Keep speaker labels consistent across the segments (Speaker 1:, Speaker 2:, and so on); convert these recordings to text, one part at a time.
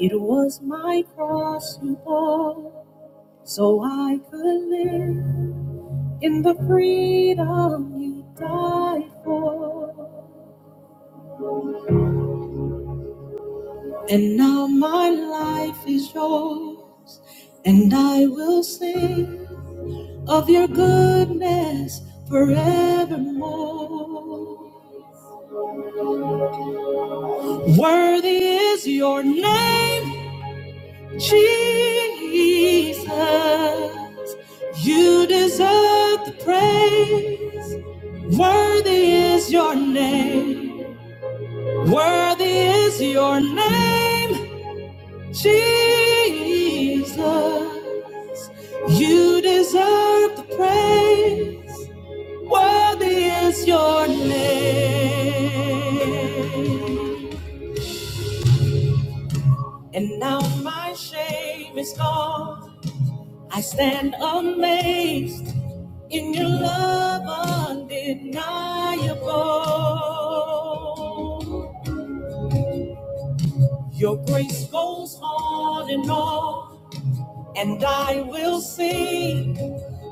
Speaker 1: It was my cross you bore, so I could live in the freedom you died for. And now my life is yours, and I will sing of your goodness forevermore. Worthy is your name. Jesus, you deserve the praise. Worthy is your name. Worthy is your name, Jesus. You deserve the praise. Worthy is your name. And now my shame is gone. I stand amazed. in your love undeniable. Your grace goes on and on, and I will sing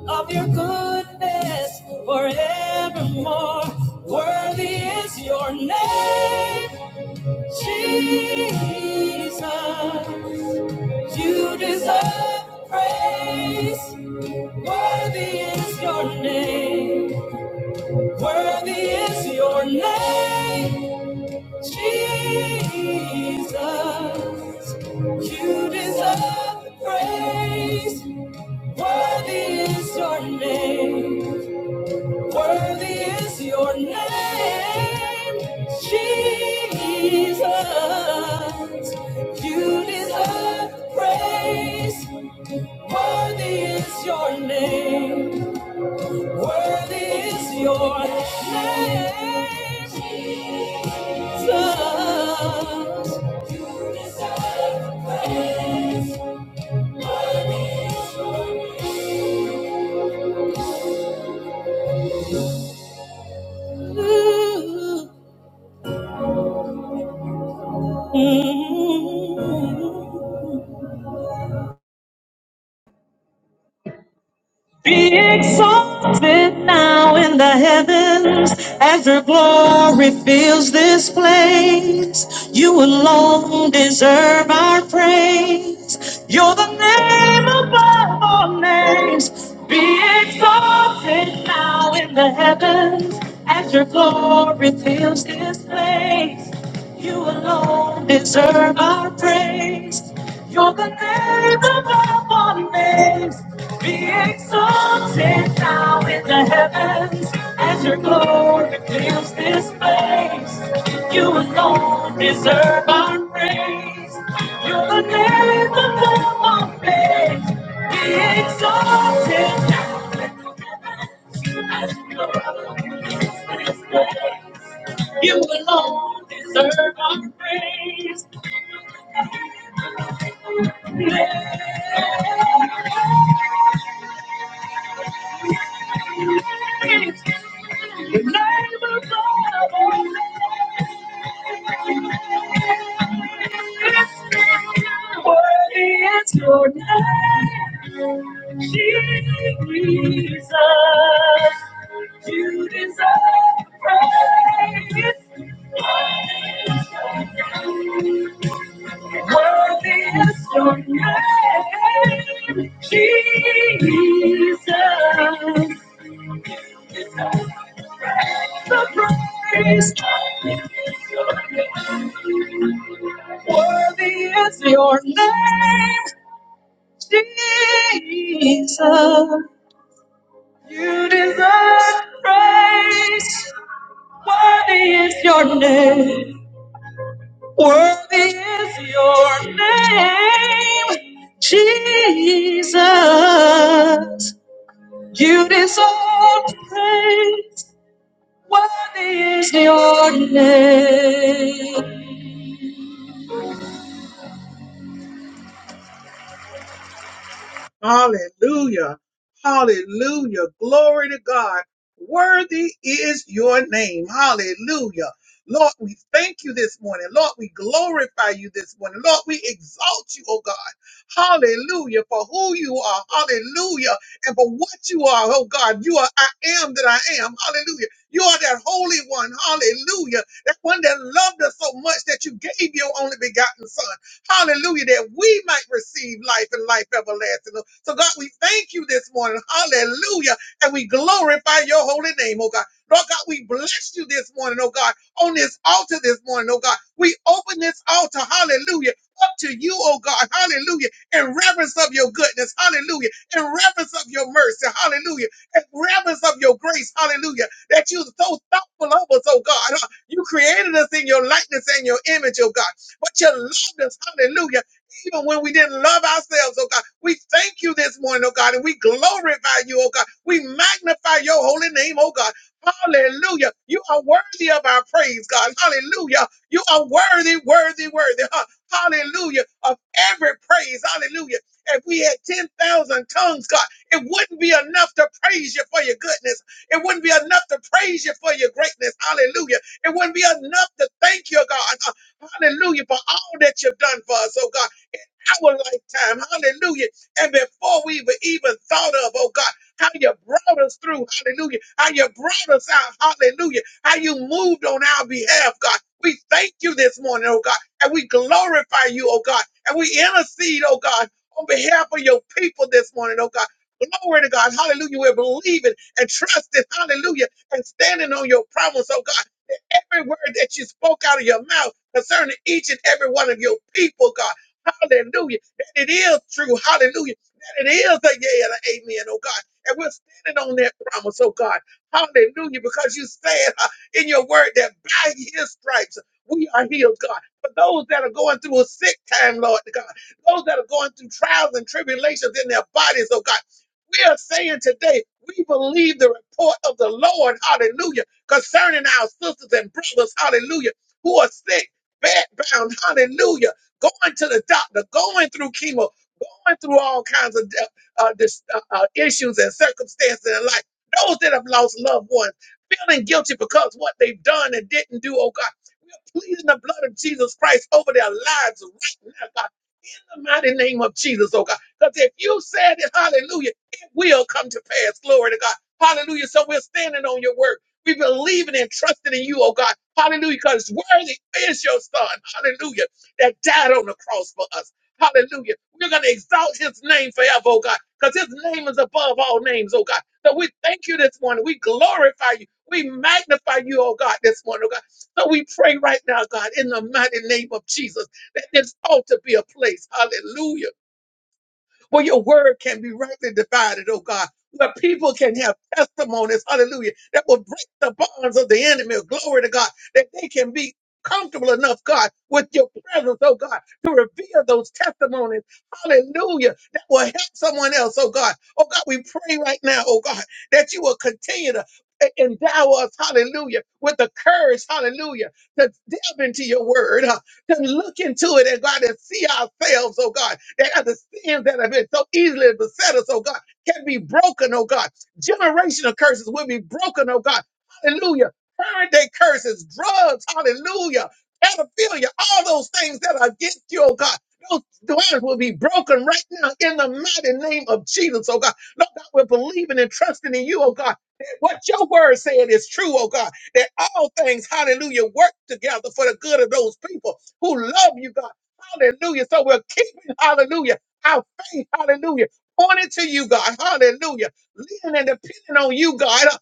Speaker 1: of your goodness forevermore. Worthy is your name, Jesus. You deserve praise. Worthy is your name. Worthy is your name. Jesus, you deserve the praise. Worthy is your name. Worthy is your name. Jesus, you deserve the praise. Worthy is your name. Worthy is your name. Jesus. Ooh. Be exalted now in the heavens as your glory fills this place. You alone deserve our praise. You're the name above all names. Be exalted now in the heavens as your glory fills this place. You alone deserve our praise. You're the name above all names. Be exalted now in the heavens as your glory fills this place. You alone deserve our praise. You're the name above all names. Be exalted now in the heavens as your glory fills this place. You alone deserve our praise. Jesus, you deserve praise. Worthy is your name, Jesus. The praise Worthy is your name, Jesus. You deserve praise. Worthy is your name. Worthy is your name, Jesus. You deserve to praise. Worthy is your name. Hallelujah. Hallelujah. Glory to God. Worthy is your name. Hallelujah. Lord, we thank you this morning. Lord, we glorify you this morning. Lord, we exalt you, oh God. Hallelujah. For who you are. Hallelujah. And for what you are, oh God. You are I am that I am. Hallelujah. You are that holy one. Hallelujah. That one that loved us so much that you gave your only begotten son. Hallelujah. That we might receive life and life everlasting. So, God, we thank you this morning. Hallelujah. And we glorify your holy name, oh God. Lord God, we bless you this morning, oh God, on this altar this morning, oh God. We open this altar, hallelujah, up to you, oh God, hallelujah, in reverence of your goodness, hallelujah, in reverence of your mercy, hallelujah, in reverence of your grace, hallelujah, that you're so thoughtful of us, oh God. huh? You created us in your likeness and your image, oh God but you loved us. Hallelujah. Even when we didn't love ourselves, oh God, we thank you this morning, oh God, and we glorify you, oh God. We magnify your holy name, oh God. Hallelujah. You are worthy of our praise, God. Hallelujah. You are worthy, worthy, worthy. huh? Hallelujah. Of every praise. Hallelujah. If we had 10,000 tongues, God, it wouldn't be enough to praise you for your goodness. It wouldn't be enough to praise you for your greatness. Hallelujah. It wouldn't be enough to thank you, God. huh? Hallelujah. For all that you've done for us, oh God our lifetime. Hallelujah. And before we even even thought of, oh God, how you brought us through. Hallelujah. How you brought us out. Hallelujah. How you moved on our behalf, God. We thank you this morning, oh God. And we glorify you, oh God. And we intercede, oh God, on behalf of your people this morning, oh God. Glory to God. Hallelujah. We're believing and trusting. Hallelujah. And standing on your promise, oh God. That every word that you spoke out of your mouth concerning each and every one of your people, God. Hallelujah. That it is true. Hallelujah. That it is a yeah and an amen, oh God. And we're standing on that promise, oh God. Hallelujah. Because you said uh, in your word that by his stripes we are healed, God. For those that are going through a sick time, Lord God, those that are going through trials and tribulations in their bodies, oh God, we are saying today, we believe the report of the Lord, hallelujah, concerning our sisters and brothers, hallelujah, who are sick, bedbound, hallelujah going to the doctor, going through chemo, going through all kinds of uh, uh, dis- uh, uh, issues and circumstances in life. Those that have lost loved ones, feeling guilty because what they've done and didn't do, oh God. We are pleading the blood of Jesus Christ over their lives right now. God. In the mighty name of Jesus, oh God. Because if you said it, hallelujah, it will come to pass. Glory to God. Hallelujah. So we're standing on your word. We believe in and trusting in you, oh God. Hallelujah. Because worthy is your son. Hallelujah. That died on the cross for us. Hallelujah. We're going to exalt his name forever, oh God. Because his name is above all names, oh God. So we thank you this morning. We glorify you. We magnify you, oh God, this morning, oh God. So we pray right now, God, in the mighty name of Jesus. That this ought to be a place, hallelujah, where your word can be rightly divided, oh God, where people can have testimonies, hallelujah, that will break the bonds of the enemy, glory to God, that they can be comfortable enough, God, with your presence, oh God, to reveal those testimonies, hallelujah, that will help someone else, oh God. Oh God, we pray right now, oh God, that you will continue to e-, endow us, hallelujah, with the courage, hallelujah, to delve into your word. huh, can look into it and God and see ourselves, oh God, that other sins that have been so easily beset us, oh God, can be broken, oh God. Generational curses will be broken, oh God. Hallelujah. Current day curses, drugs, hallelujah, pedophilia, all those things that are against you, oh God. Those doors will be broken right now in the mighty name of Jesus, oh God. Lord God, we're believing and trusting in you, oh God. that What your word said is true, oh God that all things, hallelujah, work together for the good of those people who love you, God. Hallelujah. So we're keeping, hallelujah, our faith, hallelujah, pointed to you, God. Hallelujah. Leaning and depending on you, God. uh,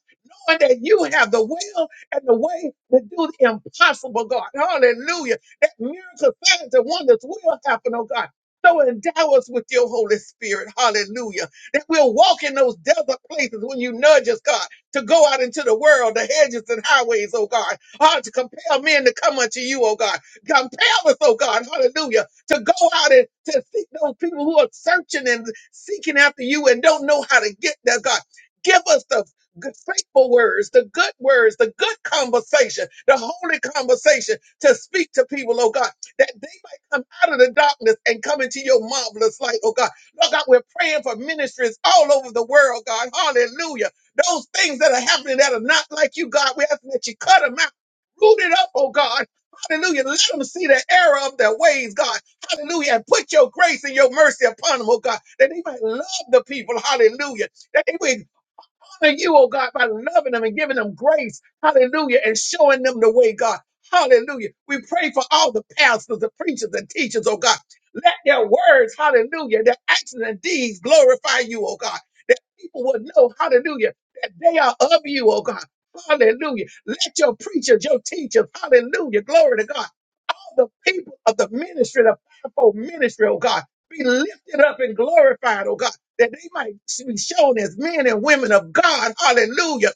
Speaker 1: Knowing that you have the will and the way to do the impossible, God. Hallelujah. That miracle signs and wonders will happen, oh God. So endow us with your Holy Spirit. Hallelujah. That we'll walk in those desert places when you nudge us, God, to go out into the world, the hedges and highways, oh God. Hard to compel men to come unto you, oh God. Compel us, oh God, hallelujah, to go out and to seek those people who are searching and seeking after you and don't know how to get there, God. Give us the good, faithful words, the good words, the good conversation, the holy conversation to speak to people, oh God, that they might come out of the darkness and come into your marvelous light, oh God. Lord God, we're praying for ministries all over the world, God. Hallelujah. Those things that are happening that are not like you, God, we're asking that you cut them out. Root it up, oh God. Hallelujah. Let them see the error of their ways, God. Hallelujah. And put your grace and your mercy upon them, oh God, that they might love the people. Hallelujah. That they would honor you, oh God, by loving them and giving them grace. Hallelujah. And showing them the way, God. Hallelujah. We pray for all the pastors, the preachers, and teachers, oh God. Let their words, hallelujah, their actions and deeds glorify you, oh God. That people will know, hallelujah, that they are of you, oh God. Hallelujah. Let your preachers, your teachers, hallelujah, glory to God the people of the ministry, the fivefold ministry, oh God, be lifted up and glorified, oh God, that they might be shown as men and women of God. Hallelujah.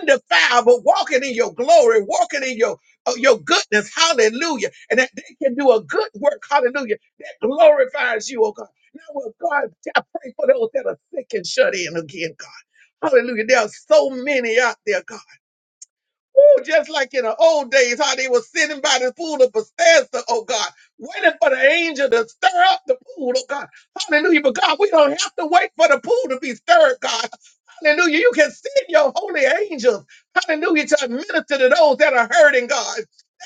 Speaker 1: Undefiled, but walking in your glory, walking in your uh, your goodness, hallelujah, and that they can do a good work, hallelujah, that glorifies you, oh God. Now, well, God, I pray for those that are sick and shut in again, God. Hallelujah. There are so many out there, God. Ooh, just like in the old days, how they were sitting by the pool of Bethesda, oh God, waiting for the angel to stir up the pool, oh God. Hallelujah. But God, we don't have to wait for the pool to be stirred, God. Hallelujah. You can send your holy angels, hallelujah, to minister to those that are hurting, God,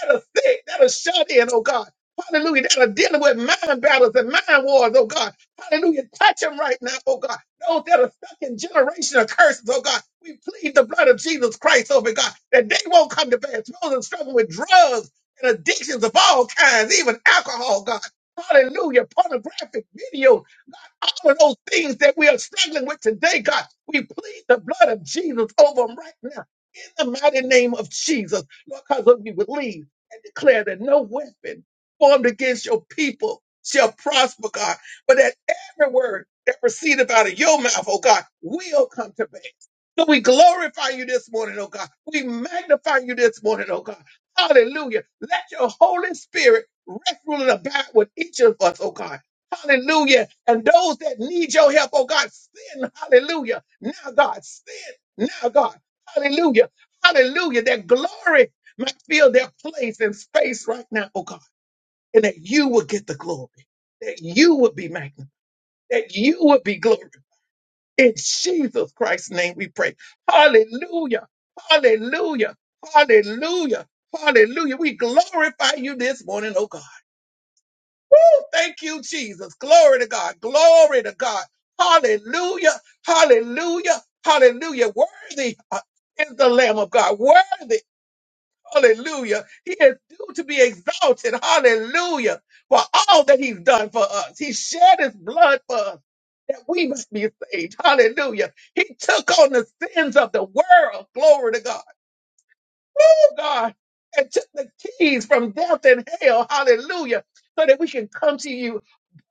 Speaker 1: that are sick, that are shut in, oh God. Hallelujah, that are dealing with mind battles and mind wars, oh God. Hallelujah. Touch them right now, oh God. Those that are fucking generation of curses, oh God. We plead the blood of Jesus Christ over God that they won't come to pass. Those that struggle with drugs and addictions of all kinds, even alcohol, God. Hallelujah. Pornographic videos, all of those things that we are struggling with today, God. We plead the blood of Jesus over them right now. In the mighty name of Jesus, Lord, cause us to believe and declare that no weapon formed against your people shall prosper, God, but that every word that proceedeth out of your mouth, oh God, will come to pass. So we glorify you this morning, oh God. We magnify you this morning, oh God. Hallelujah. Let your Holy Spirit rest, rule, and abide with each of us, oh God. Hallelujah. And those that need your help, oh God, send, hallelujah. Now, God, send, now, God. Hallelujah. Hallelujah. That glory might fill their place and space right now, oh God. And that you would get the glory, that you would be magnified, that you would be glorified. In Jesus Christ's name we pray. Hallelujah. Hallelujah. Hallelujah. Hallelujah. We glorify you this morning, oh God. Woo! Thank you, Jesus. Glory to God. Glory to God. Hallelujah. Hallelujah. Hallelujah. Worthy uh, is the Lamb of God. Worthy Hallelujah. He is due to be exalted. Hallelujah. For all that he's done for us. He shed his blood for us that we must be saved. Hallelujah. He took on the sins of the world. Glory to God. Oh, God. And took the keys from death and hell. Hallelujah. So that we can come to you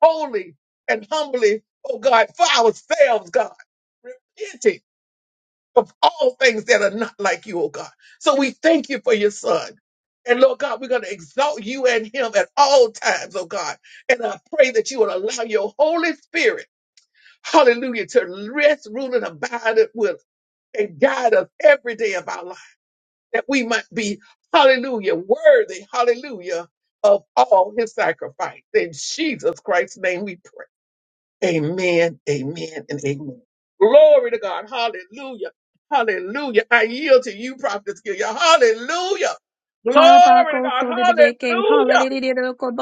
Speaker 1: boldly and humbly, oh God, for ourselves, God. Repenting of all things that are not like you, oh God. So we thank you for your son. And Lord God, we're going to exalt you and him at all times, oh God. And I pray that you will allow your Holy Spirit, hallelujah, to rest, rule, and abide with and guide us every day of our life, that we might be, hallelujah, worthy, hallelujah, of all his sacrifice. In Jesus Christ's name we pray. Amen, amen, and amen. Glory to God. Hallelujah. Hallelujah. I yield to you, Prophet Gilead. Hallelujah. Glory to God.
Speaker 2: Habakkuk-solidideke,
Speaker 1: Hallelujah.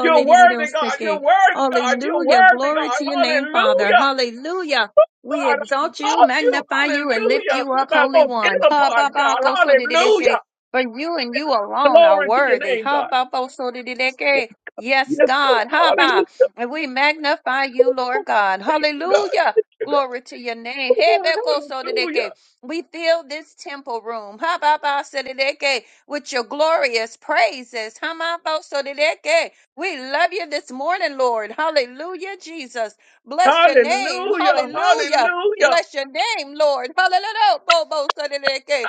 Speaker 1: You're worthy, God. You're worthy, God. You're
Speaker 2: Hallelujah.
Speaker 1: worthy,
Speaker 2: Glory
Speaker 1: God.
Speaker 2: to your name, Father.
Speaker 1: Hallelujah.
Speaker 2: Hallelujah.
Speaker 1: God,
Speaker 2: We
Speaker 1: I
Speaker 2: exalt you,
Speaker 1: exalt you.
Speaker 2: magnify you, and lift
Speaker 1: Hallelujah.
Speaker 2: you
Speaker 1: With
Speaker 2: up,
Speaker 1: my
Speaker 2: Holy
Speaker 1: most
Speaker 2: One.
Speaker 1: inner part, God.
Speaker 2: Habakkuk-solidideke.
Speaker 1: Hallelujah.
Speaker 2: For you and you alone are
Speaker 1: Glory to your
Speaker 2: worthy.
Speaker 1: name, God. Yes,
Speaker 2: Habakkuk-solidideke. Yes,
Speaker 1: God.
Speaker 2: God. Haba.
Speaker 1: Hallelujah.
Speaker 2: And we magnify you, Lord God.
Speaker 1: Thank you, God.
Speaker 2: Hallelujah.
Speaker 1: Thank you, God.
Speaker 2: Glory to your name.
Speaker 1: Oh, God. Hallelujah.
Speaker 2: Hebeko-solidideke. We fill this temple room. Habakkuk-solidideke with your glorious praises. Hamabosoreke. We love you this morning, Lord. Hallelujah, Jesus. Bless your name.
Speaker 1: Hallelujah.
Speaker 2: Hallelujah.
Speaker 1: Hallelujah.
Speaker 2: Bless your name, Lord. Hallelujah.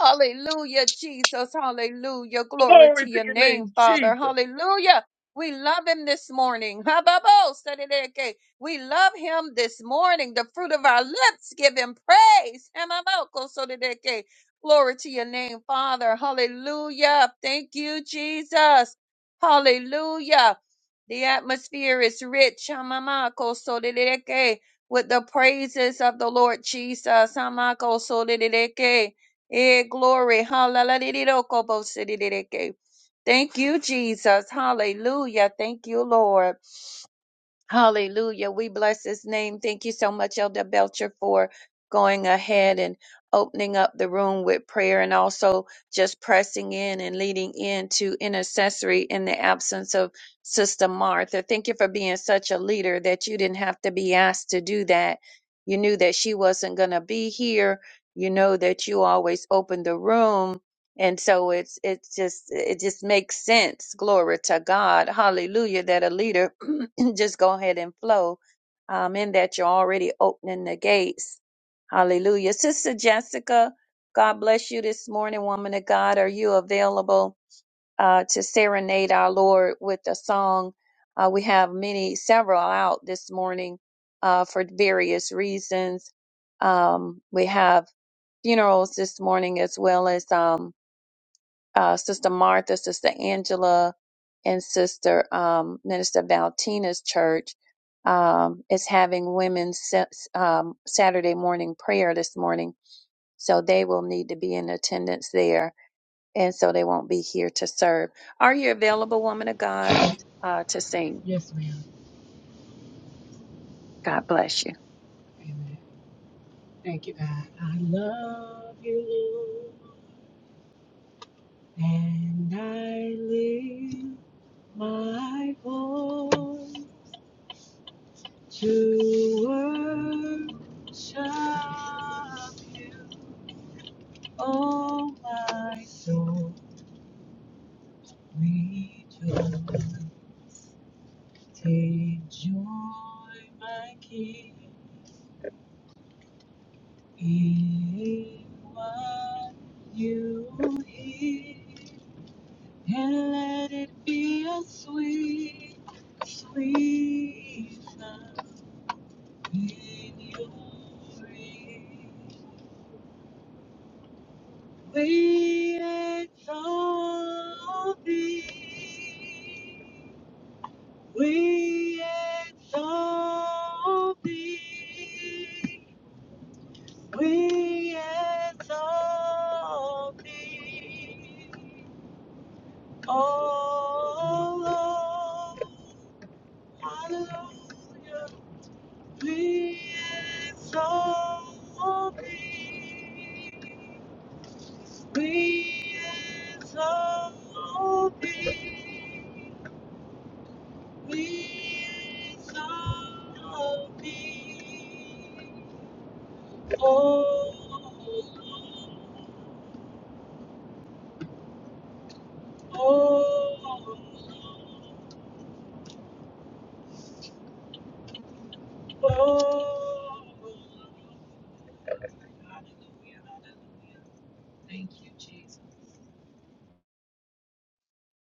Speaker 2: Hallelujah, Jesus. Hallelujah. Glory
Speaker 1: Glory
Speaker 2: to
Speaker 1: to
Speaker 2: your
Speaker 1: your
Speaker 2: name,
Speaker 1: name,
Speaker 2: Father.
Speaker 1: Jesus.
Speaker 2: Hallelujah. We love him this morning. Hababo, Sadideke. We love him this morning. The fruit of our lips give him praise. Hamaboko, Sadideke. Glory to your name, Father. Hallelujah. Thank you, Jesus. Hallelujah. The atmosphere is rich. Hamamako, Sadideke. With the praises of the Lord Jesus. Hamako, Sadideke. Eh, glory. Hallelujah. Thank you, Jesus. Hallelujah. Thank you, Lord. Hallelujah. We bless his name. Thank you so much, Elder Belcher, for going ahead and opening up the room with prayer and also just pressing in and leading into intercessory in the absence of Sister Martha. Thank you for being such a leader that you didn't have to be asked to do that. You knew that she wasn't going to be here. You know that you always open the room. And so it's it's just it just makes sense. Glory to God. Hallelujah that a leader just go ahead and flow um, in that you're already opening the gates. Hallelujah. Sister Jessica, God bless you this morning, woman of God. Are you available uh, to serenade our Lord with a song? Uh, we have many, several out this morning uh, for various reasons. Um, we have funerals this morning as well as. um, uh, Sister Martha, Sister Angela, and Sister um, Minister Valtina's church um, is having women's sa- um, Saturday morning prayer this morning. So they will need to be in attendance there. And so they won't be here to serve. Are you available, woman of God, uh, to sing? God bless you.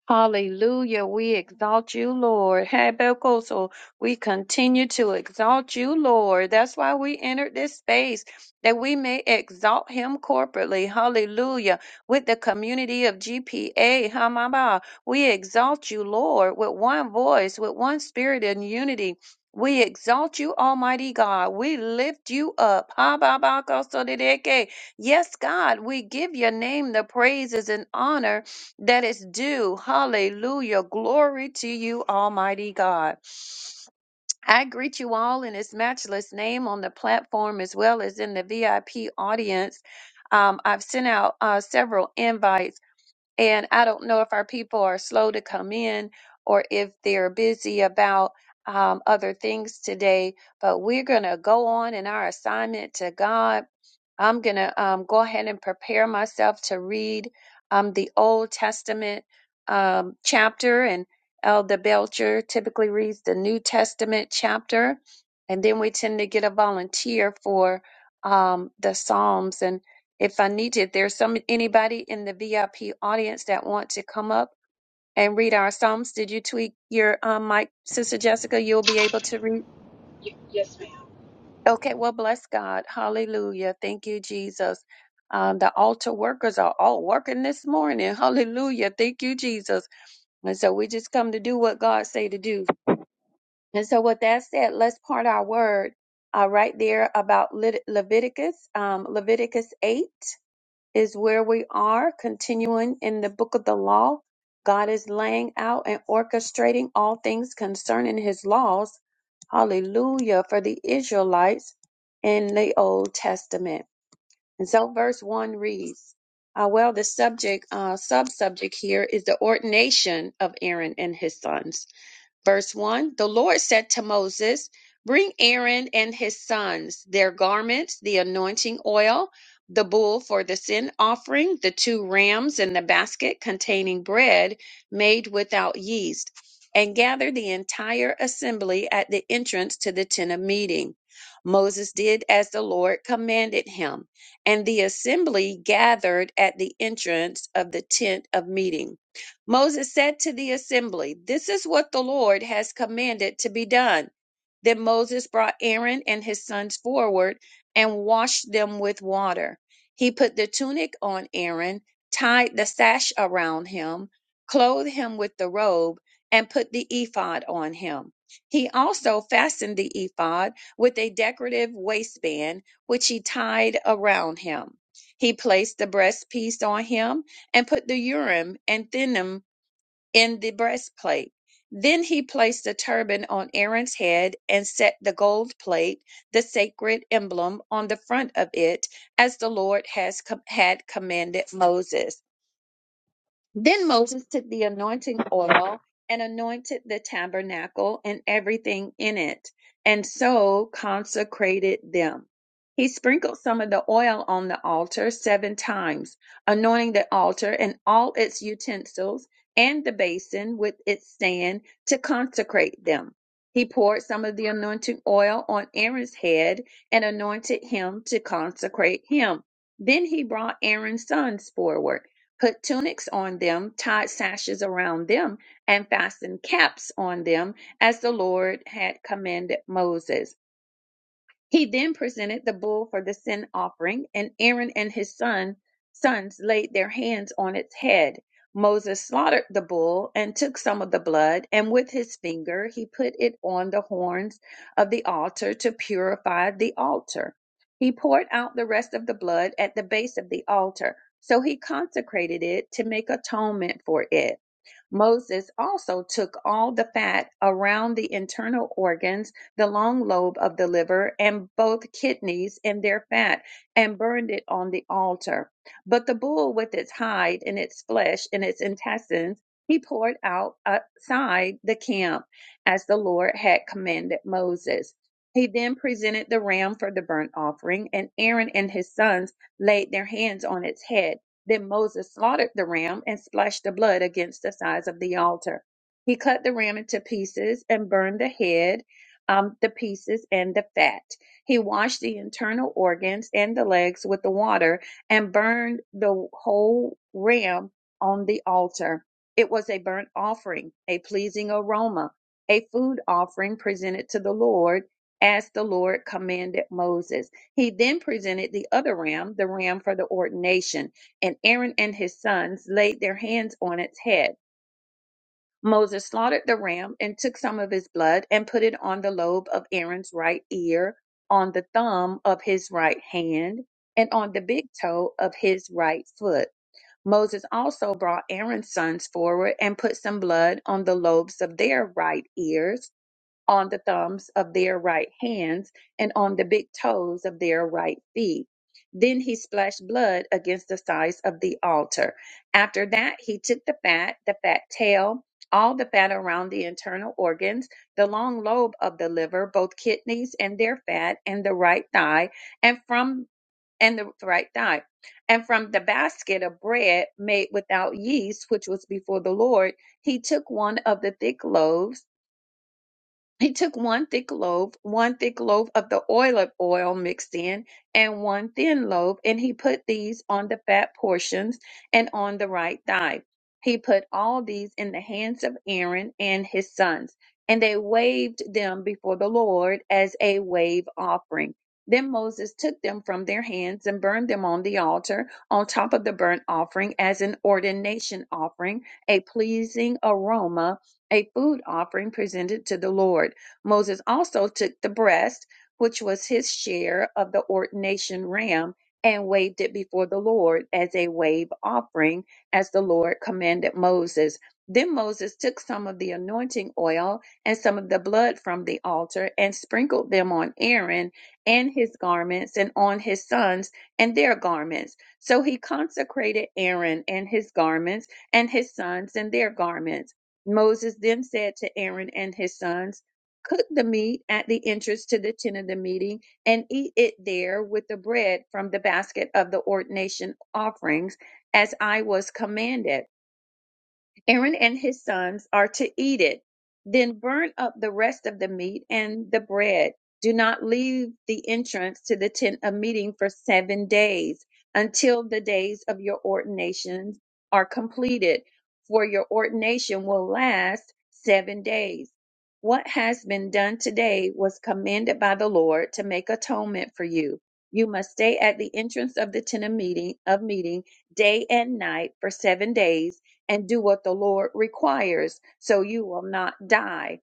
Speaker 2: Hallelujah. We exalt you, Lord. Habakkuk, we continue to exalt you, Lord. That's why we entered this space, that we may exalt him corporately. Hallelujah. With the community of GPA, Hamaba, we exalt you, Lord, with one voice, with one spirit and unity. We exalt you, Almighty God. We lift you up. Hababakosodideke. Yes, God, we give your name the praises and honor that is due. Hallelujah. Glory to you, Almighty God. I greet you all in His matchless name on the platform as well as in the VIP audience. Um, I've sent out uh, several invites. And I don't know if our people are slow to come in or if they're busy about um, other things today, but we're going to go on in our assignment to God. I'm going to um, go ahead and prepare myself to read um, the Old Testament um, chapter, and Elder Belcher typically reads the New Testament chapter. And then we tend to get a volunteer for um, the Psalms. And if I need to, if there's some anybody in the VIP audience that want to come up and read our psalms, did you tweak your um, mic, Sister Jessica? You'll be able to read. Okay, well, bless God, Hallelujah, thank you, Jesus. Um, the altar workers are all working this morning, Hallelujah, thank you, Jesus. And so we just come to do what God say to do. And so with that said, let's part our word uh, right there about Lit- Leviticus, um, Leviticus eight. is where we are continuing in the book of the law. God is laying out and orchestrating all things concerning his laws. Hallelujah for the Israelites in the Old Testament. And so verse 1 reads, uh, well, the subject, uh, sub-subject here is the ordination of Aaron and his sons. Verse 1 The Lord said to Moses, Bring Aaron and his sons, their garments, the anointing oil, the bull for the sin offering, the two rams, and the basket containing bread made without yeast, and gather the entire assembly at the entrance to the tent of meeting. Moses did as the Lord commanded him, and the assembly gathered at the entrance of the tent of meeting. Moses said to the assembly, This is what the Lord has commanded to be done. Then Moses brought Aaron and his sons forward and washed them with water. He put the tunic on Aaron, tied the sash around him, clothed him with the robe, and put the ephod on him. He also fastened the ephod with a decorative waistband, which he tied around him. He placed the breastpiece on him and put the Urim and Thummim in the breastplate. Then he placed the turban on Aaron's head and set the gold plate, the sacred emblem, on the front of it, as the Lord has com- had commanded Moses. Then Moses took the anointing oil and anointed the tabernacle and everything in it, and so consecrated them. He sprinkled some of the oil on the altar seven times, anointing the altar and all its utensils and the basin with its stand to consecrate them. He poured some of the anointing oil on Aaron's head and anointed him to consecrate him. Then he brought Aaron's sons forward put tunics on them, tied sashes around them, and fastened caps on them, as the Lord had commanded Moses. He then presented the bull for the sin offering, and Aaron and his son sons laid their hands on its head. Moses slaughtered the bull and took some of the blood, and with his finger he put it on the horns of the altar to purify the altar. He poured out the rest of the blood at the base of the altar, so he consecrated it to make atonement for it. Moses also took all the fat around the internal organs, the long lobe of the liver, and both kidneys and their fat, and burned it on the altar. But the bull with its hide and its flesh and its intestines he poured out outside the camp as the Lord had commanded Moses. He then presented the ram for the burnt offering, and Aaron and his sons laid their hands on its head then Moses slaughtered the ram and splashed the blood against the sides of the altar. He cut the ram into pieces and burned the head, um, the pieces, and the fat. He washed the internal organs and the legs with the water and burned the whole ram on the altar. It was a burnt offering, a pleasing aroma, a food offering presented to the Lord as the Lord commanded Moses. He then presented the other ram, the ram for the ordination and Aaron and his sons laid their hands on its head. Moses slaughtered the ram and took some of his blood and put it on the lobe of Aaron's right ear, on the thumb of his right hand, and on the big toe of his right foot. Moses also brought Aaron's sons forward and put some blood on the lobes of their right ears on the thumbs of their right hands and on the big toes of their right feet. Then he splashed blood against the sides of the altar. After that, he took the fat, the fat tail, all the fat around the internal organs, the long lobe of the liver, both kidneys and their fat, and the right thigh, and from and the right thigh, and from the basket of bread made without yeast, which was before the Lord, he took one of the thick loaves he took one thick loaf, one thick loaf of the oil of oil mixed in, and one thin loaf, and he put these on the fat portions and on the right thigh. He put all these in the hands of Aaron and his sons, and they waved them before the Lord as a wave offering. Then Moses took them from their hands and burned them on the altar on top of the burnt offering as an ordination offering, a pleasing aroma a food offering presented to the Lord. Moses also took the breast, which was his share of the ordination ram, and waved it before the Lord as a wave offering, as the Lord commanded Moses. Then Moses took some of the anointing oil and some of the blood from the altar and sprinkled them on Aaron and his garments and on his sons and their garments. So he consecrated Aaron and his garments and his sons and their garments. Moses then said to Aaron and his sons, Cook the meat at the entrance to the tent of the meeting and eat it there with the bread from the basket of the ordination offerings, as I was commanded. Aaron and his sons are to eat it. Then burn up the rest of the meat and the bread. Do not leave the entrance to the tent of meeting for seven days until the days of your ordinations are completed, for your ordination will last seven days. What has been done today was commended by the Lord to make atonement for you. You must stay at the entrance of the tent of meeting of meeting day and night for seven days and do what the Lord requires, so you will not die.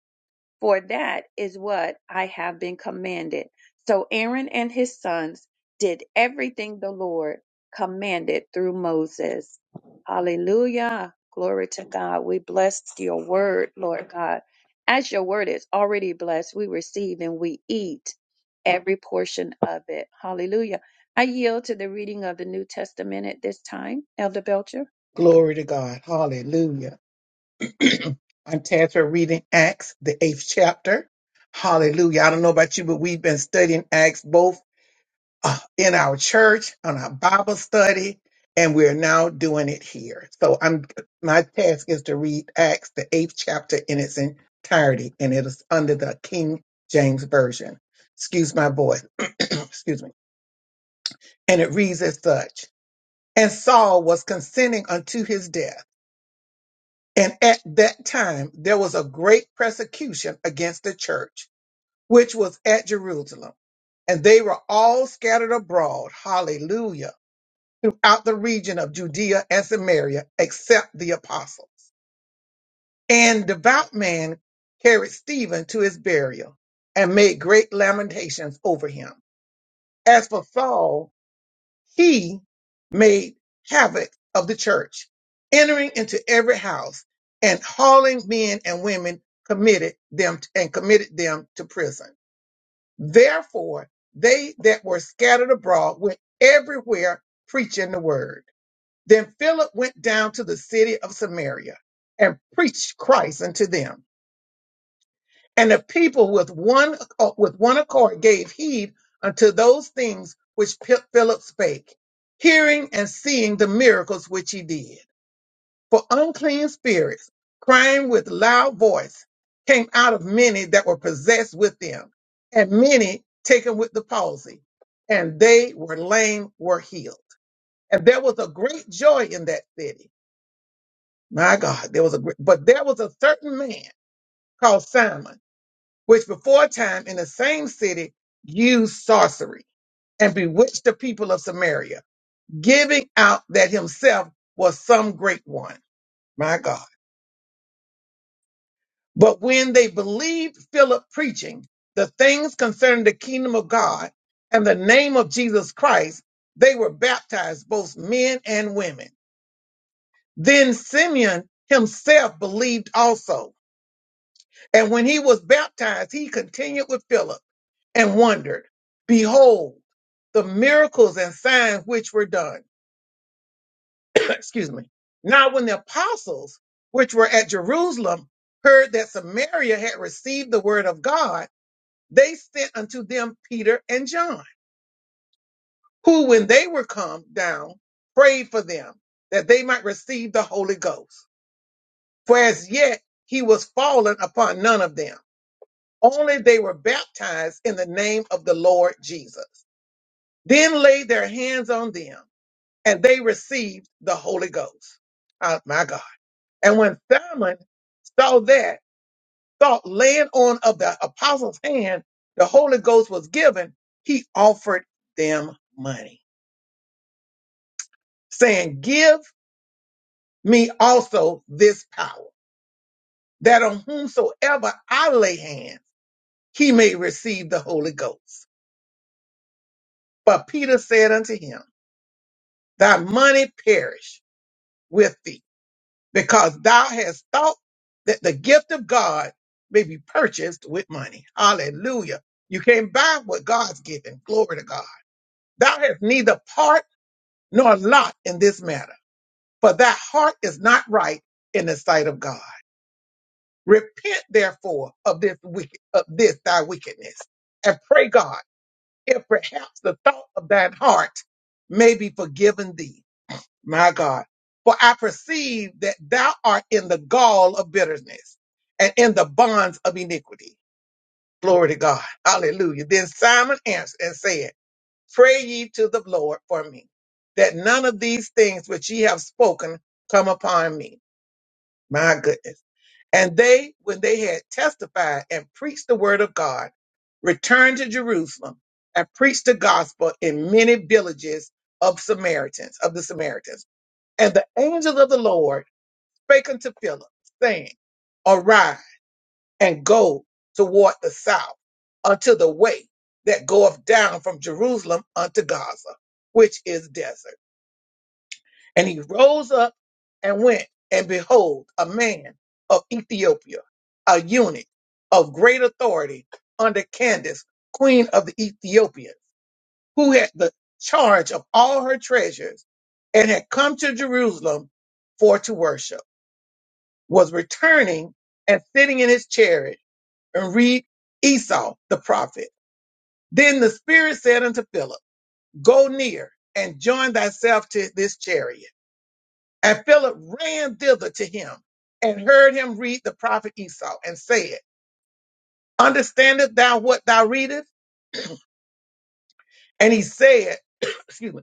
Speaker 2: For that is what I have been commanded. So Aaron and his sons did everything the Lord commanded through Moses. Hallelujah. Glory to God. We bless your word, Lord God. As your word is already blessed, we receive and we eat every portion of it. Hallelujah. I yield to the reading of the New Testament at this time, Elder Belcher.
Speaker 1: Glory to God. Hallelujah. I'm Tantra reading Acts, the eighth chapter. Hallelujah. I don't know about you, but we've been studying Acts both uh, in our church, on our Bible study, and we're now doing it here. So I'm my task is to read Acts, the eighth chapter in its entirety, and it is under the King James Version. Excuse my voice. Excuse me. And it reads as such. and Saul was consenting unto his death. And at that time there was a great persecution against the church, which was at Jerusalem, and they were all scattered abroad, hallelujah, throughout the region of Judea and Samaria, except the apostles. And devout man carried Stephen to his burial and made great lamentations over him. As for Saul, He made havoc of the church, entering into every house and hauling men and women committed them and committed them to prison. Therefore, they that were scattered abroad went everywhere preaching the word. Then Philip went down to the city of Samaria and preached Christ unto them. And the people with one uh, with one accord gave heed unto those things which Pi- Philip spake, hearing and seeing the miracles which he did. For unclean spirits, crying with loud voice, came out of many that were possessed with them, and many taken with the palsy, and they were lame were healed. And there was a great joy in that city. My God, there was a great, but there was a certain man called Simon which before time in the same city used sorcery and bewitched the people of Samaria, giving out that himself was some great one. My God. But when they believed Philip preaching the things concerning the kingdom of God and the name of Jesus Christ, they were baptized, both men and women. Then Simeon himself believed also. And when he was baptized, he continued with Philip and wondered, behold, the miracles and signs which were done. Excuse me. Now, when the apostles, which were at Jerusalem, heard that Samaria had received the word of God, they sent unto them Peter and John, who, when they were come down, prayed for them that they might receive the Holy Ghost. For as yet he was fallen upon none of them, only they were baptized in the name of the Lord Jesus. Then laid their hands on them and they received the Holy Ghost. Oh, my God. And when Simon saw that, thought laying on of the apostles' hand, the Holy Ghost was given, he offered them money, saying, Give me also this power, that on whomsoever I lay hands, he may receive the Holy Ghost. But Peter said unto him, Thy money perish with thee because thou hast thought that the gift of God may be purchased with money. Hallelujah. You can't buy what God's given. Glory to God. Thou hast neither part nor lot in this matter, for thy heart is not right in the sight of God. Repent therefore of this wicked, of this thy wickedness, and pray God if perhaps the thought of thine heart may be forgiven thee. my God. For I perceive that thou art in the gall of bitterness and in the bonds of iniquity. Glory to God. Hallelujah. Then Simon answered and said, Pray ye to the Lord for me, that none of these things which ye have spoken come upon me. My goodness. And they, when they had testified and preached the word of God, returned to Jerusalem and preached the gospel in many villages of Samaritans, of the Samaritans. And the angel of the Lord spake unto Philip, saying, Arise and go toward the south unto the way that goeth down from Jerusalem unto Gaza, which is desert. And he rose up and went, and behold, a man of Ethiopia, a eunuch of great authority under Candace, queen of the Ethiopians, who had the charge of all her treasures and had come to Jerusalem for to worship. was returning and sitting in his chariot and read Esau the prophet. Then the Spirit said unto Philip, Go near and join thyself to this chariot. And Philip ran thither to him and heard him read the prophet Esau and said, Understandest thou what thou readest? And he said, excuse me,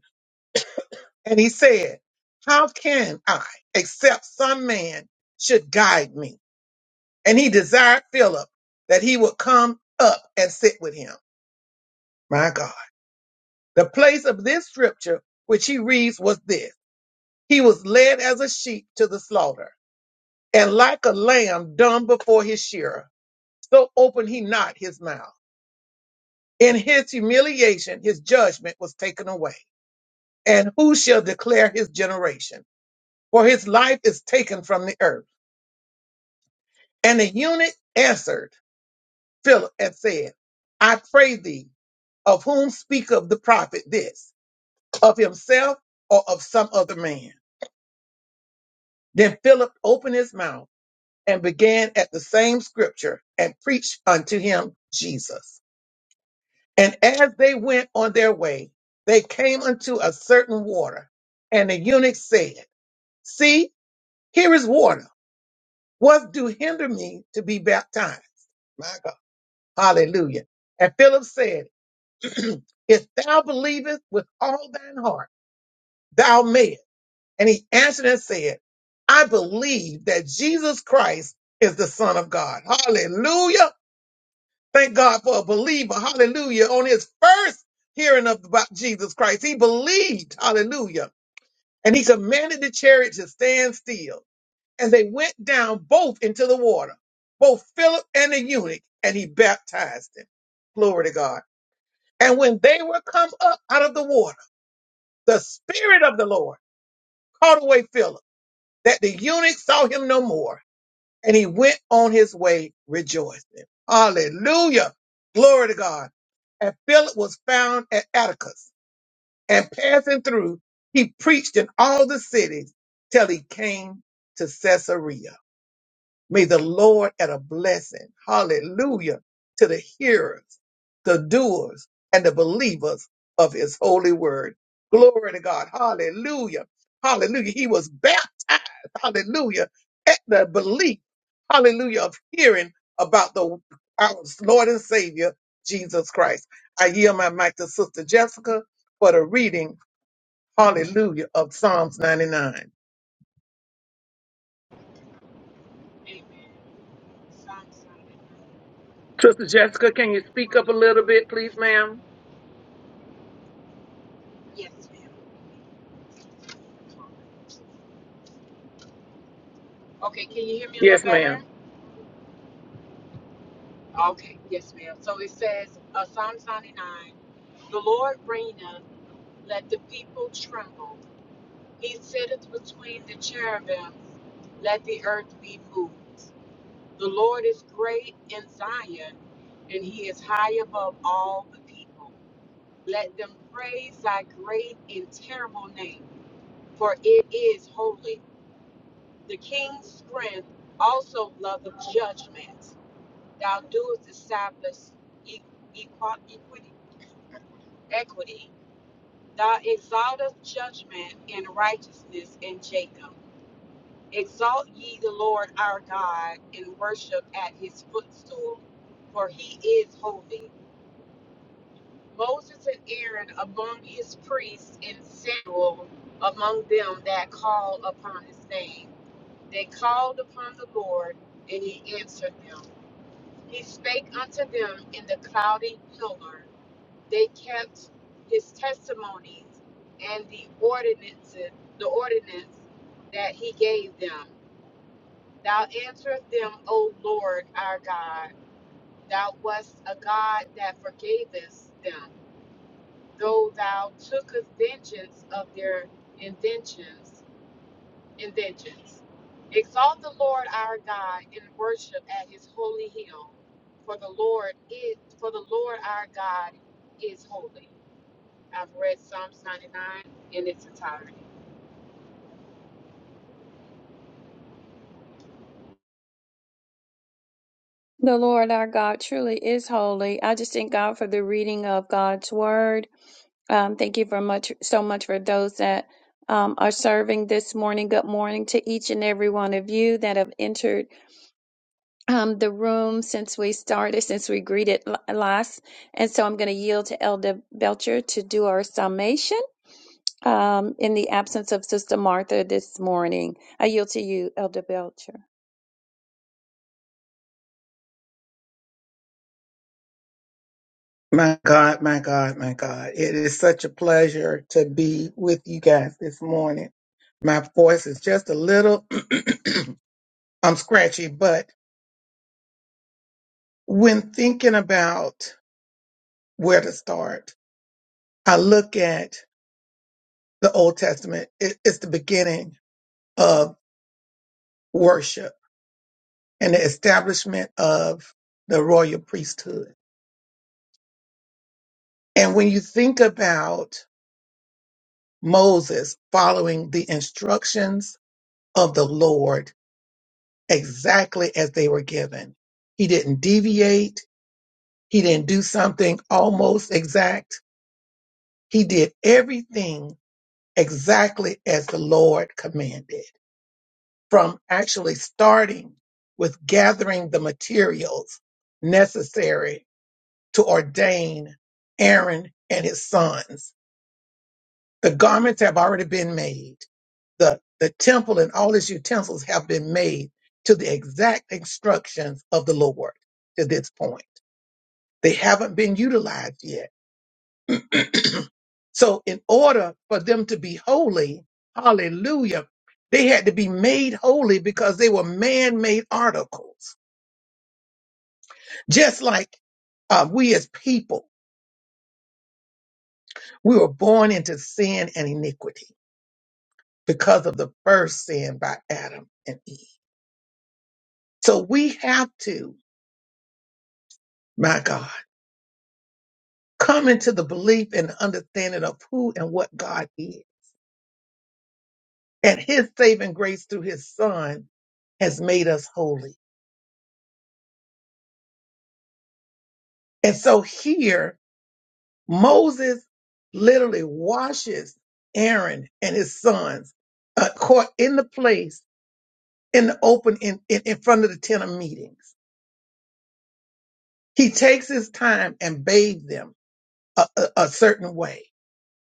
Speaker 1: and he said, How can I, except some man should guide me? And he desired Philip that he would come up and sit with him. My God. The place of this scripture, which he reads, was this He was led as a sheep to the slaughter, and like a lamb dumb before his shearer, so opened he not his mouth. In his humiliation, his judgment was taken away. And who shall declare his generation? For his life is taken from the earth. And the eunuch answered Philip and said, I pray thee, of whom speaketh the prophet this, of himself or of some other man? Then Philip opened his mouth and began at the same scripture and preached unto him Jesus. And as they went on their way, they came unto a certain water. And the eunuch said, See, here is water. What do hinder me to be baptized? My God. Hallelujah. And Philip said, If thou believest with all thine heart, thou mayest. And he answered and said, I believe that Jesus Christ is the Son of God. Hallelujah. Thank God for a believer. Hallelujah. On his first hearing of about Jesus Christ, he believed. Hallelujah. And he commanded the chariot to stand still. And they went down both into the water, both Philip and the eunuch, and he baptized them. Glory to God. And when they were come up out of the water, the Spirit of the Lord caught away Philip, that the eunuch saw him no more and he went on his way rejoicing. Hallelujah. Glory to God. And Philip was found at Atticus and passing through, he preached in all the cities till he came to Caesarea. May the Lord add a blessing, hallelujah, to the hearers, the doers, and the believers of his holy word. Glory to God, hallelujah, hallelujah. He was baptized, hallelujah, at the belief, hallelujah, of hearing about the our Lord and Savior, Jesus Christ. I yield my mic to Sister Jessica for the reading, hallelujah, of Psalms 99. Sister, Yes, ma'am.
Speaker 2: The Lord our God truly is holy. I just thank God for the reading of God's word. Um, thank you for much so much for those that um, are serving this morning. Good morning to each and every one of you that have entered um, the room since we started, since we greeted l- last. And so I'm going to yield to Elder Belcher to do our summation um, in the absence of Sister Martha this morning. I yield to you, Elder Belcher.
Speaker 1: My God, my God, my God. It is such a pleasure to be with you guys this morning. My voice is just a little, I'm scratchy, but when thinking about where to start, I look at the Old Testament. It, it's the beginning of worship and the establishment of the royal priesthood. And when you think about Moses following the instructions of the Lord, exactly as they were given. He didn't deviate. He didn't do something almost exact. He did everything exactly as the Lord commanded, from actually starting with gathering the materials necessary to ordain Aaron and his sons. The garments have already been made. The, the temple and all its utensils have been made to the exact instructions of the Lord to this point. They haven't been utilized yet. so, in order for them to be holy, hallelujah, they had to be made holy because they were man made articles. Just like uh, we as people, we were born into sin and iniquity because of the first sin by Adam and Eve. So, we have to, my God, come into the belief and understanding of who and what God is. And his saving grace through his son has made us holy. And so here, Moses literally washes Aaron and his sons uh, caught in the place, in the open, in, in, in front of the tent of meetings. He takes his time and bathes them a, a, a certain way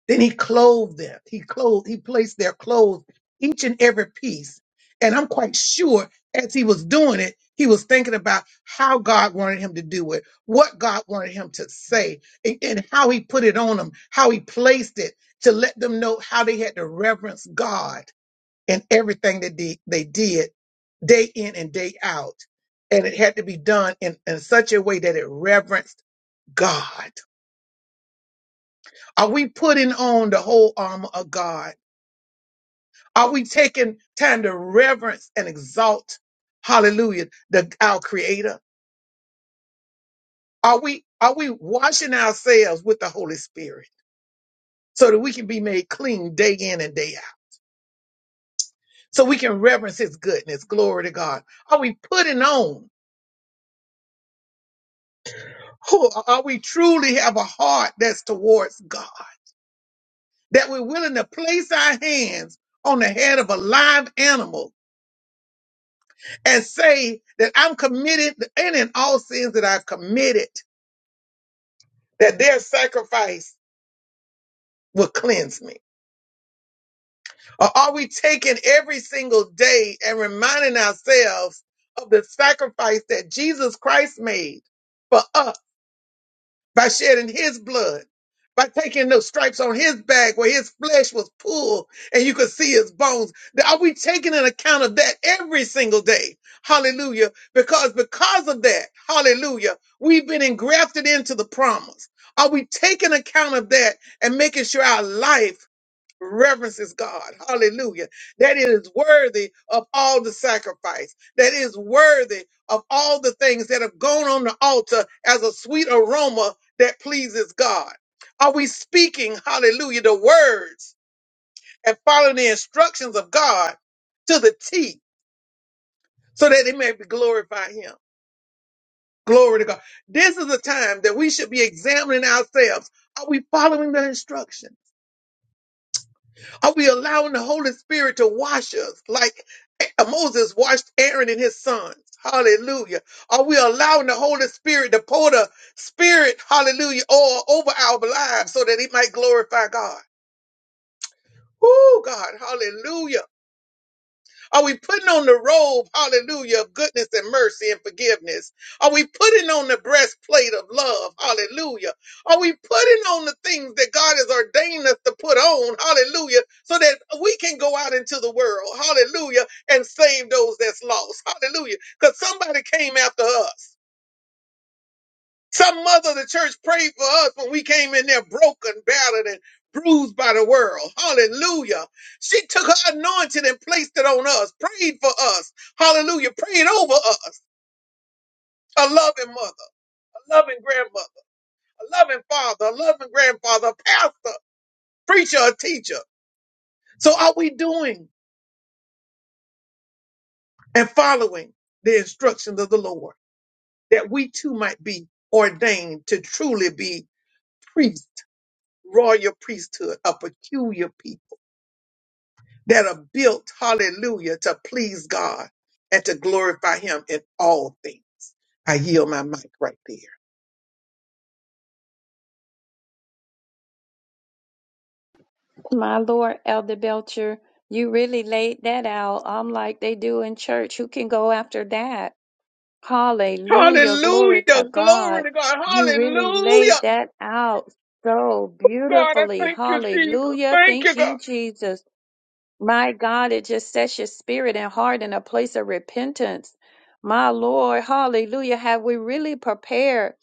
Speaker 1: Then he clothed them. He clothed, he placed their clothes, each and every piece. And I'm quite sure as he was doing it, he was thinking about how God wanted him to do it, what God wanted him to say, and, and how he put it on them, how he placed it to let them know how they had to reverence God in everything that they, they did day in and day out. And it had to be done in, in such a way that it reverenced God. Are we putting on the whole armor of God? Are we taking time to reverence and exalt, hallelujah, the, our creator? Are we, are we washing ourselves with the Holy Spirit so that we can be made clean day in and day out? So we can reverence his goodness. Glory to God. Are we putting on? Who- Are we truly have a heart that's towards God? That we're willing to place our hands on the head of a live animal and say that I'm committed any in all sins that I've committed, that their sacrifice will cleanse me? Or are we taking every single day and reminding ourselves of the sacrifice that Jesus Christ made for us by shedding his blood, by taking those stripes on his back where his flesh was pulled and you could see his bones? Are we taking an account of that every single day? Hallelujah. Because because of that, hallelujah, we've been engrafted into the promise. Are we taking account of that and making sure our life reverences God. Hallelujah. That it is worthy of all the sacrifice. that is worthy of all the things that have gone on the altar as a sweet aroma that pleases God. Are we speaking, hallelujah, the words and following the instructions of God to the T so that it may be glorify Him? Glory to God. This is a time that we should be examining ourselves. Are we following the instruction? Are we allowing the Holy Spirit to wash us like eh, Moses washed Aaron and his sons? Hallelujah. Are we allowing the Holy Spirit to pour the Spirit, hallelujah, all over our lives so that it might glorify God? Oh, God, hallelujah. Are we putting on the robe, hallelujah, of goodness and mercy and forgiveness? Are we putting on the breastplate of love, hallelujah? Are we putting on the things that God has ordained us to put on, hallelujah, so that we can go out into the world, hallelujah, and save those that's lost, hallelujah? Because somebody came after us. Some mother of the church prayed for us when we came in there broken, battered, and bruised by the world. Hallelujah. She took her anointing and placed it on us, prayed for us. Hallelujah. Prayed over us. A loving mother, a loving grandmother, a loving father, a loving grandfather, a pastor, preacher, a teacher. So are we doing and following the instructions of the Lord that we too might be ordained to truly be priests, royal priesthood, a peculiar people? that are built, hallelujah, to please God and to glorify Him in all things. I yield my mic right there.
Speaker 2: My Lord, Elder Belcher, you really laid that out. I'm like they do in church. Who can go after that? Hallelujah. Glory
Speaker 1: Hallelujah.
Speaker 2: to
Speaker 1: Glory
Speaker 2: God.
Speaker 1: to God.
Speaker 2: You really laid
Speaker 1: Hallelujah.
Speaker 2: that out so
Speaker 1: God, I
Speaker 2: beautifully.
Speaker 1: thank you, Jesus.
Speaker 2: Hallelujah.
Speaker 1: Thank you,
Speaker 2: Thank
Speaker 1: God.
Speaker 2: you, Jesus. My God, it just sets your spirit and heart in a place of repentance. My Lord, hallelujah. Have we really prepared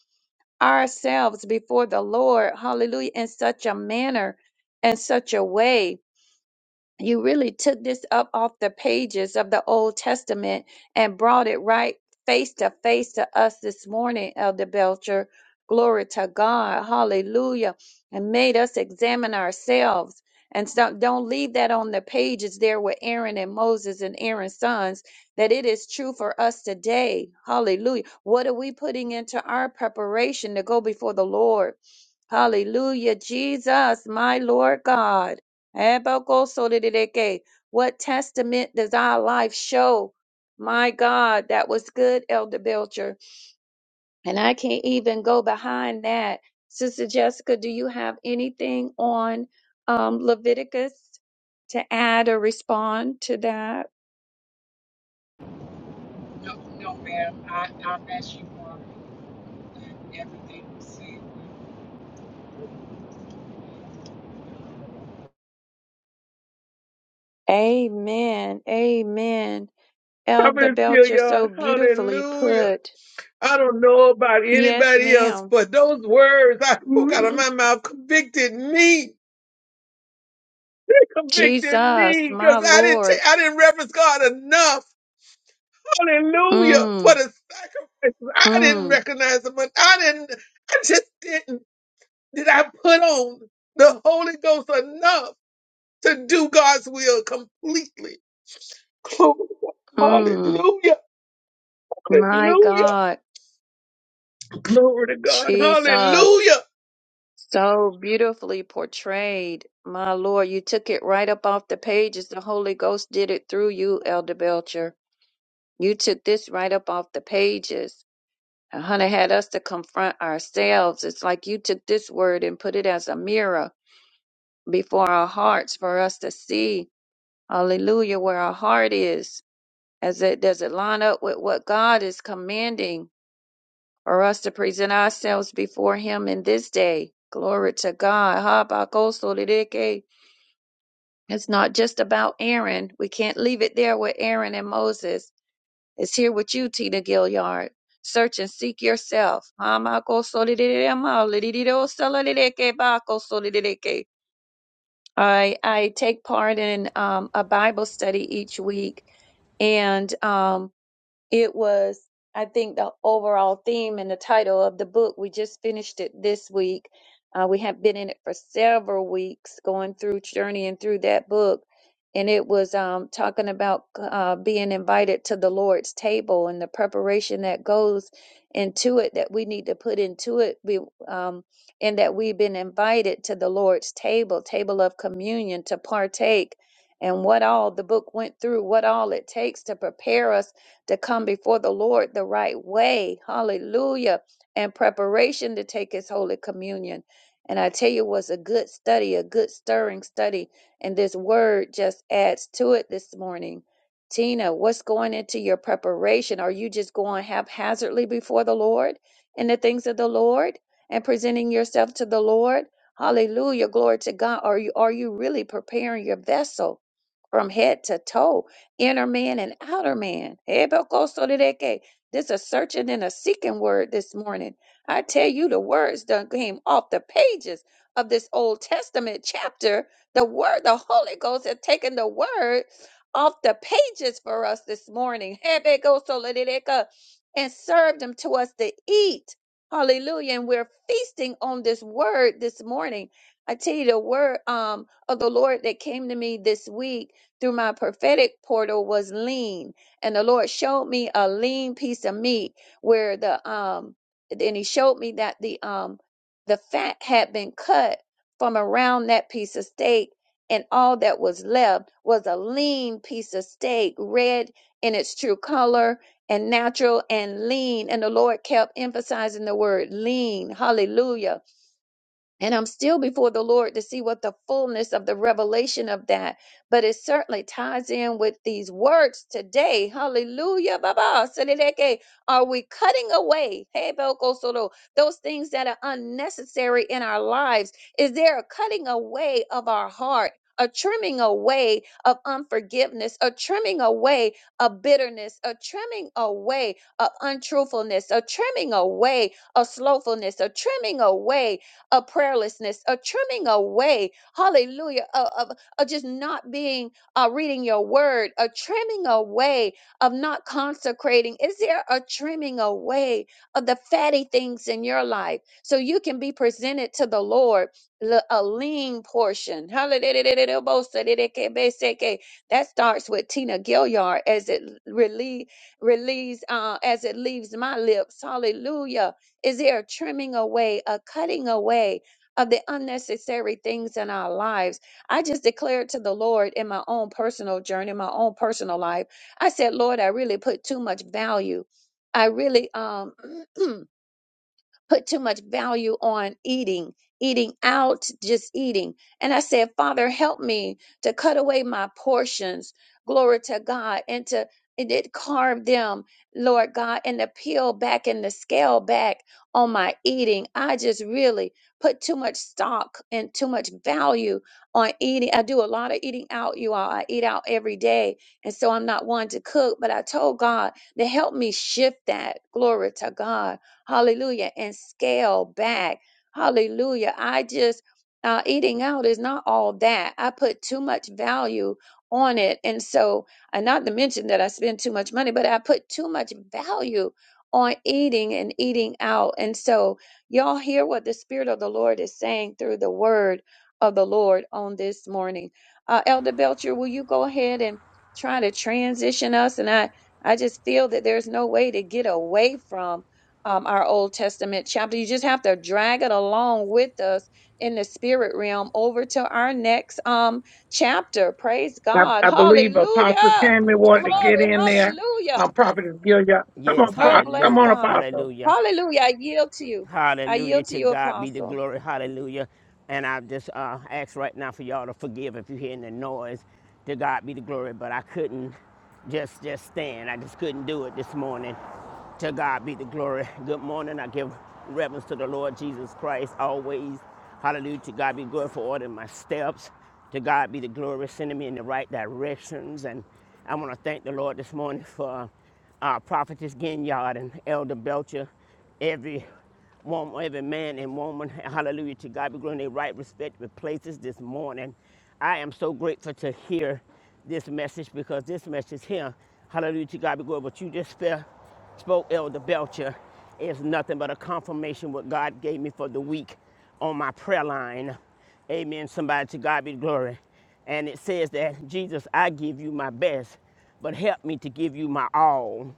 Speaker 2: ourselves before the Lord? Hallelujah. In such a manner, in such a way you really took this up off the pages of the Old Testament and brought it right face to face to us this morning, Elder Belcher. Glory to God. Hallelujah. And made us examine ourselves. And so don't leave that on the pages there with Aaron and Moses and Aaron's sons, that it is true for us today. Hallelujah. What are we putting into our preparation to go before the Lord? Hallelujah. Jesus, my Lord God. Ebokosodidike. What testament does our life show? My God, that was good, Elder Belcher. And I can't even go behind that. Sister Jessica, do you have anything on um, Leviticus to add or respond to that? Amen. Amen.
Speaker 1: I'm
Speaker 2: Elder
Speaker 1: going feel
Speaker 2: Belcher so
Speaker 1: God.
Speaker 2: beautifully
Speaker 1: Hallelujah.
Speaker 2: put.
Speaker 1: I don't know about
Speaker 2: Yes,
Speaker 1: anybody else,
Speaker 2: ma'am.
Speaker 1: but those words I spoke out of my mouth convicted me. They convicted
Speaker 2: Jesus,
Speaker 1: me
Speaker 2: my
Speaker 1: because I didn't
Speaker 2: Lord.
Speaker 1: ta- I didn't reverence God enough. Hallelujah for
Speaker 2: Mm,
Speaker 1: the sacrifices. I didn't
Speaker 2: mm,
Speaker 1: recognize them, but I didn't, I just didn't. Did I put on the Holy Ghost enough to do God's will completely? Glory to God.
Speaker 2: mm.
Speaker 1: Hallelujah.
Speaker 2: My
Speaker 1: Hallelujah.
Speaker 2: God,
Speaker 1: Glory to God.
Speaker 2: Jesus,
Speaker 1: Hallelujah.
Speaker 2: so beautifully portrayed. My Lord, you took it right up off the pages. The Holy Ghost did it through you, Elder Belcher. You took this right up off the pages. And Hunter had us to confront ourselves. It's like you took this word and put it as a mirror before our hearts for us to see, hallelujah, where our heart is. As it does it line up with what God is commanding? for us to present ourselves before him in this day. Glory to God. habakkuk It's not just about Aaron. We can't leave it there with Aaron and Moses. It's here with you, Tina Gilliard. Search and seek yourself. I, I take part in um, a Bible study each week, and um, it was, I think, the overall theme and the title of the book. We just finished it this week. Uh, we have been in it for several weeks, going through, journeying through that book. And it was um, talking about uh, being invited to the Lord's table and the preparation that goes into it that we need to put into it, we, um, and that we've been invited to the Lord's table, table of communion, to partake, and what all the book went through, what all it takes to prepare us to come before the Lord the right way. Hallelujah. And preparation to take his holy communion. And I tell you, it was a good study, a good stirring study. And this word just adds to it this morning. Tina, what's going into your preparation? Are you just going haphazardly before the Lord in the things of the Lord and presenting yourself to the Lord? Hallelujah, glory to God. Are you are you really preparing your vessel from head to toe? inner man and outer man. Ebekosodeke. This a searching and a seeking word this morning. I tell you, the words done came off the pages of this Old Testament chapter. The word, the Holy Ghost had taken the word off the pages for us this morning. Ebekosodeke. And served them to us to eat. Hallelujah. And we're feasting on this word this morning. I tell you the word um of the Lord that came to me this week through my prophetic portal was lean, and the Lord showed me a lean piece of meat where the um and he showed me that the um the fat had been cut from around that piece of steak and all that was left was a lean piece of steak red in its true color and natural and lean and the lord kept emphasizing the word lean hallelujah and I'm still before the Lord to see what the fullness of the revelation of that. But it certainly ties in with these words today. Hallelujah. Baba. Seleleke. Are we cutting away? Hey, Boko Solo, Those things that are unnecessary in our lives. Is there a cutting away of our heart? A trimming away of unforgiveness, a trimming away of bitterness, a trimming away of untruthfulness, a trimming away of slothfulness, a trimming away of prayerlessness, a trimming away, hallelujah, of, of, of just not being, uh, reading your word, a trimming away of not consecrating. Is there a trimming away of the fatty things in your life so you can be presented to the Lord? le- A lean portion. Hallelujah. That starts with Tina Gilliard as it release, release uh, as it leaves my lips. Hallelujah is there a trimming away, a cutting away of the unnecessary things in our lives? I just declared to the Lord in my own personal journey, my own personal life. I said, Lord, I really put too much value. I really um put too much value on eating, eating out, just eating. And I said, Father, help me to cut away my portions, glory to God, and to and it carve them, Lord God, and to peel back and to scale back on my eating. I just really put too much stock and too much value on eating. I do a lot of eating out, you all. I eat out every day. And so I'm not one to cook, but I told God to help me shift that. Glory to God hallelujah, and scale back. Hallelujah. I just, uh, eating out is not all that. I put too much value on it. And so, and not to mention that I spend too much money, but I put too much value on eating and eating out. And so, y'all hear what the Spirit of the Lord is saying through the word of the Lord on this morning. Uh, Elder Belcher, will you go ahead and try to transition us? And I, I just feel that there's no way to get away from um, our Old Testament chapter. You just have to drag it along with us in the spirit realm over to our next um chapter. Praise
Speaker 1: I,
Speaker 2: God.
Speaker 1: I believe Apostle
Speaker 2: Hallelujah.
Speaker 1: Tammy
Speaker 3: Hallelujah.
Speaker 1: wanted to get
Speaker 2: Glory.
Speaker 3: Hallelujah.
Speaker 1: in there.
Speaker 2: Hallelujah.
Speaker 1: Um, Prophet Gilead. Come
Speaker 3: Yes,
Speaker 1: on,
Speaker 2: Oh,
Speaker 1: Pro-
Speaker 2: bless
Speaker 1: come
Speaker 3: hallelujah.
Speaker 1: on,
Speaker 2: God.
Speaker 1: Apostle.
Speaker 3: Hallelujah.
Speaker 2: Hallelujah. I yield to you. I
Speaker 3: Hallelujah.
Speaker 2: yield to
Speaker 3: To
Speaker 2: you,
Speaker 3: God be the
Speaker 2: Apostle.
Speaker 3: glory. Hallelujah. And I just uh, ask right now for y'all to forgive if you're hearing the noise. To God be the glory. But I couldn't just just stand. I just couldn't do it this morning. To God be the glory. Good morning. I give reverence to the Lord Jesus Christ always. Hallelujah. To God be glory for ordering my steps. To God be the glory, sending me in the right directions. And I want to thank the Lord this morning for uh, Prophetess Ginyard and Elder Belcher every warm every man and woman, hallelujah, to God be glory in their right respective places this morning. I am so grateful to hear this message because this message here, hallelujah, to God be glory, what you just spe- spoke, Elder Belcher, is nothing but a confirmation what God gave me for the week on my prayer line. Amen. Somebody to God be glory. And it says that, Jesus, I give you my best, but help me to give you my all.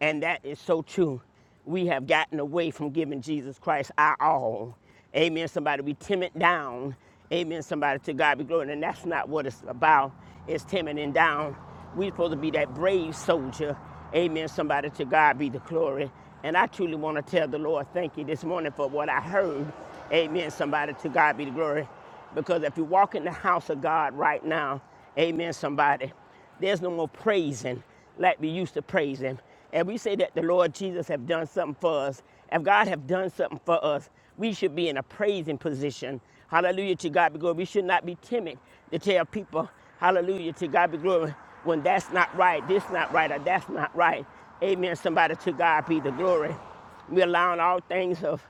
Speaker 3: And that is so true. We have gotten away from giving Jesus Christ our all. Amen. Somebody, we timid down. Amen. Somebody, to God be glory. And that's not what it's about. It's timiding down. We're supposed to be that brave soldier. Amen. Somebody, to God be the glory. And I truly want to tell the Lord thank you this morning for what I heard. Amen. Somebody, to God be the glory. Because if you walk in the house of God right now, amen, somebody, there's no more praising like we used to praise him. And we say that the Lord Jesus have done something for us. If God have done something for us, we should be in a praising position. Hallelujah to God be glory. We should not be timid to tell people, hallelujah to God be glory, when that's not right, this not right, or that's not right. Amen. Somebody to God be the glory. We're allowing all things of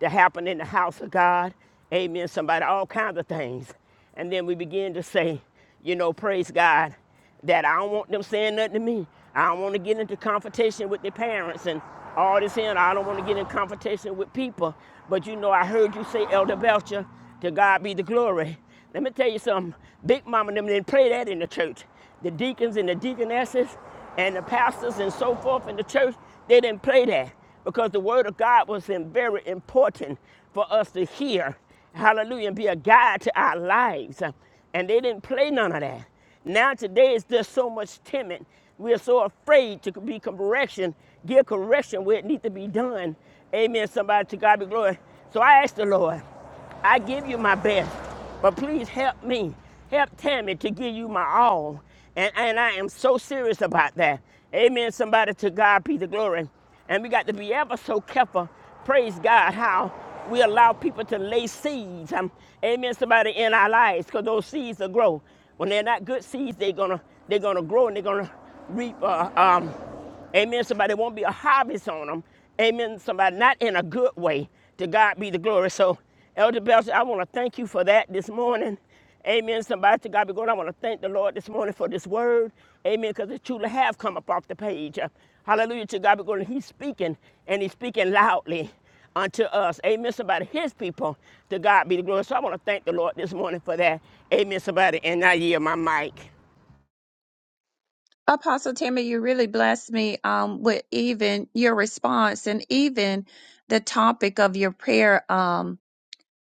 Speaker 3: to happen in the house of God. Amen. Somebody, all kinds of things. And then we begin to say, you know, praise God that I don't want them saying nothing to me. I don't want to get into confrontation with their parents and all this and I don't want to get in confrontation with people. But you know, I heard you say, Elder Belcher, to God be the glory. Let me tell you something. Big Mama and them didn't play that in the church. The deacons and the deaconesses and the pastors and so forth in the church, they didn't play that because the word of God was in- very important for us to hear. Hallelujah, and be a guide to our lives. And they didn't play none of that. Now today it's just so much timid. We are so afraid to be correction, give correction where it needs to be done. Amen. Somebody to God be glory. So I ask the Lord, I give you my best, but please help me, help Tammy to give you my all. And, and I am so serious about that. Amen. Somebody to God be the glory. And we got to be ever so careful. Praise God how we allow people to lay seeds. Um, amen. Somebody in our lives because those seeds will grow. When they're not good seeds, they're gonna they're gonna grow and they're gonna reap. Uh, um, amen. Somebody there won't be a harvest on them. Amen. Somebody not in a good way. To God be the glory. So Elder Belcher, I want to thank you for that this morning. Amen. Somebody to God be going. I want to thank the Lord this morning for this word. Amen. Because it truly have come up off the page. Uh, Hallelujah to God be going. He's speaking and he's speaking loudly unto us. Amen. Somebody, his people, to God be the glory. So I want to thank the Lord this morning for that. Amen. Somebody, and I yield my mic.
Speaker 2: Apostle Tammy, you really blessed me um, with even your response and even the topic of your prayer. Um,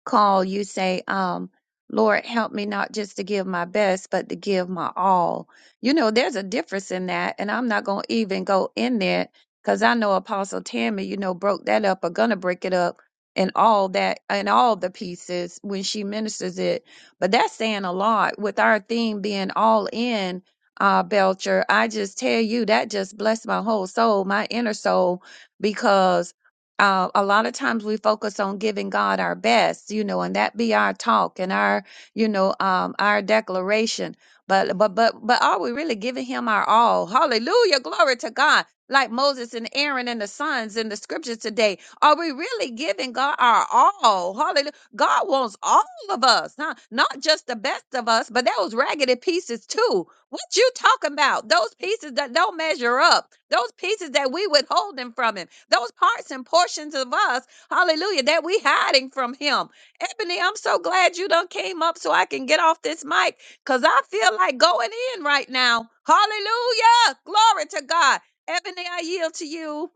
Speaker 2: call, you say, um, Lord, help me not just to give my best, but to give my all. You know, there's a difference in that. And I'm not going to even go in there because I know Apostle Tammy, you know, broke that up or going to break it up and all that and all the pieces when she ministers it. But that's saying a lot with our theme being all in. Uh, Belcher, I just tell you that just blessed my whole soul, my inner soul, because uh, a lot of times we focus on giving God our best, you know, and that be our talk and our, you know, um, our declaration. But but but but are we really giving Him our all? Hallelujah, glory to God. Like Moses and Aaron and the sons in the scriptures today, are we really giving God our all? Hallelujah. God wants all of us, huh? not just the best of us, but those raggedy pieces too. What you talking about? Those pieces that don't measure up. Those pieces that we withholding from him. Those parts and portions of us, hallelujah, that we hiding from him. Ebony, I'm so glad you done came up so I can get off this mic because I feel like going in right now. Hallelujah. Glory to God. Ebony, I yield to you.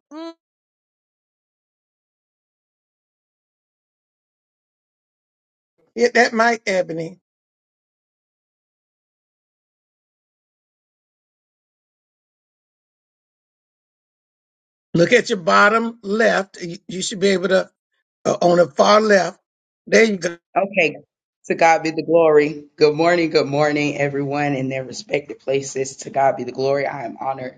Speaker 1: Get that mic, Ebony. Look at your bottom left. You you should be able to, uh, on the far left. There you go.
Speaker 4: Okay. To God be the glory. Good morning. Good morning, everyone in their respective places. To God be the glory. I am honored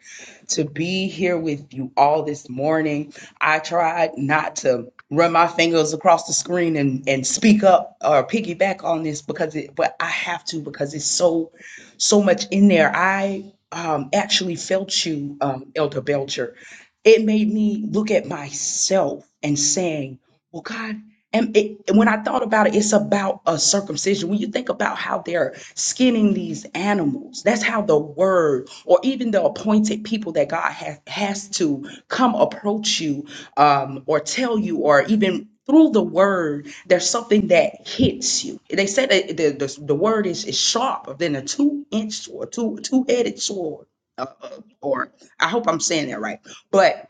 Speaker 4: to be here with you all this morning. I tried not to run my fingers across the screen and, and speak up or piggyback on this because it, but I have to because it's so, so much in there. I um, actually felt you, um, Elder Belcher. It made me look at myself and saying, well, God. And, it, and when I thought about it, it's about a circumcision. When you think about how they're skinning these animals, that's how the word or even the appointed people that God has, has to come approach you um, or tell you, or even through the word, there's something that hits you. They said that the, the, the word is, is sharper than a two inch sword, two, two headed sword. Uh, uh, or I hope I'm saying that right. But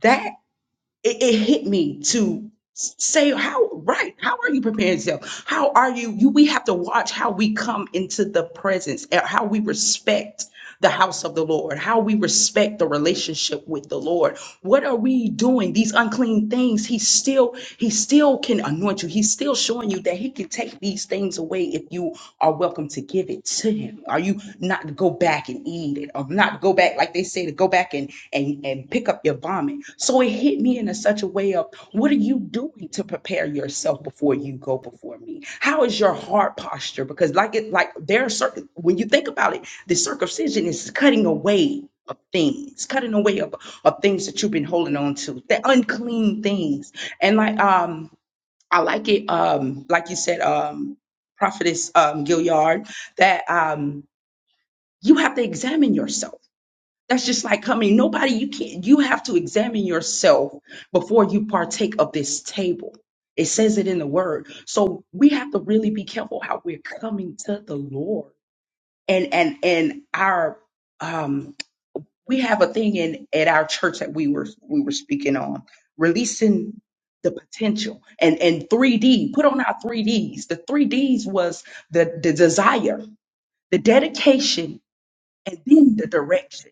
Speaker 4: that it, it hit me to s- say how right how are you preparing yourself how are you you we have to watch how we come into the presence and how we respect the house of the lord how we respect the relationship with the lord what are we doing these unclean things he still he still can anoint you he's still showing you that he can take these things away if you are welcome to give it to him are you not to go back and eat it or not go back like they say to go back and and, and pick up your vomit. So it hit me in a such a way of what are you doing to prepare yourself before you go before me? How is your heart posture? Because like it, like there are certain when you think about it, the circumcision is cutting away of things, cutting away of, of things that you've been holding on to, the unclean things. And like um I like it um like you said um prophetess um Gilliard that um you have to examine yourself that's just like coming. Nobody, you can't, you have to examine yourself before you partake of this table. It says it in the word. So we have to really be careful how we're coming to the Lord. And and and our um we have a thing in at our church that we were we were speaking on, releasing the potential and and 3D, put on our 3Ds. The 3Ds was the the desire, the dedication, and then the direction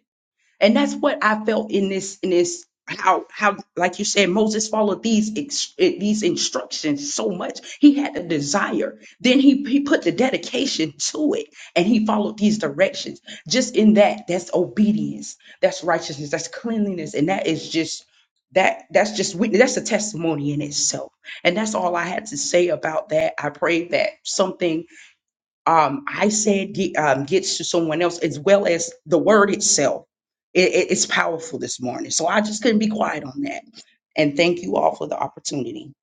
Speaker 4: and that's what I felt in this in this how how like you said Moses followed these ex- eh, these instructions so much he had a desire then he he put the dedication to it and he followed these directions just in that that's obedience that's righteousness that's cleanliness and that is just that that's just witness that's a testimony in itself and that's all I had to say about that I pray that something um, I said get, um, gets to someone else as well as the word itself. It, it- it's powerful this morning. So I just couldn't be quiet on that. And thank you all for the opportunity.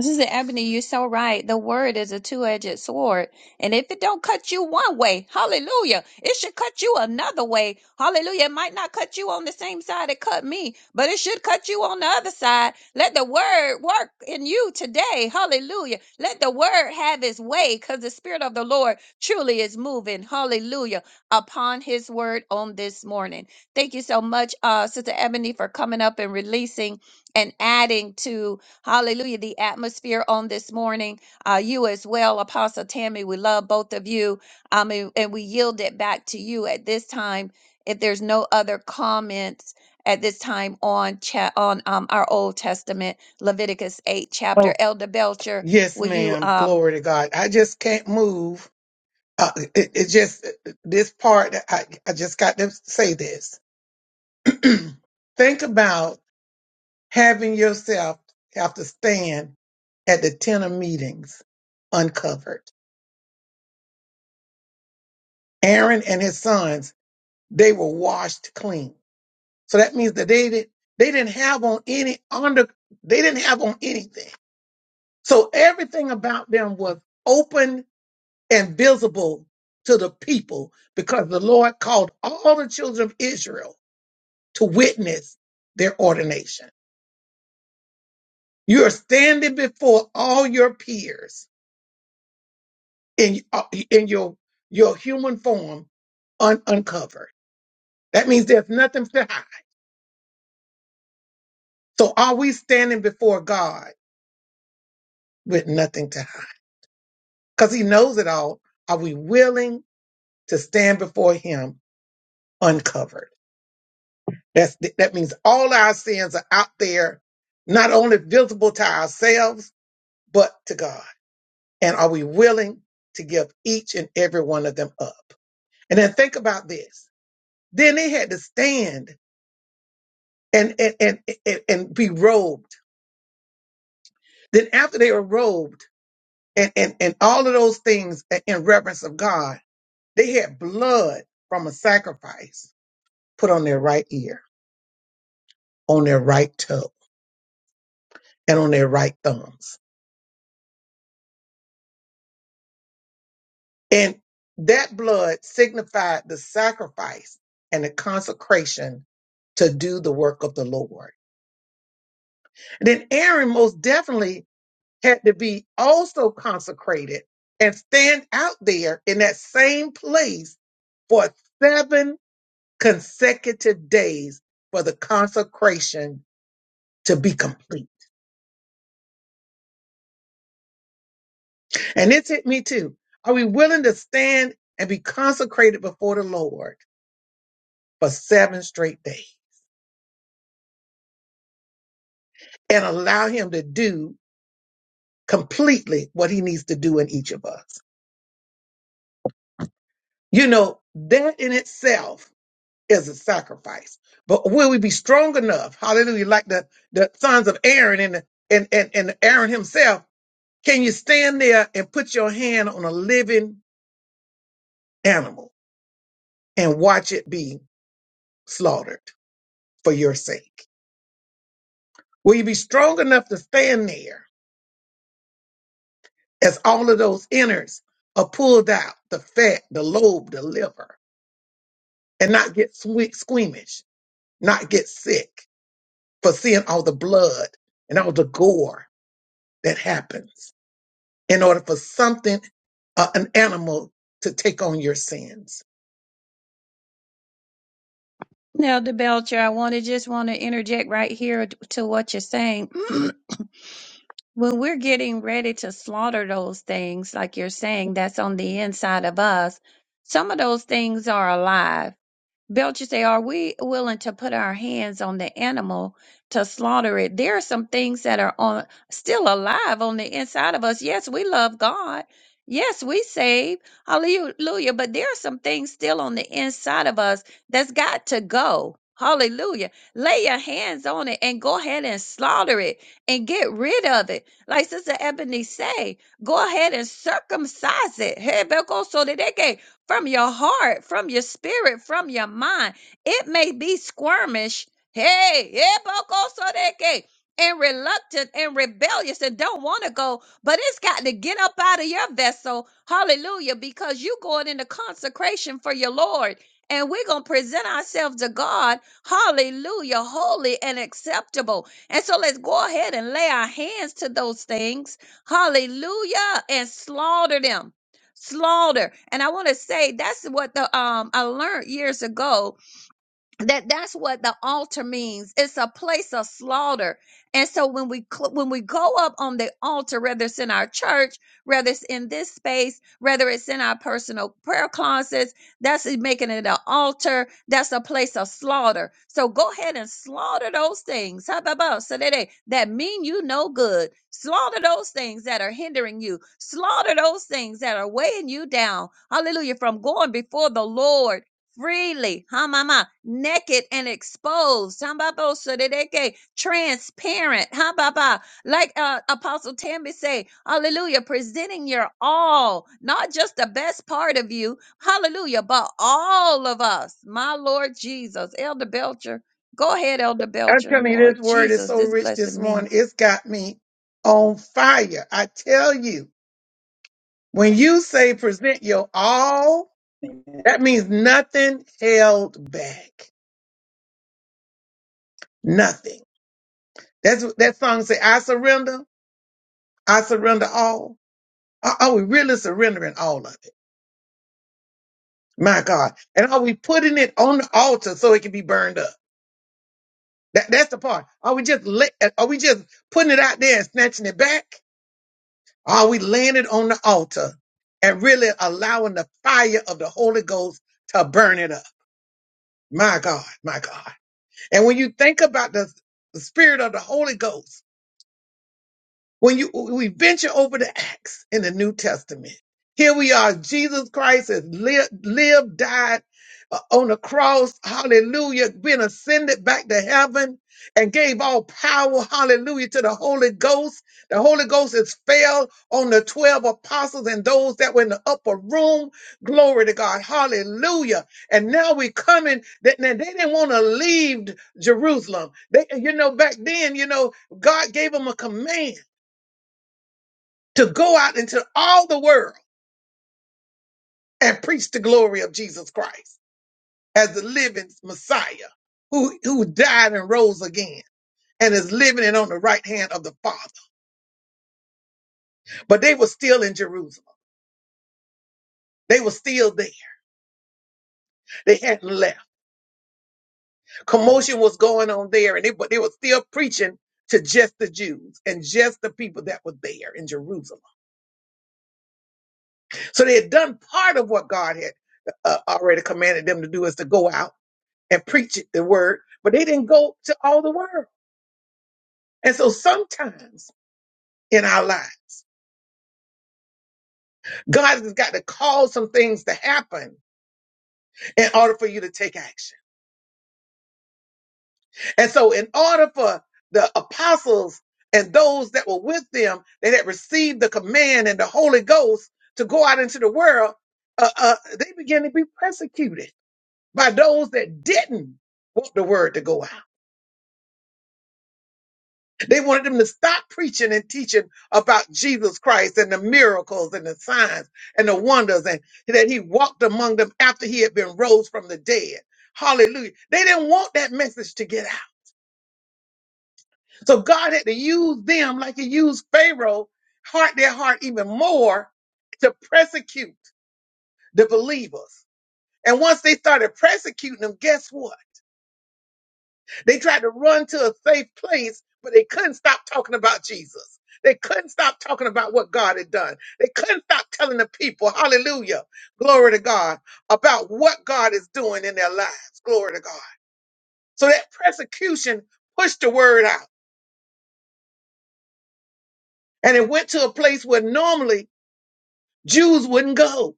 Speaker 2: Sister Ebony, you're so right. The word is a two-edged sword. And if it don't cut you one way, hallelujah, it should cut you another way. Hallelujah. It might not cut you on the same side it cut me, but it should cut you on the other side. Let the word work in you today. Hallelujah. Let the word have its way because the spirit of the Lord truly is moving. Hallelujah. Upon his word on this morning. Thank you so much, uh, Sister Ebony, for coming up and releasing and adding to Hallelujah. The atmosphere on this morning, uh, you as well, Apostle Tammy, we love both of you. Um, and, and we yield it back to you at this time. If there's no other comments at this time on chat on um, our Old Testament, Leviticus 8 chapter,
Speaker 1: Oh,
Speaker 2: Elder Belcher,
Speaker 1: yes,
Speaker 2: will you
Speaker 1: ma'am.
Speaker 2: um
Speaker 1: Glory to God. I just can't move. Uh, it, it just, this part, I, I just got to say this. Think about having yourself have to stand at the tent of meetings uncovered. Aaron and his sons, they were washed clean. So that means that they didn't they didn't have on any under they didn't have on anything. So everything about them was open and visible to the people because the Lord called all the children of Israel to witness their ordination. You are standing before all your peers in uh, in your your human form un- uncovered. That means there's nothing to hide. So are we standing before God with nothing to hide? because he knows it all. Are we willing to stand before him uncovered? That's, that means all our sins are out there, not only visible to ourselves, but to God. And are we willing to give each and every one of them up? And then think about this. Then they had to stand and, and, and, and, and be robed. Then after they were robed and, and, and all of those things in reverence of God, they had blood from a sacrifice put on their right ear on their right toe and on their right thumbs. And that blood signified the sacrifice and the consecration to do the work of the Lord. And then Aaron most definitely had to be also consecrated and stand out there in that same place for seven consecutive days for the consecration to be complete. And this hit me too. Are we willing to stand and be consecrated before the Lord? for seven straight days and allow him to do completely what he needs to do in each of us. You know, that in itself is a sacrifice. But will we be strong enough? Hallelujah. Like the, the sons of Aaron and, and, and, and Aaron himself. Can you stand there and put your hand on a living animal and watch it be slaughtered for your sake? Will you be strong enough to stand there as all of those innards are pulled out the fat, the lobe, the liver, and not get swe- squeamish, not get sick for seeing all the blood and all the gore that happens in order for something, uh, an animal, to take on your sins.
Speaker 2: Elder Belcher, I want to just want to interject right here to what you're saying. when we're getting ready to slaughter those things, like you're saying, that's on the inside of us, some of those things are alive. Belcher say, are we willing to put our hands on the animal to slaughter it? There are some things that are on still alive on the inside of us. Yes, we love God. Yes, we save. Hallelujah. But there are some things still on the inside of us that's got to go. Hallelujah. Lay your hands on it and go ahead and slaughter it and get rid of it. Like Sister Ebony say, go ahead and circumcise it. Hey, Beko, so that they can from your heart, from your spirit, from your mind. It may be squirmish, hey, ebokosodeke, and reluctant and rebellious and don't want to go, but it's got to get up out of your vessel. Hallelujah, because you going into consecration for your Lord. And we're going to present ourselves to God, hallelujah, holy and acceptable. And so let's go ahead and lay our hands to those things, hallelujah, and slaughter them slaughter. And I want to say that's what the um I learned years ago that that's what the altar means it's a place of slaughter and so when we cl- when we go up on the altar whether it's in our church whether it's in this space whether it's in our personal prayer closets that's it- making it an altar that's a place of slaughter so go ahead and slaughter those things how about so that they that mean you no good slaughter those things that are hindering you slaughter those things that are weighing you down hallelujah from going before the lord freely, hamama, naked and exposed, hambabo sadedeke, transparent, hambaba, like uh, Apostle Tammy say, hallelujah, presenting your all, not just the best part of you, hallelujah, but all of us, my Lord Jesus, Elder Belcher, go ahead, Elder
Speaker 1: I'm
Speaker 2: Belcher,
Speaker 1: telling you,
Speaker 2: Lord
Speaker 1: this word is
Speaker 2: Jesus,
Speaker 1: so
Speaker 2: this
Speaker 1: rich this
Speaker 2: blessing me.
Speaker 1: morning. It's got me on fire. I tell you. When you say present your all,
Speaker 4: Amen.
Speaker 1: that means nothing held back. Nothing. That's what that song say, I surrender, I surrender all. Are, are we really surrendering all of it? My God. And are we putting it on the altar so it can be burned up? That, that's the part. Are we just la- are we just putting it out there and snatching it back? Are we laying it on the altar and really allowing the fire of the Holy Ghost to burn it up? My God, my God. And when you think about the, the spirit of the Holy Ghost, when you we venture over to Acts in the New Testament, here we are. Jesus Christ has lived, lived died uh, on the cross. Hallelujah. Been ascended back to heaven and gave all power. Hallelujah to the Holy Ghost. The Holy Ghost has fell on the 12 apostles and those that were in the upper room. Glory to God. Hallelujah. And now we coming that now they didn't want to leave Jerusalem. They, you know, back then, you know, God gave them a command to go out into all the world and preach the glory of Jesus Christ as the living Messiah who, who died and rose again and is living and on the right hand of the Father. But they were still in Jerusalem. They were still there. They hadn't left. Commotion was going on there, and they, but they were still preaching to just the Jews and just the people that were there in Jerusalem. So they had done part of what God had uh, already commanded them to do is to go out and preach it, the word, but they didn't go to all the world. And so sometimes in our lives, God has got to cause some things to happen in order for you to take action. And so in order for the apostles and those that were with them that had received the command and the Holy Ghost to go out into the world, uh, uh, they began to be persecuted by those that didn't want the word to go out. They wanted them to stop preaching and teaching about Jesus Christ and the miracles and the signs and the wonders and that he walked among them after he had been rose from the dead. Hallelujah. They didn't want that message to get out. So God had to use them like he used Pharaoh, heart their heart even more to persecute the believers. And once they started persecuting them, guess what? They tried to run to a safe place, but they couldn't stop talking about Jesus. They couldn't stop talking about what God had done. They couldn't stop telling the people, hallelujah, glory to God, about what God is doing in their lives, glory to God. So that persecution pushed the word out and it went to a place where normally Jews wouldn't go.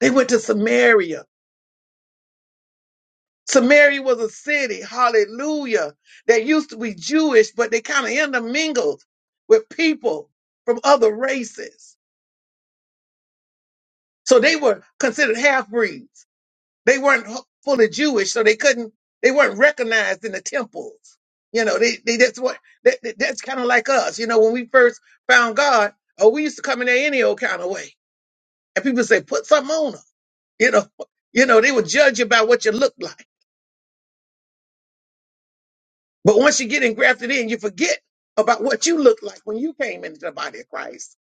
Speaker 1: They went to Samaria Samaria was a city, hallelujah, that used to be Jewish, but they kind of intermingled with people from other races. So they were considered half breeds. They weren't h- fully Jewish, so they couldn't, they weren't recognized in the temples. You know, they, they that's what, that, that- that's kind of like us. You know, when we first found God, oh, we used to come in there any old kind of way. And people say, put something on them. You know, you know, they would judge you by what you look like. But once you get engrafted in, you forget about what you looked like when you came into the body of Christ.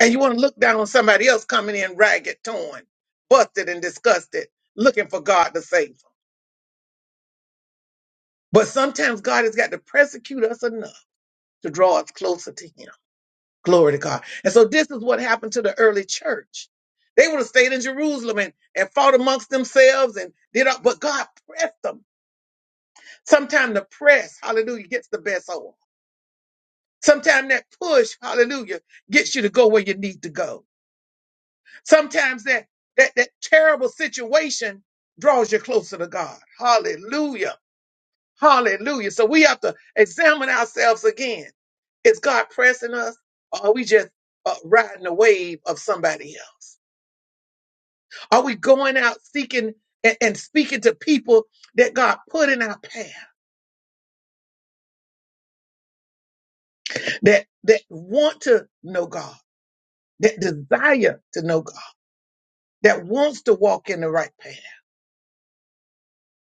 Speaker 1: And you want to look down on somebody else coming in ragged, torn, busted, and disgusted, looking for God to save them. But sometimes God has got to persecute us enough to draw us closer to Him. Glory to God. And so this is what happened to the early church. They would have stayed in Jerusalem and, and fought amongst themselves and did all, but God pressed them. Sometimes the press, hallelujah, gets the best of them. Sometimes that push, hallelujah, gets you to go where you need to go. Sometimes that that that terrible situation draws you closer to God. Hallelujah. Hallelujah. So we have to examine ourselves again. Is God pressing us or are we just uh, riding the wave of somebody else? Are we going out seeking and, and speaking to people that God put in our path that that want to know God, that desire to know God, that wants to walk in the right path?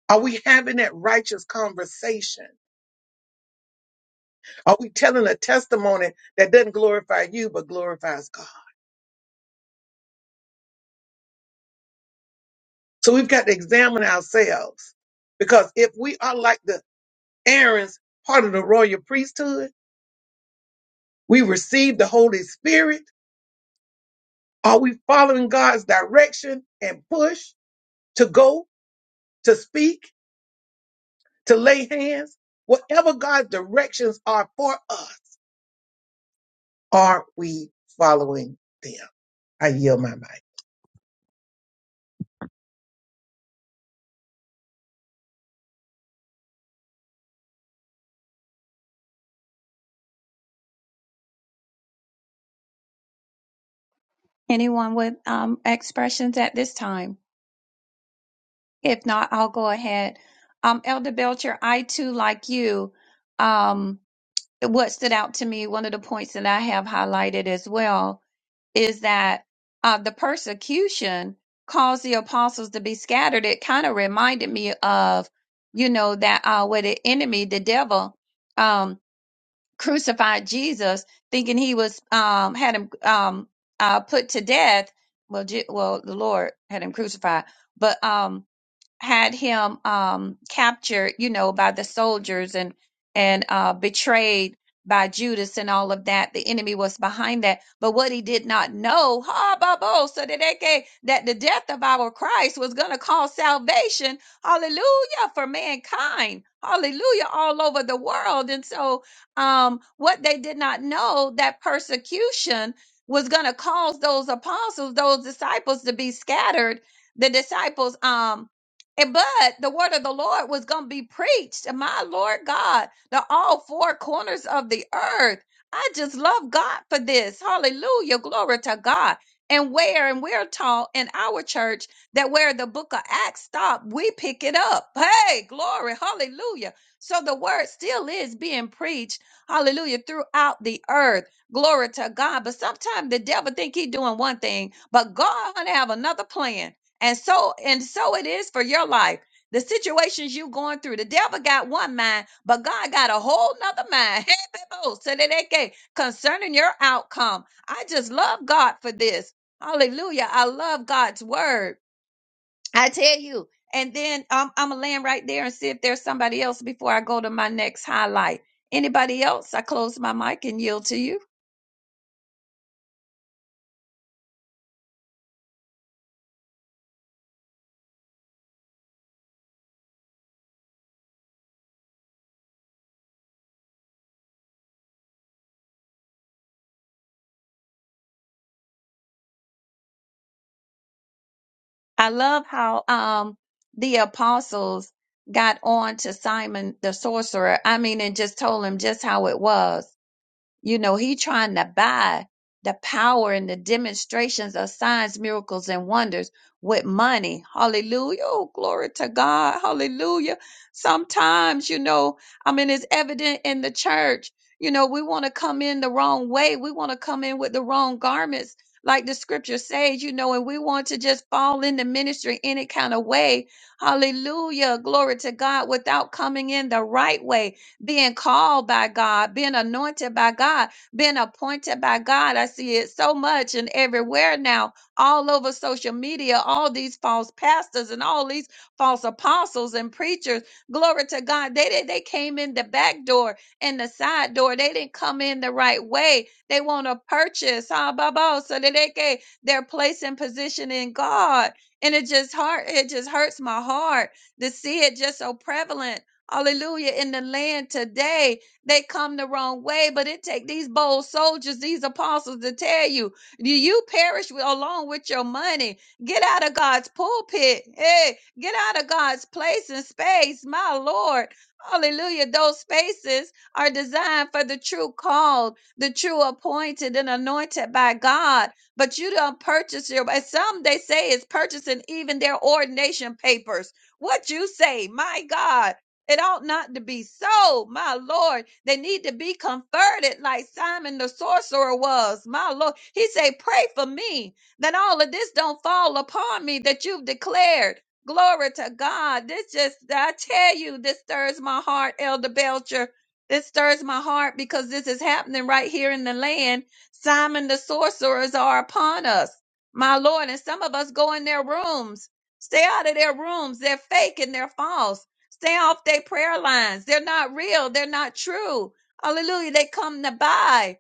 Speaker 1: Are we having that righteous conversation? Are we telling a testimony that doesn't glorify you but glorifies God? So we've got to examine ourselves because if we are like the Aaron's part of the royal priesthood, we receive the Holy Spirit. Are we following God's direction and push to go, to speak, to lay hands? Whatever God's directions are for us, are we following them? I yield my mind.
Speaker 2: Anyone with um, expressions at this time? If not, I'll go ahead. Um, Elder Belcher, I too, like you, um, what stood out to me, one of the points that I have highlighted as well, is that uh, the persecution caused the apostles to be scattered. It kind of reminded me of, you know, that uh, where the enemy, the devil, um, crucified Jesus, thinking he was um, had him um, uh, put to death. Well, Je- well, the Lord had him crucified, but um, had him um, captured, you know, by the soldiers and and uh, betrayed by Judas and all of that. The enemy was behind that. But what he did not know, ha, ba, so that they gave, that the death of our Christ was going to cause salvation, hallelujah, for mankind, hallelujah, all over the world. And so, um, what they did not know that persecution was going to cause those apostles, those disciples to be scattered. The disciples, um, and but the word of the Lord was going to be preached. And my Lord God, to all four corners of the earth. I just love God for this. Hallelujah. Glory to God. And where, and we're taught in our church that where the book of Acts stopped, we pick it up. Hey, glory. Hallelujah. So the word still is being preached. Hallelujah. Throughout the earth. Glory to God. But sometimes the devil think he doing one thing, but God gonna have another plan. And so, and so it is for your life. The situations you going through, the devil got one mind, but God got a whole nother mind. Hey, people, so that they can- concerning your outcome. I just love God for this. Hallelujah. I love God's word. I tell you. And then um, I'm gonna land right there and see if there's somebody else before I go to my next highlight. Anybody else? I close my mic and yield to you. I love how um the apostles got on to Simon the sorcerer. I mean, and just told him just how it was. You know, he trying to buy the power and the demonstrations of signs, miracles, and wonders with money. Hallelujah. Oh, glory to God. Hallelujah. Sometimes, you know, I mean, it's evident in the church. You know, we want to come in the wrong way. We want to come in with the wrong garments, like the scripture says, you know, and we want to just fall into ministry any kind of way. Hallelujah. Glory to God without coming in the right way being called by God, being anointed by God, being appointed by God. I see it so much and everywhere now, all over social media, all these false pastors and all these false apostles and preachers. Glory to God. They did they came in the back door and the side door. They didn't come in the right way. They want to purchase, huh, Baba? So that they get their place and position in God. And it just hurt, it just hurts my heart to see it just so prevalent Hallelujah. In the land today, they come the wrong way, but it take these bold soldiers, these apostles to tell you, you you perish with, along with your money. Get out of God's pulpit. Hey, get out of God's place and space. My Lord. Hallelujah. Those spaces are designed for the true called, the true appointed and anointed by God. But you don't purchase your, but some they say is purchasing even their ordination papers. What you say, my God. It ought not to be so, my Lord. They need to be converted like Simon the sorcerer was, my Lord. He said, Pray for me that all of this don't fall upon me that you've declared. Glory to God. This just, I tell you, this stirs my heart, Elder Belcher. This stirs my heart because this is happening right here in the land. Simon the sorcerers are upon us, my Lord. And some of us go in their rooms. Stay out of their rooms. They're fake and they're false. Stay off their prayer lines. They're not real. They're not true. Hallelujah. They come to buy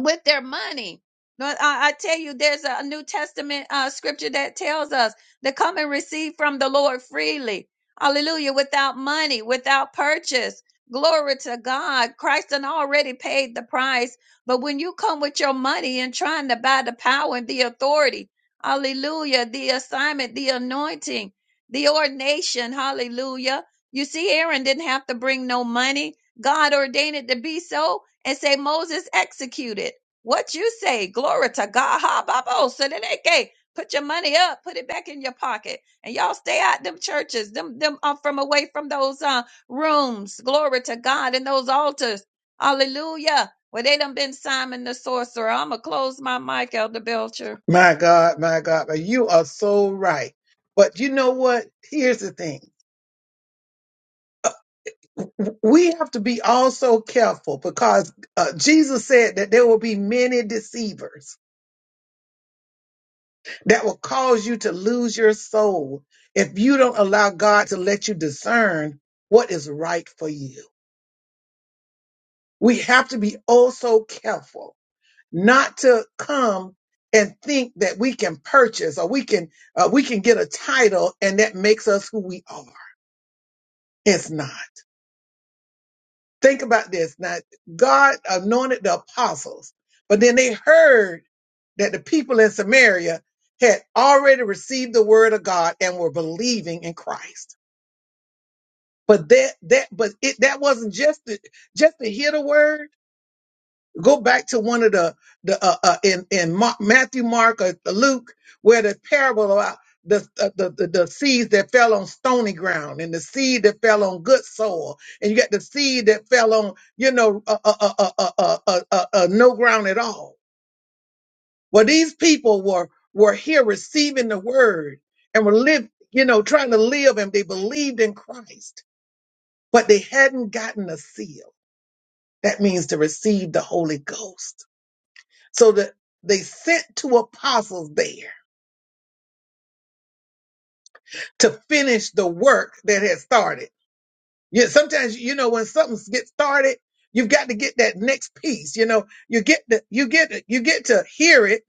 Speaker 2: with their money. But I, I tell you, there's a New Testament uh, scripture that tells us to come and receive from the Lord freely. Hallelujah. Without money, without purchase. Glory to God. Christ done already paid the price. But when you come with your money and trying to buy the power and the authority, hallelujah, the assignment, the anointing, the ordination, hallelujah. You see, Aaron didn't have to bring no money. God ordained it to be so and say Moses executed. What you say? Glory to God. Ha babo. Seneneke. Put your money up, put it back in your pocket, and y'all stay out them churches, them them uh, from away from those uh, rooms. Glory to God and those altars. Hallelujah. Well, they done been Simon the sorcerer. I'ma close my mic, Elder Belcher.
Speaker 1: My God, my God, but you are so right. But you know what? Here's the thing. We have to be also careful because uh, Jesus said that there will be many deceivers. that will cause you to lose your soul if you don't allow God to let you discern what is right for you. We have to be also careful not to come and think that we can purchase or we can uh, we can get a title and that makes us who we are. It's not. Think about this. Now, God anointed the apostles, but then they heard that the people in Samaria had already received the word of God and were believing in Christ. But that that but it that wasn't just the, just to hear the word. Go back to one of the the uh, uh, in in Mark, Matthew, Mark, or Luke, where the parable about the, uh, the the the seeds that fell on stony ground and the seed that fell on good soil, and you got the seed that fell on you know uh, uh, uh, uh, uh, uh, uh, uh, uh, no ground at all. Well, these people were were here receiving the word and were live you know trying to live, and they believed in Christ, but they hadn't gotten a seed. That means to receive the Holy Ghost. So that they sent two apostles there to finish the work that had started. Yeah, sometimes you know when something gets started, you've got to get that next piece. You know, you get the you get you get to hear it,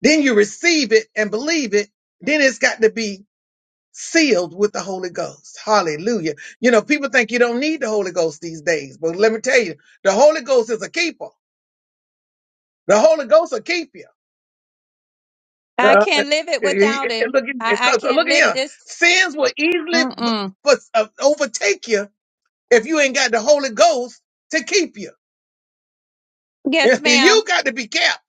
Speaker 1: then you receive it and believe it. Then it's got to be sealed with the Holy Ghost. Hallelujah. You know, people think you don't need the Holy Ghost these days, but let me tell you, the Holy Ghost is a keeper. The Holy Ghost will keep you.
Speaker 2: I
Speaker 1: Uh, eh,
Speaker 2: can't live it
Speaker 1: eh,
Speaker 2: without
Speaker 1: eh,
Speaker 2: him.
Speaker 1: look at eh,
Speaker 2: I, I
Speaker 1: 'cause- uh,
Speaker 2: can't
Speaker 1: look at
Speaker 2: live
Speaker 1: here.
Speaker 2: this.
Speaker 1: Sins will easily b-
Speaker 2: Mm-mm.
Speaker 1: but, uh, overtake you if you ain't got the Holy Ghost to keep you.
Speaker 2: Yes, ma'am.
Speaker 1: You got to be kept.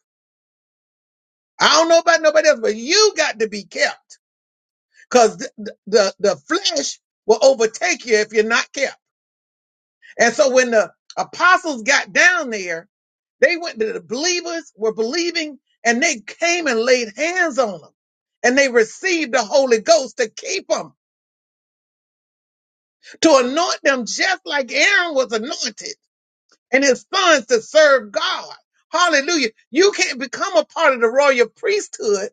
Speaker 1: I don't know about nobody else, but you got to be kept because the, the the flesh will overtake you if you're not kept. And so when the apostles got down there, they went to the believers were believing, and they came and laid hands on them, and they received the Holy Ghost to keep them. to anoint them just like Aaron was anointed and his sons to serve God. Hallelujah. You can't become a part of the royal priesthood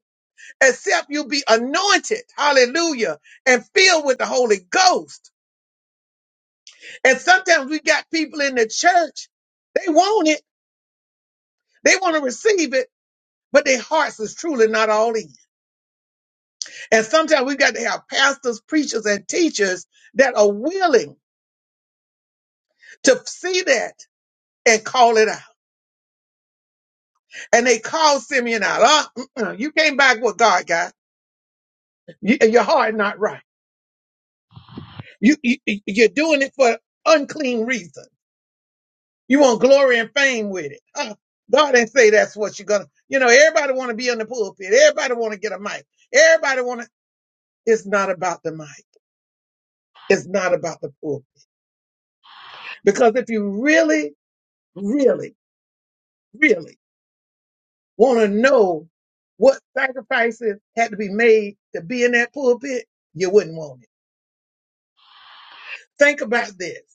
Speaker 1: except you be anointed. Hallelujah. And filled with the Holy Ghost. And sometimes we got people in the church. They want it. They want to receive it, but their hearts is truly not all in. And sometimes we got to have pastors, preachers, and teachers that are willing to see that and call it out. And they called Simeon out. Uh, uh-uh, you came back with God, guy. You, your heart not right. You, you you're doing it for unclean reasons. You want glory and fame with it. Uh, God didn't say that's what you're gonna. You know, everybody want to be in the pulpit. Everybody want to get a mic. Everybody want to. It's not about the mic. It's not about the pulpit. Because if you really, really, really want to know what sacrifices had to be made to be in that pulpit, you wouldn't want it. Think about this.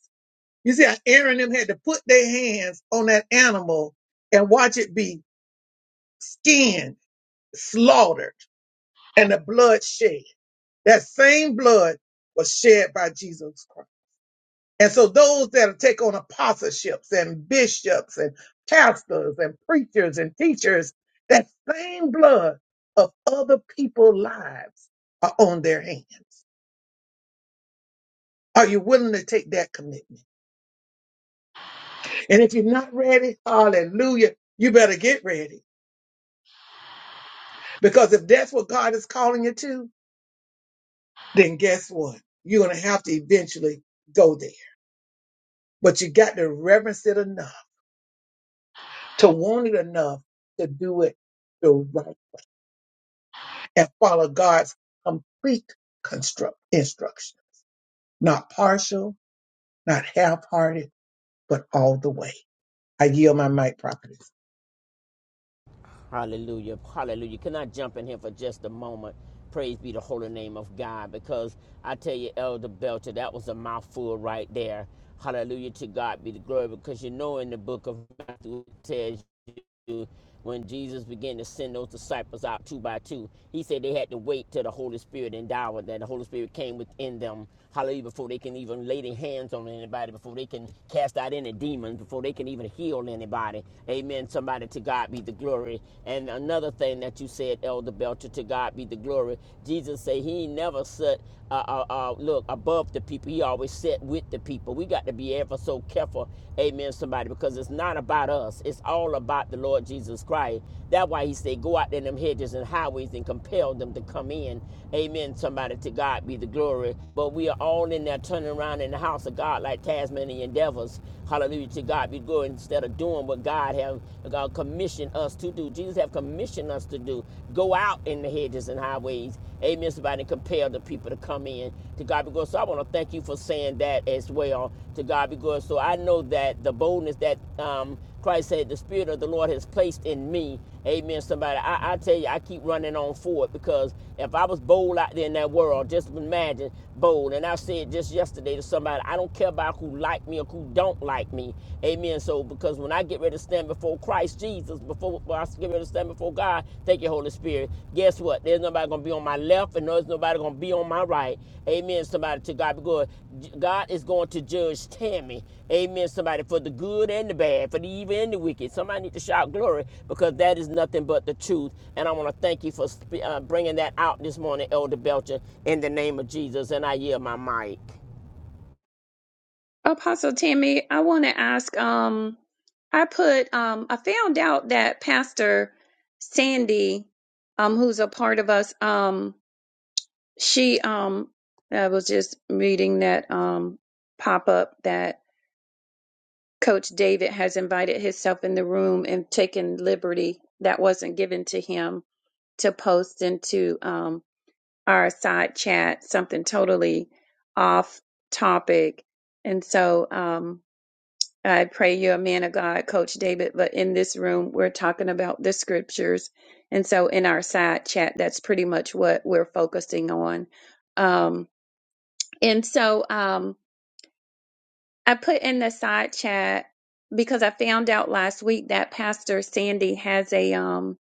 Speaker 1: You see how Aaron and them had to put their hands on that animal and watch it be skinned, slaughtered, and the blood shed. That same blood was shed by Jesus Christ. And so those that take on apostleships and bishops and pastors and preachers and teachers, that same blood of other people's lives are on their hands. Are you willing to take that commitment? And if you're not ready, hallelujah, you better get ready Because if that's what God is calling you to, then guess what? You're going to have to eventually go there. But you got to reverence it enough, to want it enough to do it the right and follow God's complete construct instruction, not partial, not half hearted, but all the way. I yield my mic properly.
Speaker 3: Hallelujah. Hallelujah. Can I jump in here for just a moment? Praise be the holy name of God because I tell you, Elder Belcher, that was a mouthful right there. Hallelujah to God be the glory because you know in the book of Matthew it says you when Jesus began to send those disciples out two by two, he said they had to wait till the Holy Spirit endowed them, that the Holy Spirit came within them hallelujah, before they can even lay their hands on anybody, before they can cast out any demons, before they can even heal anybody. Amen. Somebody to God be the glory. And another thing that you said, Elder Belcher, to God be the glory. Jesus said he never sat, uh, uh, uh, look, above the people. He always sat with the people. We got to be ever so careful. Amen, somebody, because it's not about us. It's all about the Lord Jesus Christ. That's why he said, Go out in them hedges and highways and compel them to come in. Amen. Somebody to God be the glory. But we are all in there turning around in the house of God like Tasmanian devils. Hallelujah to God be glory instead of doing what God have God commissioned us to do. Jesus have commissioned us to do. Go out in the hedges and highways. Amen. Somebody and compel the people to come in to God be glory. So I want to want to thank you for saying that as well. To God be glory. So I know that the boldness that um, Christ said, the Spirit of the Lord has placed in me. Amen. Somebody, I, I tell you, I keep running on forward because if I was bold out there in that world, just imagine bold. And I said just yesterday to somebody, I don't care about who like me or who don't like me. Amen. So because when I get ready to stand before Christ Jesus, before before I I give it a stand before God. Thank you, Holy Spirit. Guess what? There's nobody gonna be on my left, and there's nobody gonna be on my right. Amen. Somebody to God be good. God is going to judge Tammy. Amen. Somebody for the good and the bad, for the evil and the wicked. Somebody need to shout glory because that is nothing but the truth. And I want to thank you for sp- uh, bringing that out this morning, Elder Belcher, in the name of Jesus. And I yield my mic.
Speaker 2: Apostle Tammy, I want to ask. Um, I put. Um, I found out that Pastor Sandy, um, who's a part of us, um, she, um, I was just reading that um pop up that Coach David has invited himself in the room and taken liberty that wasn't given to him to post into um our side chat something totally off topic, and so um I pray you're a man of God, Coach David. But in this room, we're talking about the scriptures. And so in our side chat, that's pretty much what we're focusing on. Um, and so um, I put in the side chat because I found out last week that Pastor Sandy has a um,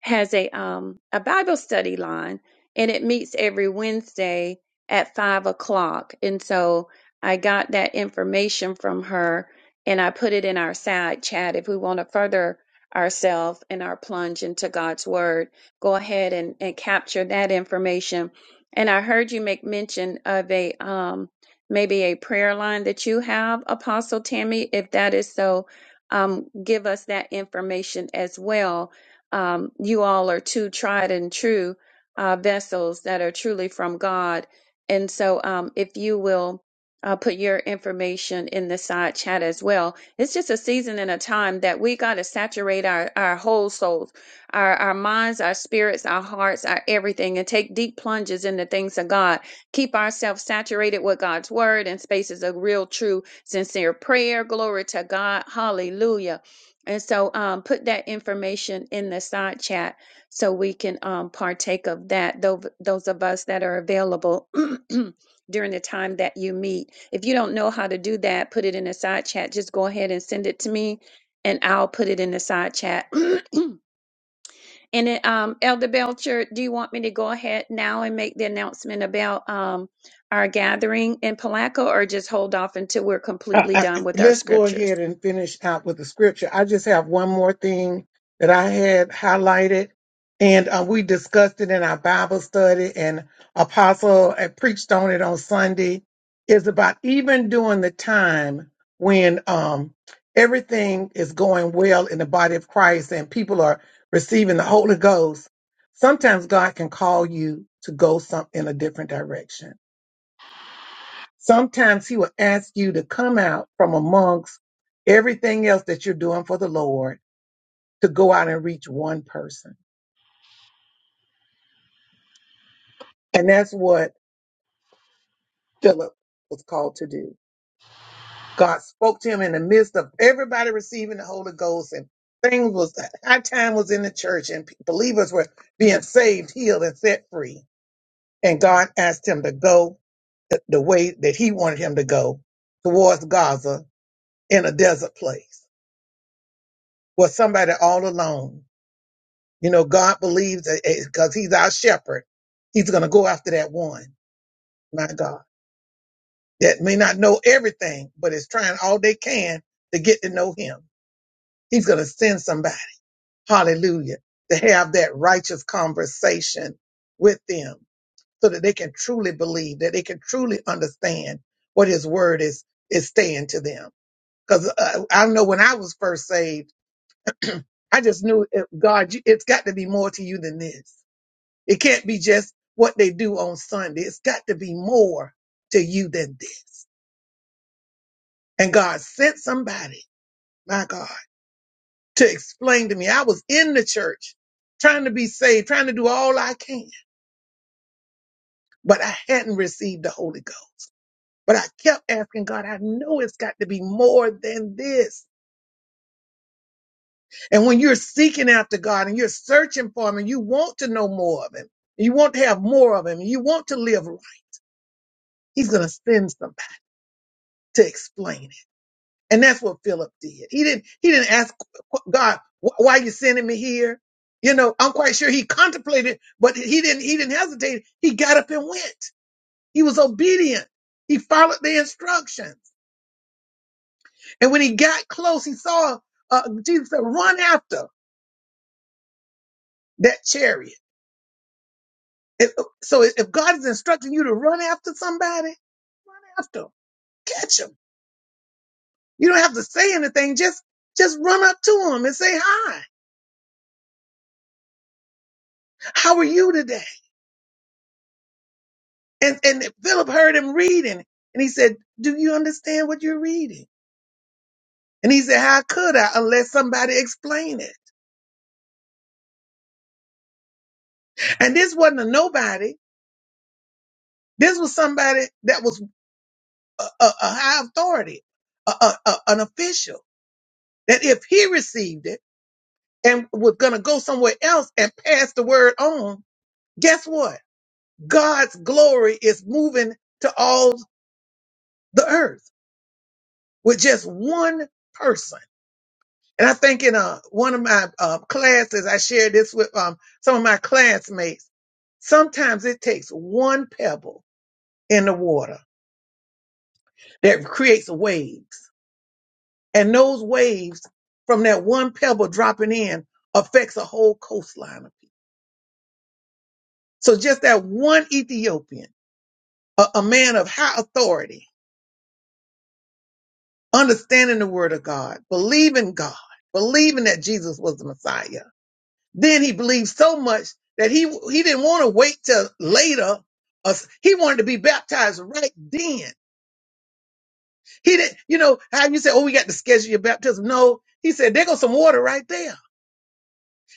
Speaker 2: has a um a Bible study line, and it meets every Wednesday at five o'clock. And so I got that information from her, and I put it in our side chat. If we want to further ourselves and our plunge into God's Word, go ahead and, and capture that information. And I heard you make mention of a um maybe a prayer line that you have, Apostle Tammy. If that is so, um, give us that information as well um, you all are two tried and true uh, vessels that are truly from God. And so, um, if you will uh, put your information in the side chat as well, it's just a season and a time that we got to saturate our, our whole souls, our, our minds, our spirits, our hearts, our everything, and take deep plunges in the things of God. Keep ourselves saturated with God's word and spaces of real, true, sincere prayer. Glory to God. Hallelujah and so um, put that information in the side chat so we can um, partake of that, tho- those of us that are available during the time that you meet. If you don't know how to do that, put it in the side chat. Just go ahead and send it to me and I'll put it in the side chat. and then, um, Elder Belcher, do you want me to go ahead now and make the announcement about um, our gathering in Palaco or just hold off until we're
Speaker 1: I,
Speaker 2: completely done
Speaker 1: I,
Speaker 2: with our
Speaker 1: let's go
Speaker 2: scriptures?
Speaker 1: ahead and finish out with the scripture. I just have one more thing that I had highlighted, and uh, we discussed it in our Bible study, and Apostle had preached on it on Sunday. Is about even during the time when um, everything is going well in the body of Christ and people are receiving the Holy Ghost. Sometimes God can call you to go some in a different direction Sometimes he will ask you to come out from amongst everything else that you're doing for the Lord to go out and reach one person. And that's what Philip was called to do. God spoke to him in the midst of everybody receiving the Holy Ghost and things was, our time was in the church and pe- believers were being saved, healed, and set free. And God asked him to go th- the way that he wanted him to go towards Gaza in a desert place, was somebody all alone You know, God believes that because He's our shepherd, He's going to go after that one, my God, that may not know everything, but is trying all they can to get to know Him. He's going to send somebody, hallelujah, to have that righteous conversation with them so that they can truly believe, that they can truly understand what His word is, is saying to them. Because uh, I know when I was first saved, I just knew it, God, you- it's got to be more to you than this. It can't be just what they do on Sunday. It's got to be more to you than this. And God sent somebody, my God, to explain to me. I was in the church trying to be saved, trying to do all I can, but I hadn't received the Holy Ghost. But I kept asking God, I know it's got to be more than this. And when you're seeking after God and you're searching for Him and you want to know more of Him, you want to have more of Him, you want to live right, He's going to send somebody to explain it. And that's what Philip did. He didn't, he didn't ask God, "Wh- why you sending me here? You know, I'm quite sure he contemplated, but he didn't, he didn't hesitate. He got up and went. He was obedient. He followed the instructions. And when he got close, he saw, uh, Jesus said, run after that chariot. If- so if God is instructing you to run after somebody, run after 'em. catch him. You don't have to say anything. Just, just run up to him and say, hi, how are you today? And and Philip heard him reading, and he said, "Do you understand what you're reading?" And he said, "How could I unless somebody explain it?" And this wasn't a nobody. This was somebody that was a, a, a high authority, a, a, a- an official. That if he received it and was going to go somewhere else and pass the word on, guess what? God's glory is moving to all the earth with just one person And I think in uh, one of my uh, classes, I shared this with um, some of my classmates. Sometimes it takes one pebble in the water that creates waves. And those waves from that one pebble dropping in affects a whole coastline of people. So just that one Ethiopian, a, a man of high authority, understanding the word of God, believing God, believing that Jesus was the Messiah Then he believed so much that he he didn't want to wait till later. Uh, He wanted to be baptized right then. He didn't, you know, how you say, oh, we got to schedule your baptism. No, he said, there goes some water right there.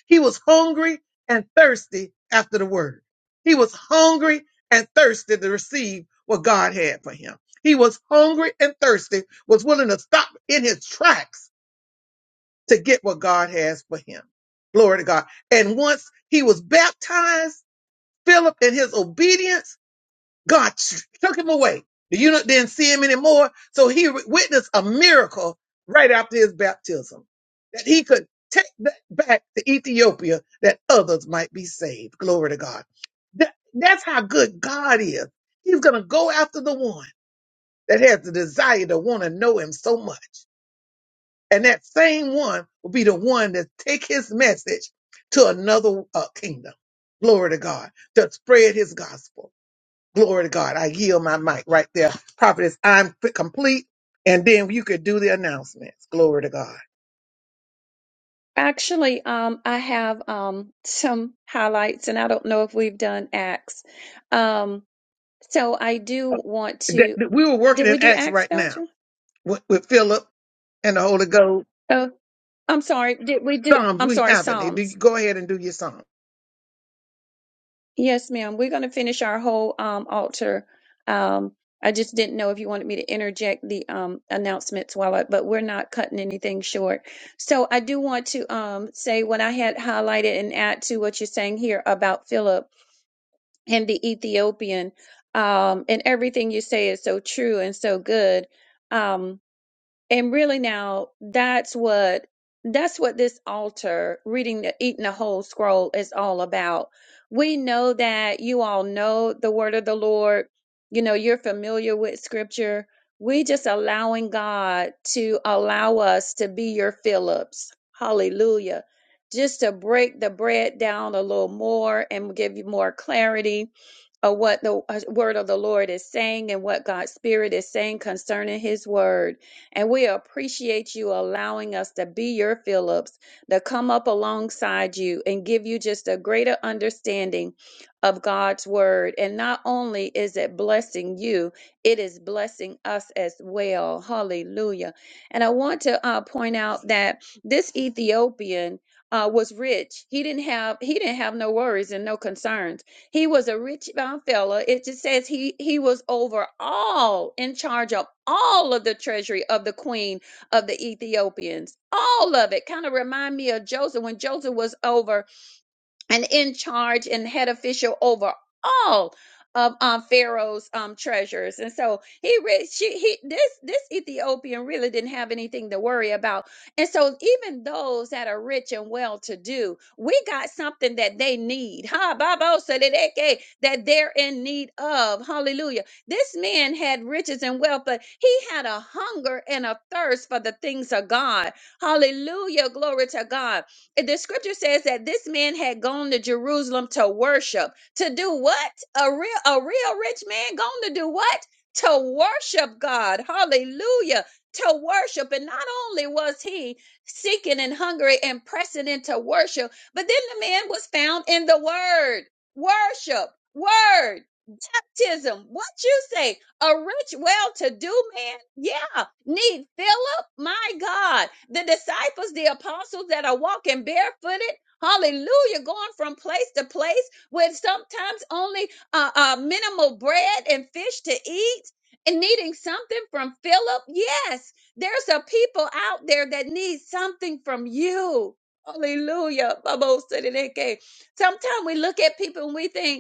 Speaker 1: He was hungry and thirsty after the word. He was hungry and thirsty to receive what God had for him. He was hungry and thirsty, was willing to stop in his tracks to get what God has for him. Glory to God. And once he was baptized, Philip and his obedience, God took him away. The eunuch didn't see him anymore. So he witnessed a miracle right after his baptism that he could take that back to Ethiopia that others might be saved. Glory to God. That, that's how good God is. He's going to go after the one that has the desire to want to know him so much. And that same one will be the one that take his message to another uh, kingdom. Glory to God to spread his gospel. Glory to God. I yield my mic right there. Prophetess, I'm p- complete. And then you could do the announcements. Glory to God.
Speaker 2: Actually, um, I have um, some highlights, and I don't know if we've done Acts. Um, so I do want
Speaker 1: That-
Speaker 2: to.
Speaker 1: that We were
Speaker 2: Did
Speaker 1: working
Speaker 2: we
Speaker 1: in
Speaker 2: do
Speaker 1: Acts
Speaker 2: Acts,
Speaker 1: right now
Speaker 2: Belcher?
Speaker 1: with, with Philip and the Holy Ghost.
Speaker 2: Oh, I'm sorry. Did we do?
Speaker 1: Psalms,
Speaker 2: I'm
Speaker 1: we
Speaker 2: sorry,
Speaker 1: haven't. Eh, do-
Speaker 2: Psalms.
Speaker 1: Go ahead and do your song.
Speaker 2: Yes, ma'am. We're going to finish our whole um, altar. Um, I just didn't know if you wanted me to interject the um, announcements while I, but we're not cutting anything short. So I do want to um, say what I had highlighted and add to what you're saying here about Philip and the Ethiopian. Um, and everything you say is so true and so good. Um, and really now that's what that's what this altar reading the eating the whole scroll is all about. We know that you all know the word of the Lord. You know, you're familiar with scripture. We just allowing God to allow us to be your Phillips. Hallelujah. Just to break the bread down a little more and give you more clarity of what the uh, word of the Lord is saying and what God's spirit is saying concerning his word and we appreciate you allowing us to be your Phillips, to come up alongside you and give you just a greater understanding of God's word. And not only is it blessing you, it is blessing us as well. Hallelujah. And I want to uh, point out that this Ethiopian uh, was rich. He didn't have he didn't have no worries and no concerns he was a rich bound fellow. It just says he he was over all in charge of all of the treasury of the queen of the Ethiopians. All of it kind of remind me of Joseph when Joseph was over and in charge and head official over all of um, Pharaoh's um, treasures. And so he, re- she, he, this, this Ethiopian really didn't have anything to worry about. And so even those that are rich and well to do, we got something that they need. Ha, babo, sadedeke, that they're in need of. Hallelujah. This man had riches and wealth, but he had a hunger and a thirst for the things of God. Hallelujah. Glory to God the scripture says that this man had gone to Jerusalem to worship. To do what? A real a real rich man gone to do what? To worship God. Hallelujah. To worship. And not only was he seeking and hungry and pressing into worship, but then the man was found in the word. Worship. Word. Baptism. What you say? A rich, well-to-do man? Yeah need Philip? My God, the disciples, the apostles that are walking barefooted, hallelujah, going from place to place with sometimes only uh, uh, minimal bread and fish to eat and needing something from Philip. Yes, there's a people out there that need something from you. Hallelujah. Sometimes we look at people and we think,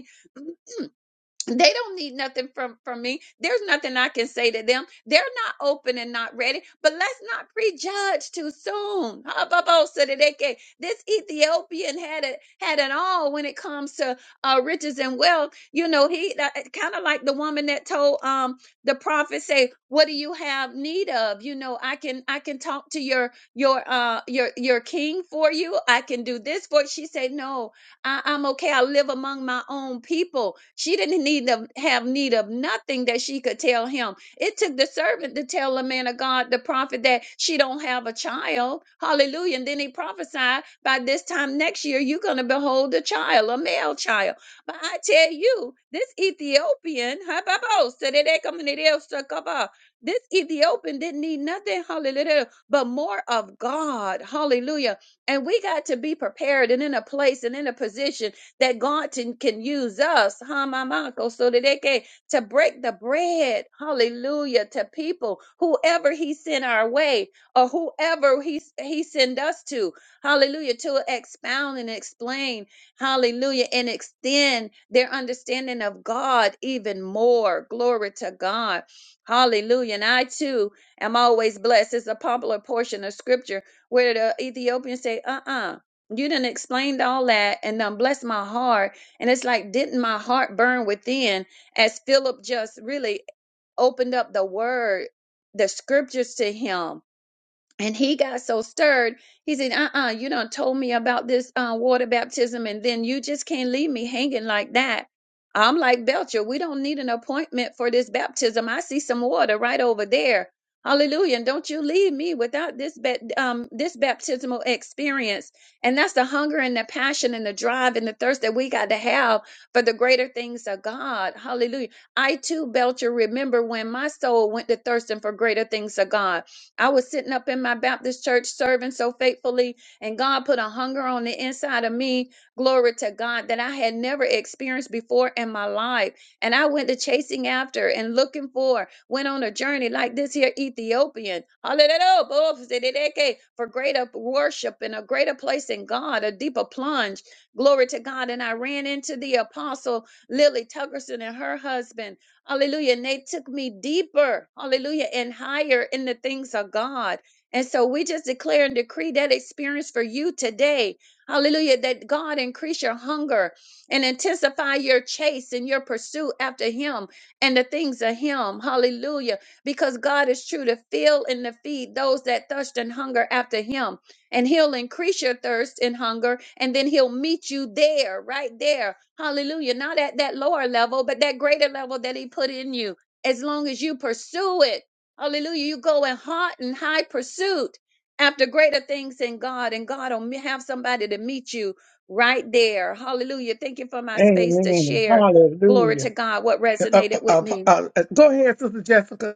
Speaker 2: they don't need nothing from from me there's nothing i can say to them they're not open and not ready but let's not prejudge too soon Habakkuk-Sedeke. this ethiopian had it had it all when it comes to uh riches and wealth you know he uh, uh, kind of like the woman that told um the prophet say what do you have need of you know i can i can talk to your your uh your your king for you i can do this for you." she said no I, I'm okay. I live among my own people. She didn't need to have need of nothing that she could tell him. It took the servant to tell the man of God, the prophet, that she don't have a child. Hallelujah. And then he prophesied by this time next year, you're gonna behold a child, a male child. But I tell you, this Ethiopian, this Ethiopian didn't need nothing, hallelujah, but more of God. Hallelujah. And we got to be prepared and in a place and in a position that God can, can use us, huh, my uncle, so that they can to break the bread, hallelujah, to people, whoever he sent our way or whoever he, he send us to, hallelujah, to expound and explain, hallelujah, and extend their understanding of God even more. Glory to God. Hallelujah. And I too am always blessed. It's a popular portion of scripture where the Ethiopian say, "Uh-uh, you didn't explained all that and done bless my heart." And it's like, didn't my heart burn within as Philip just really opened up the word, the scriptures to him? and he got so stirred, he said, Uh uh you done told me about this uh, water baptism, and then you just can't leave me hanging like that. I'm like, Belcher, we don't need an appointment for this baptism. I see some water right over there. Hallelujah. And don't you leave me without this ba- um, this baptismal experience. And that's the hunger and the passion and the drive and the thirst that we got to have for the greater things of God. Hallelujah. I too, Belcher, remember when my soul went to thirsting for greater things of God. I was sitting up in my Baptist church serving so faithfully, and God put a hunger on the inside of me, glory to God, that I had never experienced before in my life. And I went to chasing after and looking for, went on a journey like this here Ethiopian, hallelujah, for greater worship and a greater place in God, a deeper plunge, glory to God. And I ran into the apostle Lily Tuggerson and her husband. Hallelujah. And they took me deeper, hallelujah, and higher in the things of God. And so we just declare and decree that experience for you today. Hallelujah. That God increase your hunger and intensify your chase and your pursuit after Him and the things of Him. Hallelujah. Because God is true to fill and to feed those that thirst and hunger after Him and he'll increase your thirst and hunger and then he'll meet you there right there hallelujah not at that lower level but that greater level that he put in you as long as you pursue it hallelujah you go in hot and high pursuit after greater things in god and god will me- have somebody to meet you right there hallelujah thank you for my space to
Speaker 1: Amen.
Speaker 2: share glory
Speaker 1: Hallelujah.
Speaker 2: to god what
Speaker 1: Uh, uh,
Speaker 2: resonated with
Speaker 1: uh,
Speaker 2: me
Speaker 1: uh, uh, go ahead, Sister Jessica.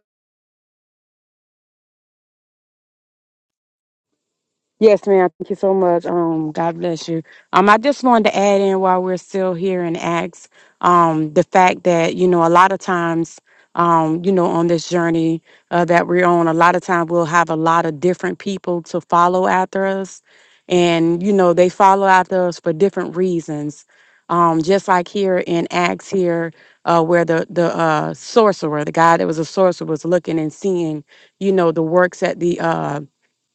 Speaker 5: uh, that we're on. A lot of time we'll have a lot of different people to follow after us. And, you know, they follow after us for different reasons. Um, just like here in Acts here, uh, where the, the uh, sorcerer, the guy that was a sorcerer was looking and seeing, you know, the works at the uh,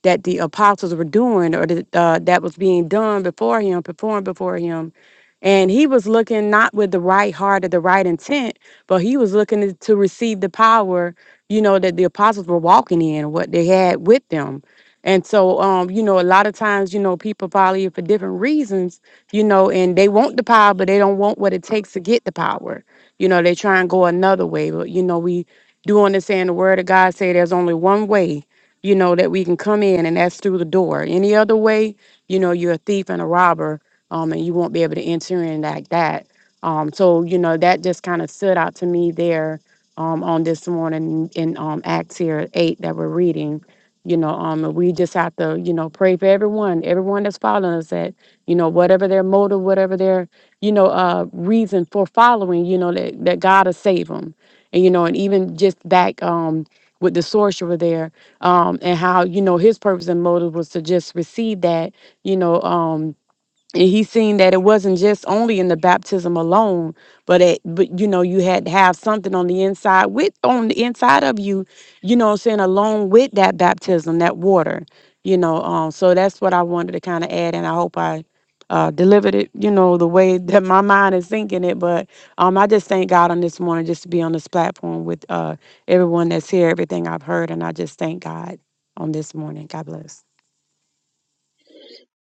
Speaker 5: that the apostles were doing or that, uh, that was being done before him, performed before him. And he was looking not with the right heart or the right intent, but he was looking to to receive the power, you know, that the apostles were walking in, what they had with them. And so, um, you know, a lot of times, you know, people follow you for different reasons, you know, and they want the power, but they don't want what it takes to get the power. You know, they try and go another way. But, you know, we do understand the word of God say there's only one way, you know, that we can come in and that's through the door. Any other way, you know, you're a thief and a robber, um, and you won't be able to enter in like that. Um, so, you know, that just kind of stood out to me there um, on this morning in um, Acts here 8 that we're reading. You know, um, and we just have to, you know, pray for everyone, everyone that's following us that, you know, whatever their motive, whatever their, you know, uh, reason for following, you know, that, that God will save them. And, you know, and even just back um, with the sorcerer there, um, and how you know his purpose and motive was to just receive that you know um, and he seen that it wasn't just only in the baptism alone but it but you know you had to have something on the inside with on the inside of you you know what i'm saying along with that baptism that water you know um so that's what i wanted to kind of add and i hope i uh delivered it you know the way that my mind is thinking it but um i just thank god on this morning just to be on this platform with uh everyone that's here everything i've heard and i just thank god on this morning god bless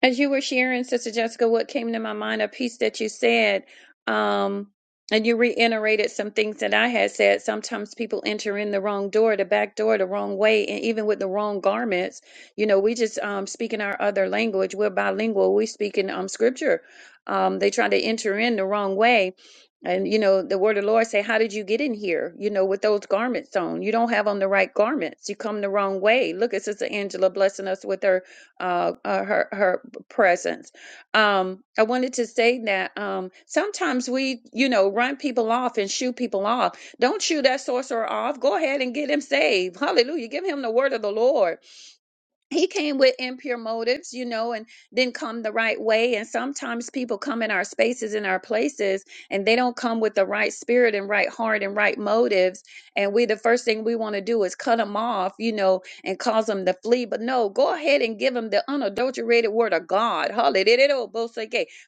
Speaker 2: As you were sharing, Sister Jessica, what came to my mind, a piece that you said, um, and you reiterated some things that I had said. Sometimes people enter in the wrong door, the back door, the wrong way, and even with the wrong garments. You know, we just um, speak in our other language. We're bilingual. We speak in um, scripture. Um, they try to enter in the wrong way, and you know, the word of the Lord say, How did you get in here? You know, with those garments on. You don't have on the right garments. You come the wrong way. Look at Sister Angela blessing us with her uh, uh her her presence. Um, I wanted to say that um sometimes we, you know, run people off and shoot people off. Don't shoot that sorcerer off. Go ahead and get him saved. Hallelujah. Give him the word of the Lord he came with impure motives, you know, and didn't come the right way. And sometimes people come in our spaces, in our places, and they don't come with the right spirit and right heart and right motives. And we, the first thing we want to do is cut them off, you know, and cause them to flee. But no, go ahead and give them the unadulterated word of God. Hallelujah.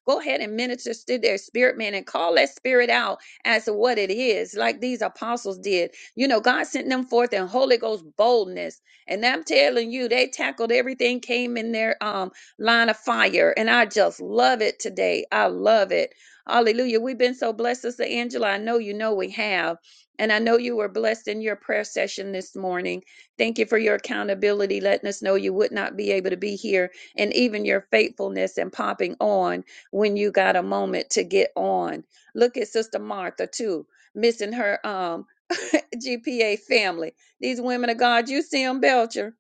Speaker 2: Go ahead and minister to their spirit, man, and call that spirit out as to what it is, like these apostles did. You know, God sent them forth in Holy Ghost boldness and I'm telling you, they tackled everything came in their um line of fire. And I just love it today. I love it. Hallelujah. We've been so blessed, Sister Angela. I know you know we have. And I know you were blessed in your prayer session this morning. Thank you for your accountability, letting us know you would not be able to be here, and even your faithfulness and popping on when you got a moment to get on. Look at Sister Martha, too, missing her um, GPA family. These women of God, you see them, Belcher.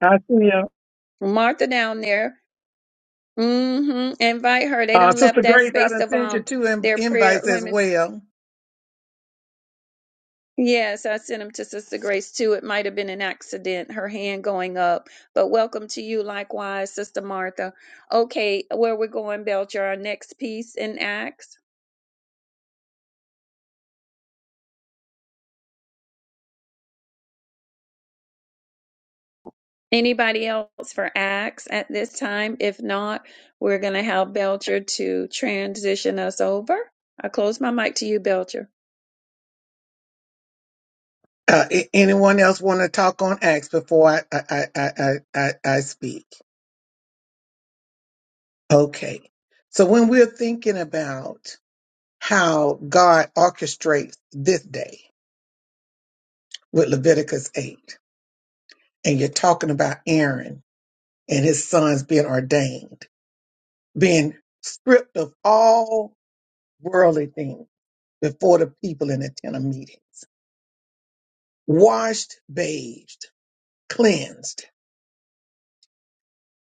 Speaker 1: I see you.
Speaker 2: Martha down there. Mm-hmm. Invite her. They
Speaker 1: Uh,
Speaker 2: done left
Speaker 1: Sister
Speaker 2: that
Speaker 1: Grace, I
Speaker 2: space
Speaker 1: done
Speaker 2: of
Speaker 1: sent you
Speaker 2: um
Speaker 1: two in-
Speaker 2: their prayer
Speaker 1: invites as
Speaker 2: women's.
Speaker 1: well.
Speaker 2: Yes, I sent them to Sister Grace too. It might have been an accident, her hand going up. But welcome to you likewise, Sister Martha. Okay, where we're going, Belcher, our next piece in Acts. Anybody else for Acts at this time? If not, we're gonna have Belcher to transition us over. I close my mic to you, Belcher.
Speaker 1: Uh, a- anyone else want to talk on Acts before I, I, I, I, I, I I speak? Okay. So when we're thinking about how God orchestrates this day with Leviticus 8, and you're talking about Aaron and his sons being ordained, being stripped of all worldly things before the people in the tent of meetings, washed, bathed, cleansed.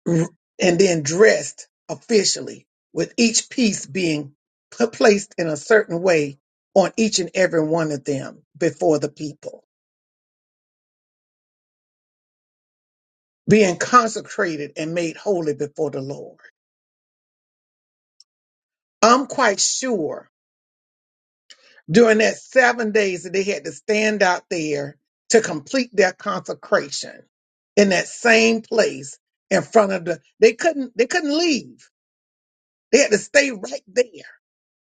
Speaker 1: and then dressed officially, with each piece being p- placed in a certain way on each and every one of them before the people, being consecrated and made holy before the Lord. I'm quite sure during that seven days that they had to stand out there to complete their consecration in that same place in front of the they couldn't they couldn't leave. They had to stay right there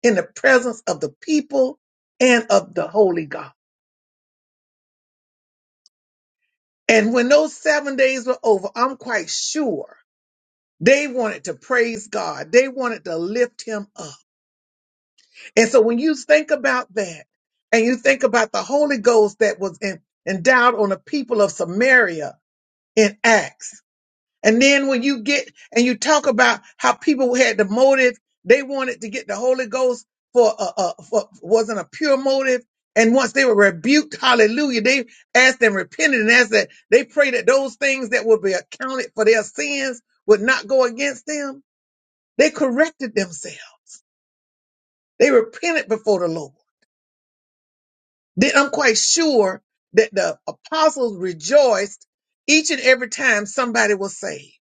Speaker 1: in the presence of the people and of the holy God. And when those seven days were over, I'm quite sure they wanted to praise God. They wanted to lift him up. And so when you think about that and you think about the Holy Ghost that was in, endowed on the people of Samaria in Acts, And then when you get and you talk about how people had the motive, they wanted to get the Holy Ghost for a, a for wasn't a pure motive. And once they were rebuked, hallelujah, they asked and repented and asked that they prayed that those things that would be accounted for their sins would not go against them. They corrected themselves. They repented before the Lord. Then I'm quite sure that the apostles rejoiced each and every time somebody was saved.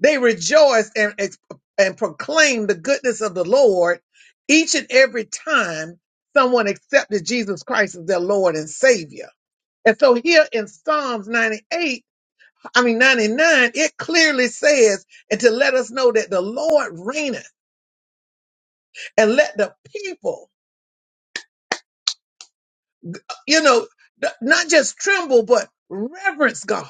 Speaker 1: They rejoiced and, ex- and proclaimed the goodness of the Lord each and every time someone accepted Jesus Christ as their Lord and Savior. And so here in Psalms 98, I mean 99, it clearly says, and to let us know that the Lord reigneth and let the people, you know, th- not just tremble, but reverence God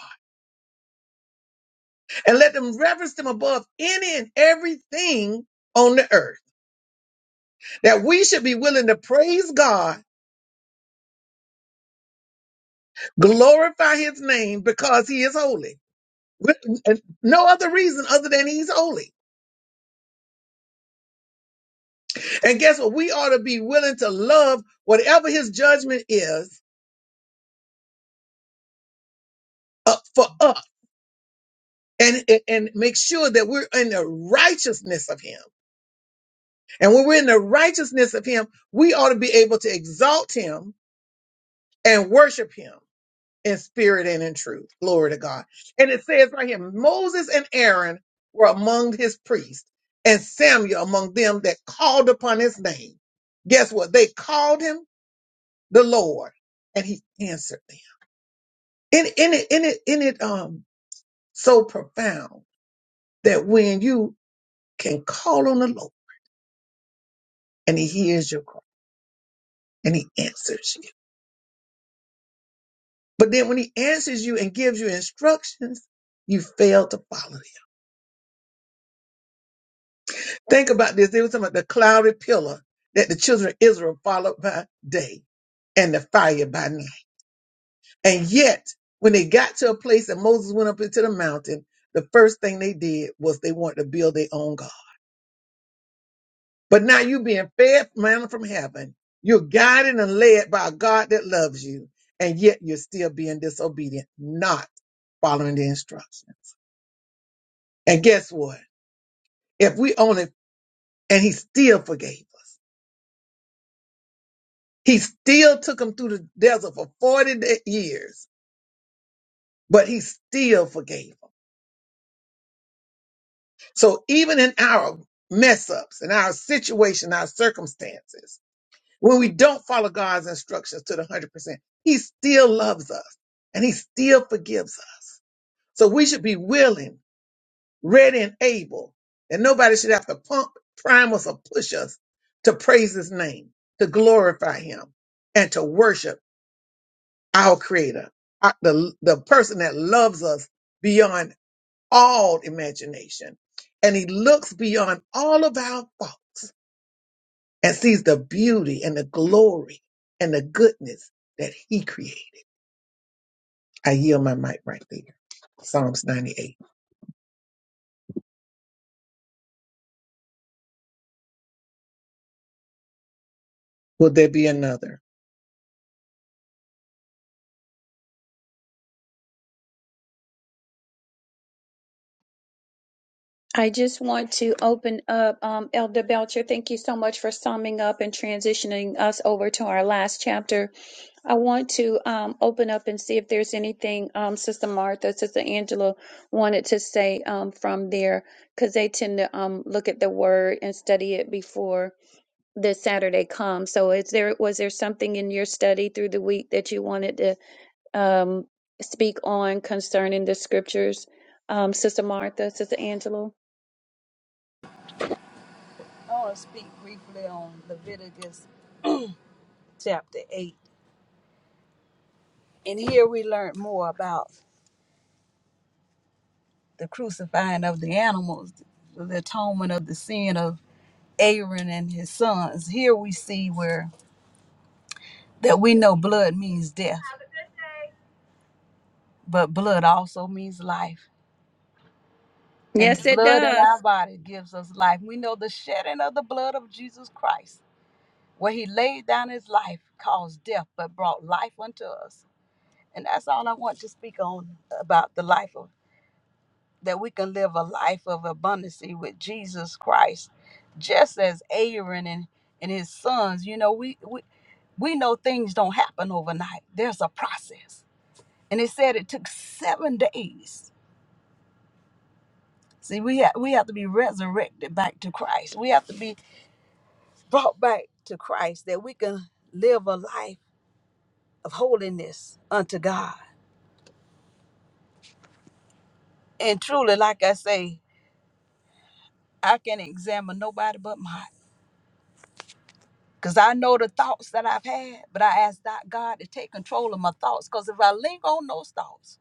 Speaker 1: and let them reverence them above any and everything on the earth. That we should be willing to praise God Glorify his name because he is holy. With- and No other reason other than he's holy. And guess what? We ought to be willing to love whatever his judgment is up for us and, and and make sure that we're in the righteousness of him. And when we're in the righteousness of him, we ought to be able to exalt him and worship him. in spirit and in truth. Glory to God. And it says right here, Moses and Aaron were among his priests, and Samuel among them that called upon his name. Guess what? They called him the Lord, and he answered them. In in it in it in it um so profound that when you can call on the Lord and he hears your call and he answers you. But then when he answers you and gives you instructions, you fail to follow them. Think about this. They were talking about the cloudy pillar that the children of Israel followed by day and the fire by night. And yet, when they got to a place and Moses went up into the mountain, the first thing they did was they wanted to build their own God. But now you're being fed manna from heaven. You're guided and led by a God that loves you. And yet you're still being disobedient, not following the instructions. And guess what? If we only, and he still forgave us. He still took them through the desert for 40 da- years, but he still forgave them. So even in our mess ups in our situation, our circumstances, when we don't follow God's instructions to the 100%, he still loves us and he still forgives us. So we should be willing, ready and able, and nobody should have to pump, prime us or push us to praise his name, to glorify him and to worship our creator, our- the, the person that loves us beyond all imagination. And he looks beyond all of our faults and sees the beauty and the glory and the goodness that he created. I yield my mic right there. Psalms 98. Will there be another?
Speaker 2: I just want to open up, um, Elder Belcher. Thank you so much for summing up and transitioning us over to our last chapter. I want to um, open up and see if there's anything um, Sister Martha, Sister Angela wanted to say um, from there, because they tend to um, look at the word and study it before the Saturday comes. So, is there was there something in your study through the week that you wanted to um, speak on concerning the scriptures, um, Sister Martha, Sister Angela?
Speaker 6: I want to speak briefly on Leviticus chapter 8. And here we learn more about the crucifying of the animals, the atonement of the sin of Aaron and his sons. Here we see where that we know blood means death, but blood also means life. And the
Speaker 2: Yes, it
Speaker 6: blood in
Speaker 2: does.
Speaker 6: our body gives us life. We know the shedding of the blood of Jesus Christ, where he laid down his life, caused death, but brought life unto us. And that's all I want to speak on about the life of that we can live a life of abundance with Jesus Christ, just as Aaron and, and his sons. You know, we, we we know things don't happen overnight. There's a process, and it said it took seven days. See, we have we have to be resurrected back to Christ. We have to be brought back to Christ that we can live a life of holiness unto God. And truly, like I say, I can examine nobody but myself Because I know the thoughts that I've had, but I ask that God to take control of my thoughts. Because if I linger on those thoughts,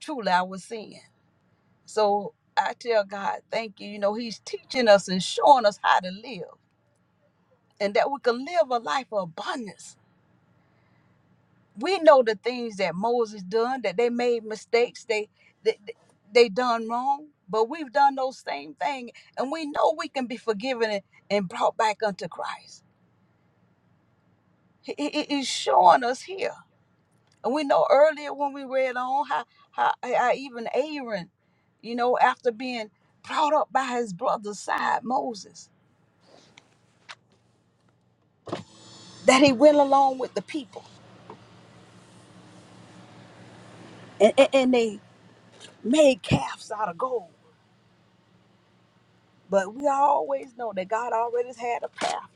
Speaker 6: truly I will sin. So I tell God, thank you. You know, He's teaching us and showing us how to live and that we can live a life of abundance. We know the things that Moses done, that they made mistakes, they they, they done wrong, but we've done those same thing, and we know we can be forgiven and, and brought back unto Christ. He, he- he's showing us here. And we know earlier when we read on how, how, how even Aaron, you know, after being brought up by his brother's side, Moses, that he went along with the people and, and, and they made calves out of gold. But we always know that God already had a path.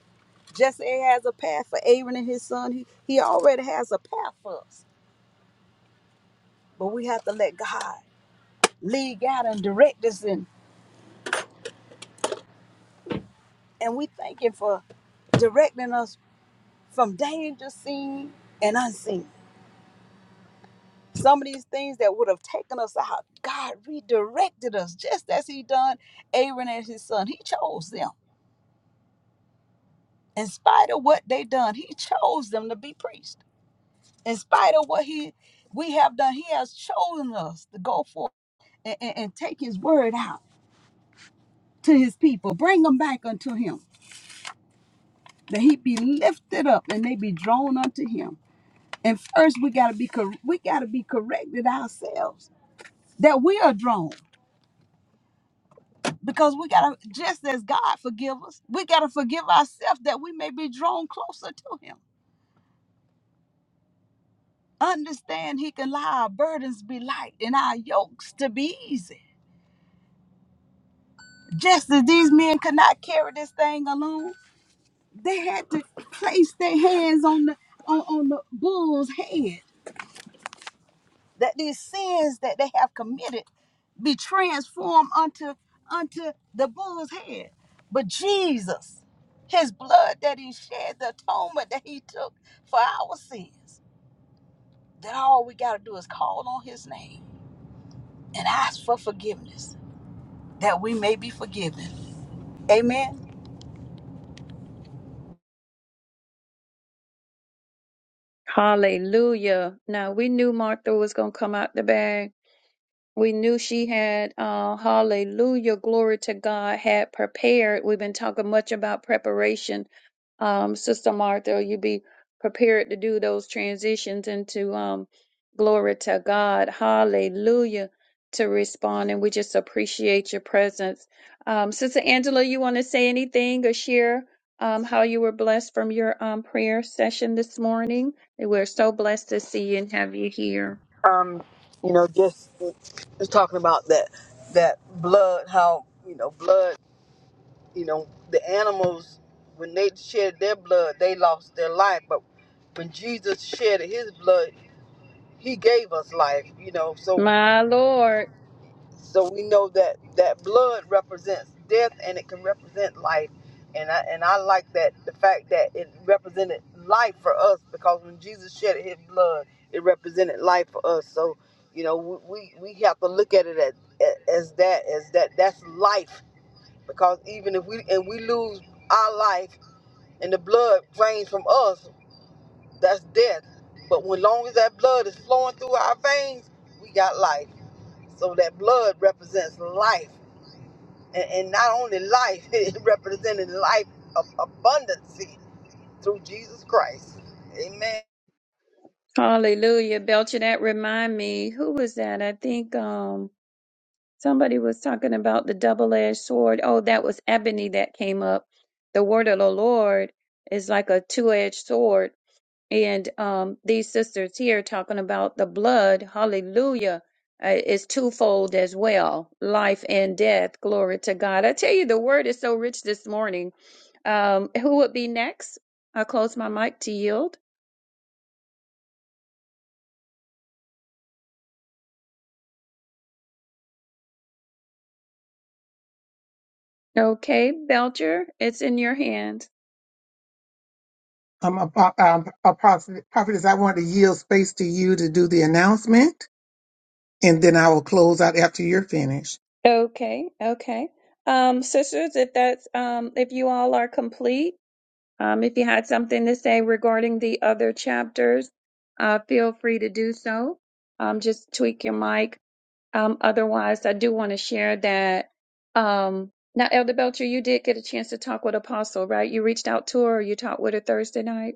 Speaker 6: Jesse has a path for Aaron and his son. He, he already has a path for us. But we have to let God lead, guide, and direct us. And, and we thank Him for directing us from danger seen and unseen. Some of these things that would have taken us out, God redirected us just as He done Aaron and his son. He chose them. In spite of what they done, He chose them to be priests. In spite of what He we have done, He has chosen us to go forth and, and, and take His word out to His people, bring them back unto Him, that He be lifted up and they be drawn unto Him. And first, we gotta be cor- we gotta be corrected ourselves that we are drawn. because we gotta just as God forgive us, we gotta forgive ourselves that we may be drawn closer to Him. Understand He can allow our burdens be light and our yokes to be easy. Just as these men could not carry this thing alone, they had to place their hands on the on, on the bull's head that these sins that they have committed be transformed unto unto the bull's head. But Jesus, his blood that he shed, the atonement that he took for our sins, that all we gotta do is call on his name and ask for forgiveness, that we may be forgiven. Amen.
Speaker 2: Hallelujah. Now we knew Martha was going to come out the bag. We knew she had, uh, hallelujah, glory to God, had prepared. We've been talking much about preparation um, Sister Martha, you be prepared to do those transitions into um, glory to God, hallelujah, to respond. And we just appreciate your presence. Um, Sister Angela, you want to say anything or share um, how you were blessed from your um, prayer session this morning? And We're so blessed to see you and have you here.
Speaker 7: um, you know, just just talking about that that blood, how you know, blood, you know, the animals when they shed their blood, they lost their life, but when Jesus shed His blood, He gave us life. You know, so
Speaker 2: My Lord,
Speaker 7: so we know that that blood represents death and it can represent life. And I and I like that the fact that it represented life for us because when Jesus shed his blood, it represented life for us. So you know we we, we have to look at it as, as that as that that's life because even if we and we lose our life and the blood drains from us, that's death. But when long as that blood is flowing through our veins, we got life. So that blood represents life and, and not only life, it represented life of abundancy through Jesus Christ. Amen.
Speaker 2: hallelujah. Belcher, that remind me, who was that? I think. um Somebody was talking about the double edged sword. Oh, that was Ebony that came up. The word of the Lord is like a two edged sword. And um, these sisters here talking about the blood, hallelujah, uh, is twofold as well life and death. Glory to God. I tell you, the word is so rich this morning. Um, who would be next? I'll close my mic to yield. Okay, Belcher, it's in your hands.
Speaker 1: Um, a, um, a prophetess, I want to yield space to you to do the announcement, and then I will close out after you're finished.
Speaker 2: Okay, okay. Um, sisters, if that's um, if you all are complete, um, if you had something to say regarding the other chapters, uh, feel free to do so. Um, just tweak your mic. Um, otherwise, I do want to share that. Um, now, Elder Belcher, you did get a chance to talk with Apostle, right? You reached out to her, or you talked with her Thursday night.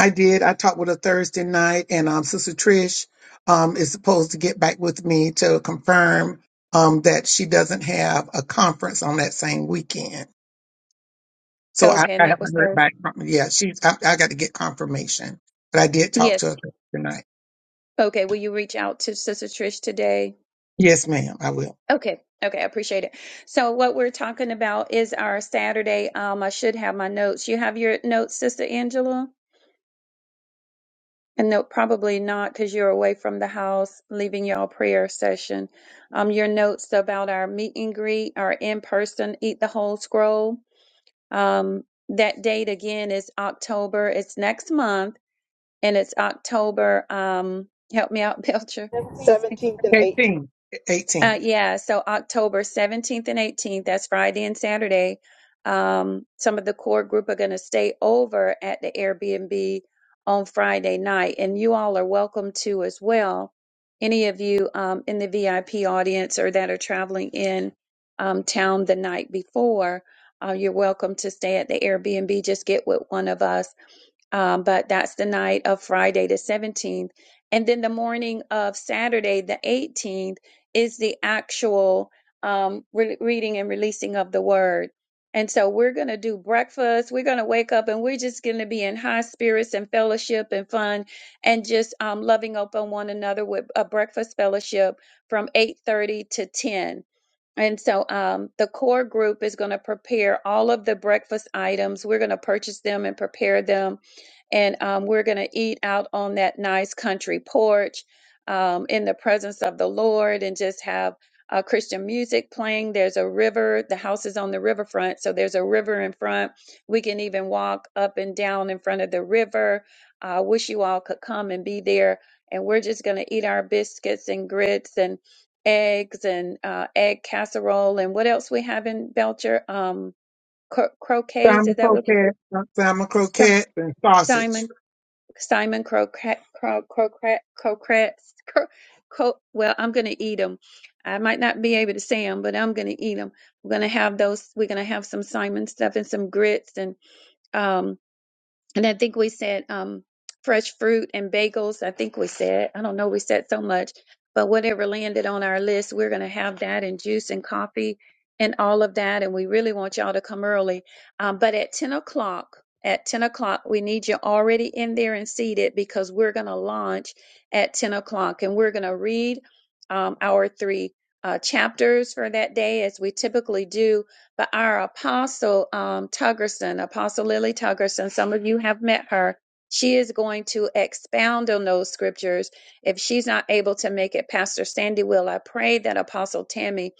Speaker 1: I did. I talked with her Thursday night, and um, Sister Trish um, is supposed to get back with me to confirm um, that she doesn't have a conference on that same weekend. So I,
Speaker 2: Okay, and
Speaker 1: I
Speaker 2: that was
Speaker 1: haven't heard
Speaker 2: Thursday.
Speaker 1: back from yeah, she I, I got to get confirmation. But I did talk
Speaker 2: Yes.
Speaker 1: to her tonight.
Speaker 2: Okay. Will you reach out to Sister Trish today?
Speaker 1: Yes, ma'am, I will.
Speaker 2: Okay. Okay. I appreciate it. So what we're talking about is our Saturday. Um, I should have my notes. You have your notes, Sister Angela? And no, probably not because you're away from the house, leaving y'all prayer session. Um, your notes about our meet and greet, our in-person eat the whole scroll. Um, that date again is October. It's next month and it's October. Um, help me out, Belcher.
Speaker 7: 17th and 18th.
Speaker 1: Eighteen. Eighteen.
Speaker 2: Uh, yeah, so October 17th and 18th, that's Friday and Saturday. Um, some of the core group are going to stay over at the Airbnb on Friday night, and you all are welcome to as well. Any of you um, in the VIP audience or that are traveling in um, town the night before, uh, you're welcome to stay at the Airbnb. Just get with one of us um, but that's the night of Friday the 17th. And then the morning of Saturday the 18th is the actual um, re- reading and releasing of the word. And so we're going to do breakfast. We're going to wake up and we're just going to be in high spirits and fellowship and fun and just um, loving up on one another with a breakfast fellowship from 8.30 to 10 and so um, the core group is going to prepare all of the breakfast items. We're going to purchase them and prepare them. And um, we're going to eat out on that nice country porch um, in the presence of the Lord and just have uh, Christian music playing. There's a river. The house is on the riverfront. So there's a river in front. We can even walk up and down in front of the river. I wish you all could come and be there. And we're just going to eat our biscuits and grits and eggs and uh, egg casserole and what else we have in Belcher? Um, cro- croquets, is
Speaker 1: Salmon
Speaker 2: that what you
Speaker 1: croquettes, salmon
Speaker 2: call
Speaker 1: croquettes and sausage.
Speaker 2: Simon, Simon croquet, cro- croquet, croquettes. Cro- cro- well, I'm going to eat them. I might not be able to say them, but I'm going to eat them. We're going to have those. We're going to have some Simon stuff and some grits and um and I think we said um, fresh fruit and bagels. I think we said, I don't know, we said so much, but whatever landed on our list, we're going to have that and juice and coffee and all of that. And we really want y'all to come early. Um, but at 10 o'clock, at 10 o'clock, we need you already in there and seated because we're going to launch at 10 o'clock and we're going to read um, our three uh, chapters for that day as we typically do but our apostle um, Tuggerson, Apostle Lily Tuggerson, some of you have met her. She is going to expound on those scriptures. If she's not able to make it, Pastor Sandy will. I pray that Apostle Tammy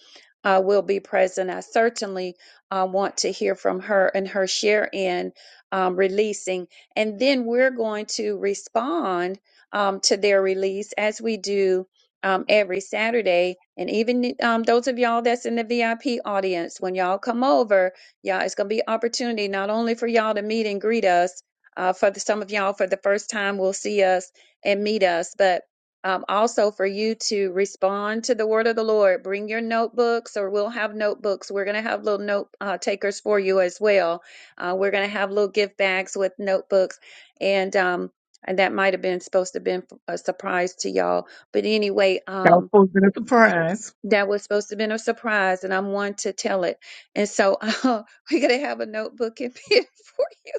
Speaker 2: uh, will be present. I certainly uh, want to hear from her and her share in um, releasing. And then we're going to respond um, to their release as we do um, every Saturday. And even um, those of y'all that's in the VIP audience, when y'all come over, y'all, it's going to be opportunity not only for y'all to meet and greet us. Uh, for the, some of y'all, for the first time, will see us and meet us, but um, also for you to respond to the word of the Lord. Bring your notebooks, or we'll have notebooks. We're going to have little note uh, takers for you as well. Uh, we're going to have little gift bags with notebooks, and um, and that might have been supposed to have been a surprise to y'all but anyway,
Speaker 1: That was
Speaker 2: um,
Speaker 1: supposed to be a surprise.
Speaker 2: that was supposed to have been a surprise, and I'm one to tell it. And so uh, we're going to have a notebook and pen for you.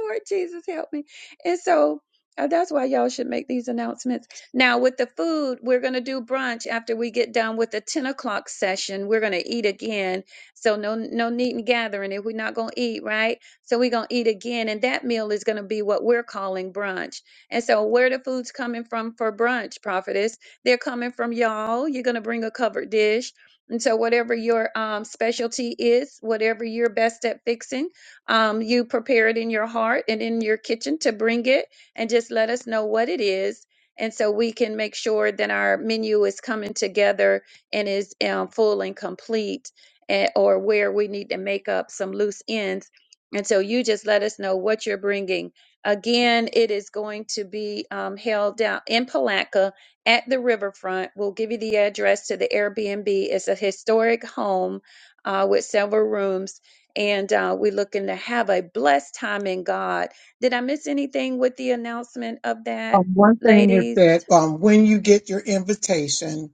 Speaker 2: Lord Jesus, help me. And so uh, that's why y'all should make these announcements. Now, with the food, we're going to do brunch after we get done with the 10 o'clock session. We're going to eat again. So, no, no need in gathering if we're not going to eat, right? So, we're going to eat again. And that meal is going to be what we're calling brunch. And so, where the food's coming from for brunch, prophetess? They're coming from y'all. You're going to bring a covered dish. And so, whatever your um, specialty is, whatever you're best at fixing, um, you prepare it in your heart and in your kitchen to bring it and just let us know what it is. And so we can make sure that our menu is coming together and is um, full and complete, and, or where we need to make up some loose ends. And so you just let us know what you're bringing. Again, it is going to be um, held down in Palatka at the riverfront. We'll give you the address to the Airbnb. It's a historic home uh, with several rooms, and uh, we're looking to have a blessed time in God. Did I miss anything with the announcement of that,
Speaker 1: Um, one thing is
Speaker 2: ladies?
Speaker 1: that um, when you get your invitation,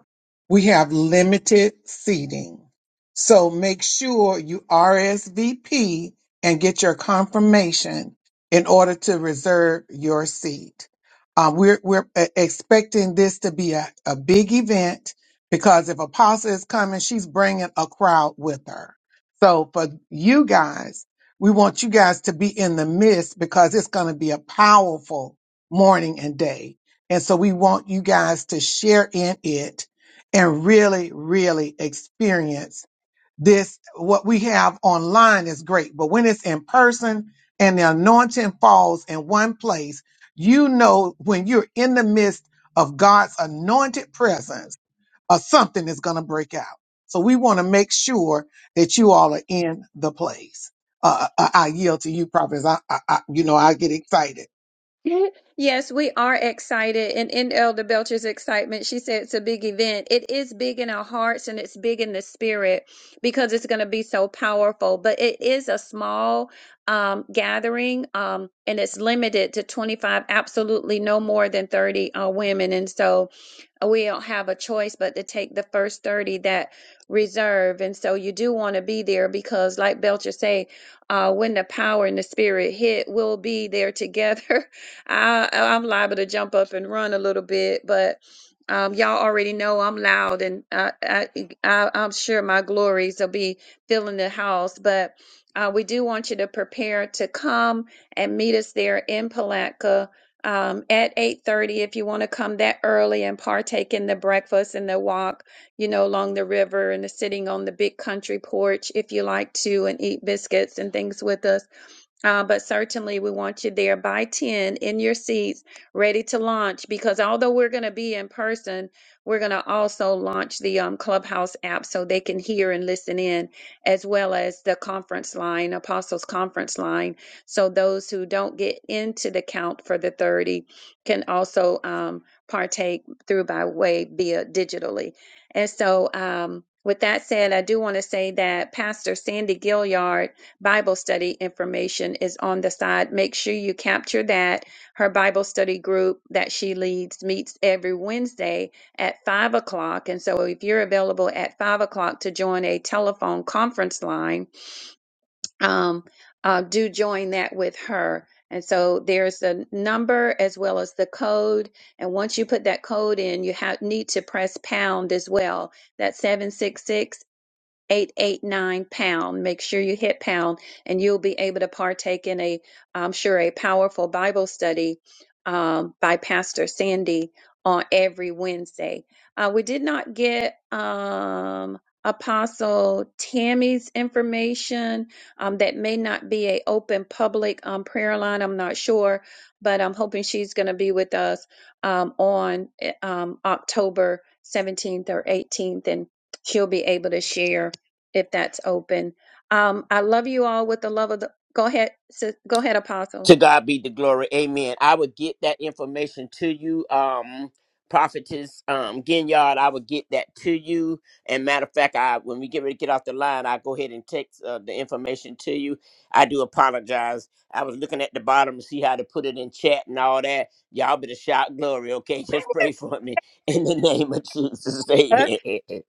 Speaker 1: we have limited seating. So make sure you RSVP and get your confirmation in order to reserve your seat. Uh, we're we're uh, expecting this to be a, a big event because if Apostle is coming, she's bringing a crowd with her. So for you guys, we want you guys to be in the midst because it's going to be a powerful morning and day. And so we want you guys to share in it and really, really experience this. What we have online is great, but when it's in person and the anointing falls in one place, you know, when you're in the midst of God's anointed presence or something is going to break out. So we want to make sure that you all are in the place. Uh, I, I yield to you, prophets. I, I, I, you know, I get excited.
Speaker 2: Yes, we are excited. And in Elder Belcher's excitement, she said it's a big event. It is big in our hearts and it's big in the spirit because it's going to be so powerful. But it is a small um, gathering um, and it's limited to 25, absolutely no more than 30 uh, women. And so uh, we don't have a choice but to take the first 30 that reserve and so you do want to be there because like belcher say uh, when the power and the spirit hit we'll be there together I, i'm liable to jump up and run a little bit but um, y'all already know i'm loud and I, I, I, i'm sure my glories will be filling the house but uh, we do want you to prepare to come and meet us there in palatka um, at 8.30 if you want to come that early and partake in the breakfast and the walk you know along the river and the sitting on the big country porch if you like to and eat biscuits and things with us uh, but certainly, we want you there by 10 in your seats, ready to launch. Because although we're going to be in person, we're going to also launch the um, Clubhouse app so they can hear and listen in, as well as the conference line, Apostles Conference line. So those who don't get into the count for the 30 can also um, partake through by way via digitally. And so, um, with that said, I do want to say that Pastor Sandy Gilliard Bible study information is on the side. Make sure you capture that. Her Bible study group that she leads meets every Wednesday at five o'clock. And so if you're available at five o'clock to join a telephone conference line, um, uh, do join that with her. And so there's a number as well as the code. And once you put that code in, you have, need to press pound as well. That's 766 889 pound. Make sure you hit pound and you'll be able to partake in a, I'm sure, a powerful Bible study um, by Pastor Sandy on every Wednesday. Uh, we did not get um, Apostle Tammy's information. Um, that may not be a open public um, prayer line. I'm not sure, but I'm hoping she's going to be with us um, on eh, um, October 17th or 18th and she'll be able to share if that's open. Um, I love you all with the love of the. Go ahead, sis- go ahead, Apostle.
Speaker 3: To God be the glory. Amen. I would get that information to you, um, prophetess um Ginyard. I would get that to you. And matter of fact, I when we get ready to get off the line, I go ahead and text uh, the information to you. I do apologize. I was looking at the bottom to see how to put it in chat and all that. Y'all better shout glory, okay? Just pray for me in the name of Jesus. Amen.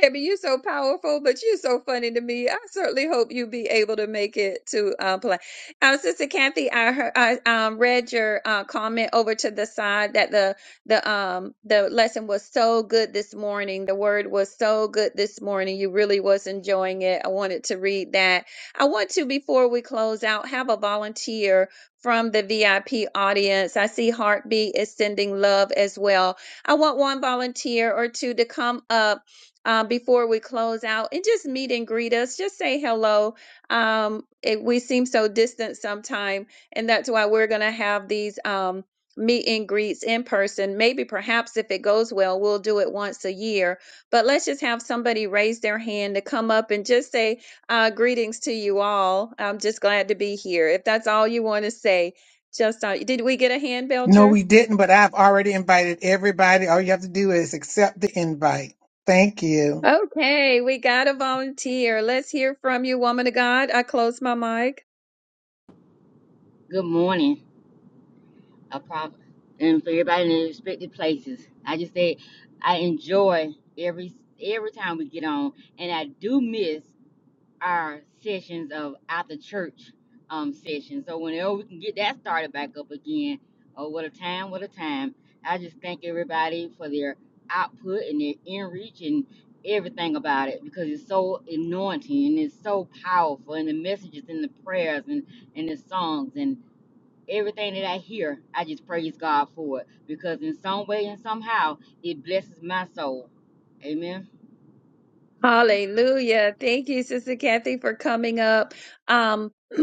Speaker 2: Tammy, you're so powerful, but you're so funny to me. I certainly hope you be able to make it to uh, play. Um, Sister Kathy, I heard, I um, read your uh, comment over to the side that the the um the lesson was so good this morning. The word was so good this morning. You really was enjoying it. I wanted to read that. I want to before we close out have a volunteer from the VIP audience. I see Heartbeat is sending love as well. I want one volunteer or two to come up um, before we close out and just meet and greet us. Just say hello. Um, it, we seem so distant sometime, and that's why we're going to have these um, meet and greets in person. Maybe, perhaps, if it goes well, we'll do it once a year. But let's just have somebody raise their hand to come up and just say uh, greetings to you all. I'm just glad to be here. If that's all you want to say, just uh, did we get a hand,
Speaker 1: No,
Speaker 2: Belcher?
Speaker 1: we didn't, but I've already invited everybody. All you have to do is accept the invite. Thank you.
Speaker 2: Okay, we got a volunteer. Let's hear from you, woman of God. I close my mic.
Speaker 8: Good morning, a prop, and for everybody in their respective places. I just say I enjoy every every time we get on, and I do miss our sessions of after church um sessions. So whenever we can get that started back up again, oh what a time, what a time! I just thank everybody for their output and their inreach and everything about it because it's so anointing and it's so powerful and the messages and the prayers and and the songs and everything that I hear, I just praise God for it because in some way and somehow it blesses my soul. Amen.
Speaker 2: Hallelujah. Thank you, Sister Kathy, for coming up. Um,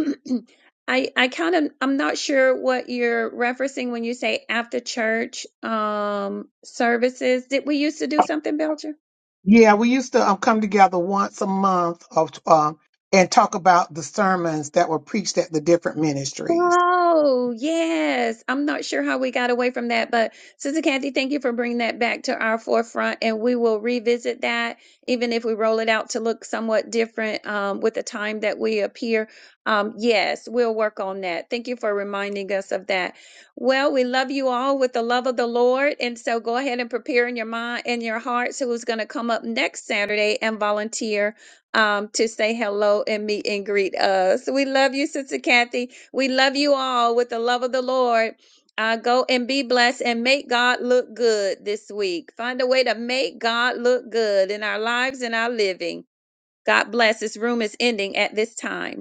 Speaker 2: I I kind of I'm not sure what you're referencing when you say after church um services. Did we used to do something, Belcher?
Speaker 1: Yeah, we used to um, come together once a month of um, and talk about the sermons that were preached at the different ministries.
Speaker 2: Oh, yes. I'm not sure how we got away from that, but Sister Kathy, thank you for bringing that back to our forefront, and we will revisit that, even if we roll it out to look somewhat different um, with the time that we appear. Um, yes, we'll work on that. Thank you for reminding us of that. Well, we love you all with the love of the Lord, and so go ahead and prepare in your mind and your hearts who's going to come up next Saturday and volunteer um, to say hello and meet and greet us. We love you, Sister Kathy. We love you all with the love of the Lord. Uh, go and be blessed and make God look good this week. Find a way to make God look good in our lives and our living. God bless. This room is ending at this time.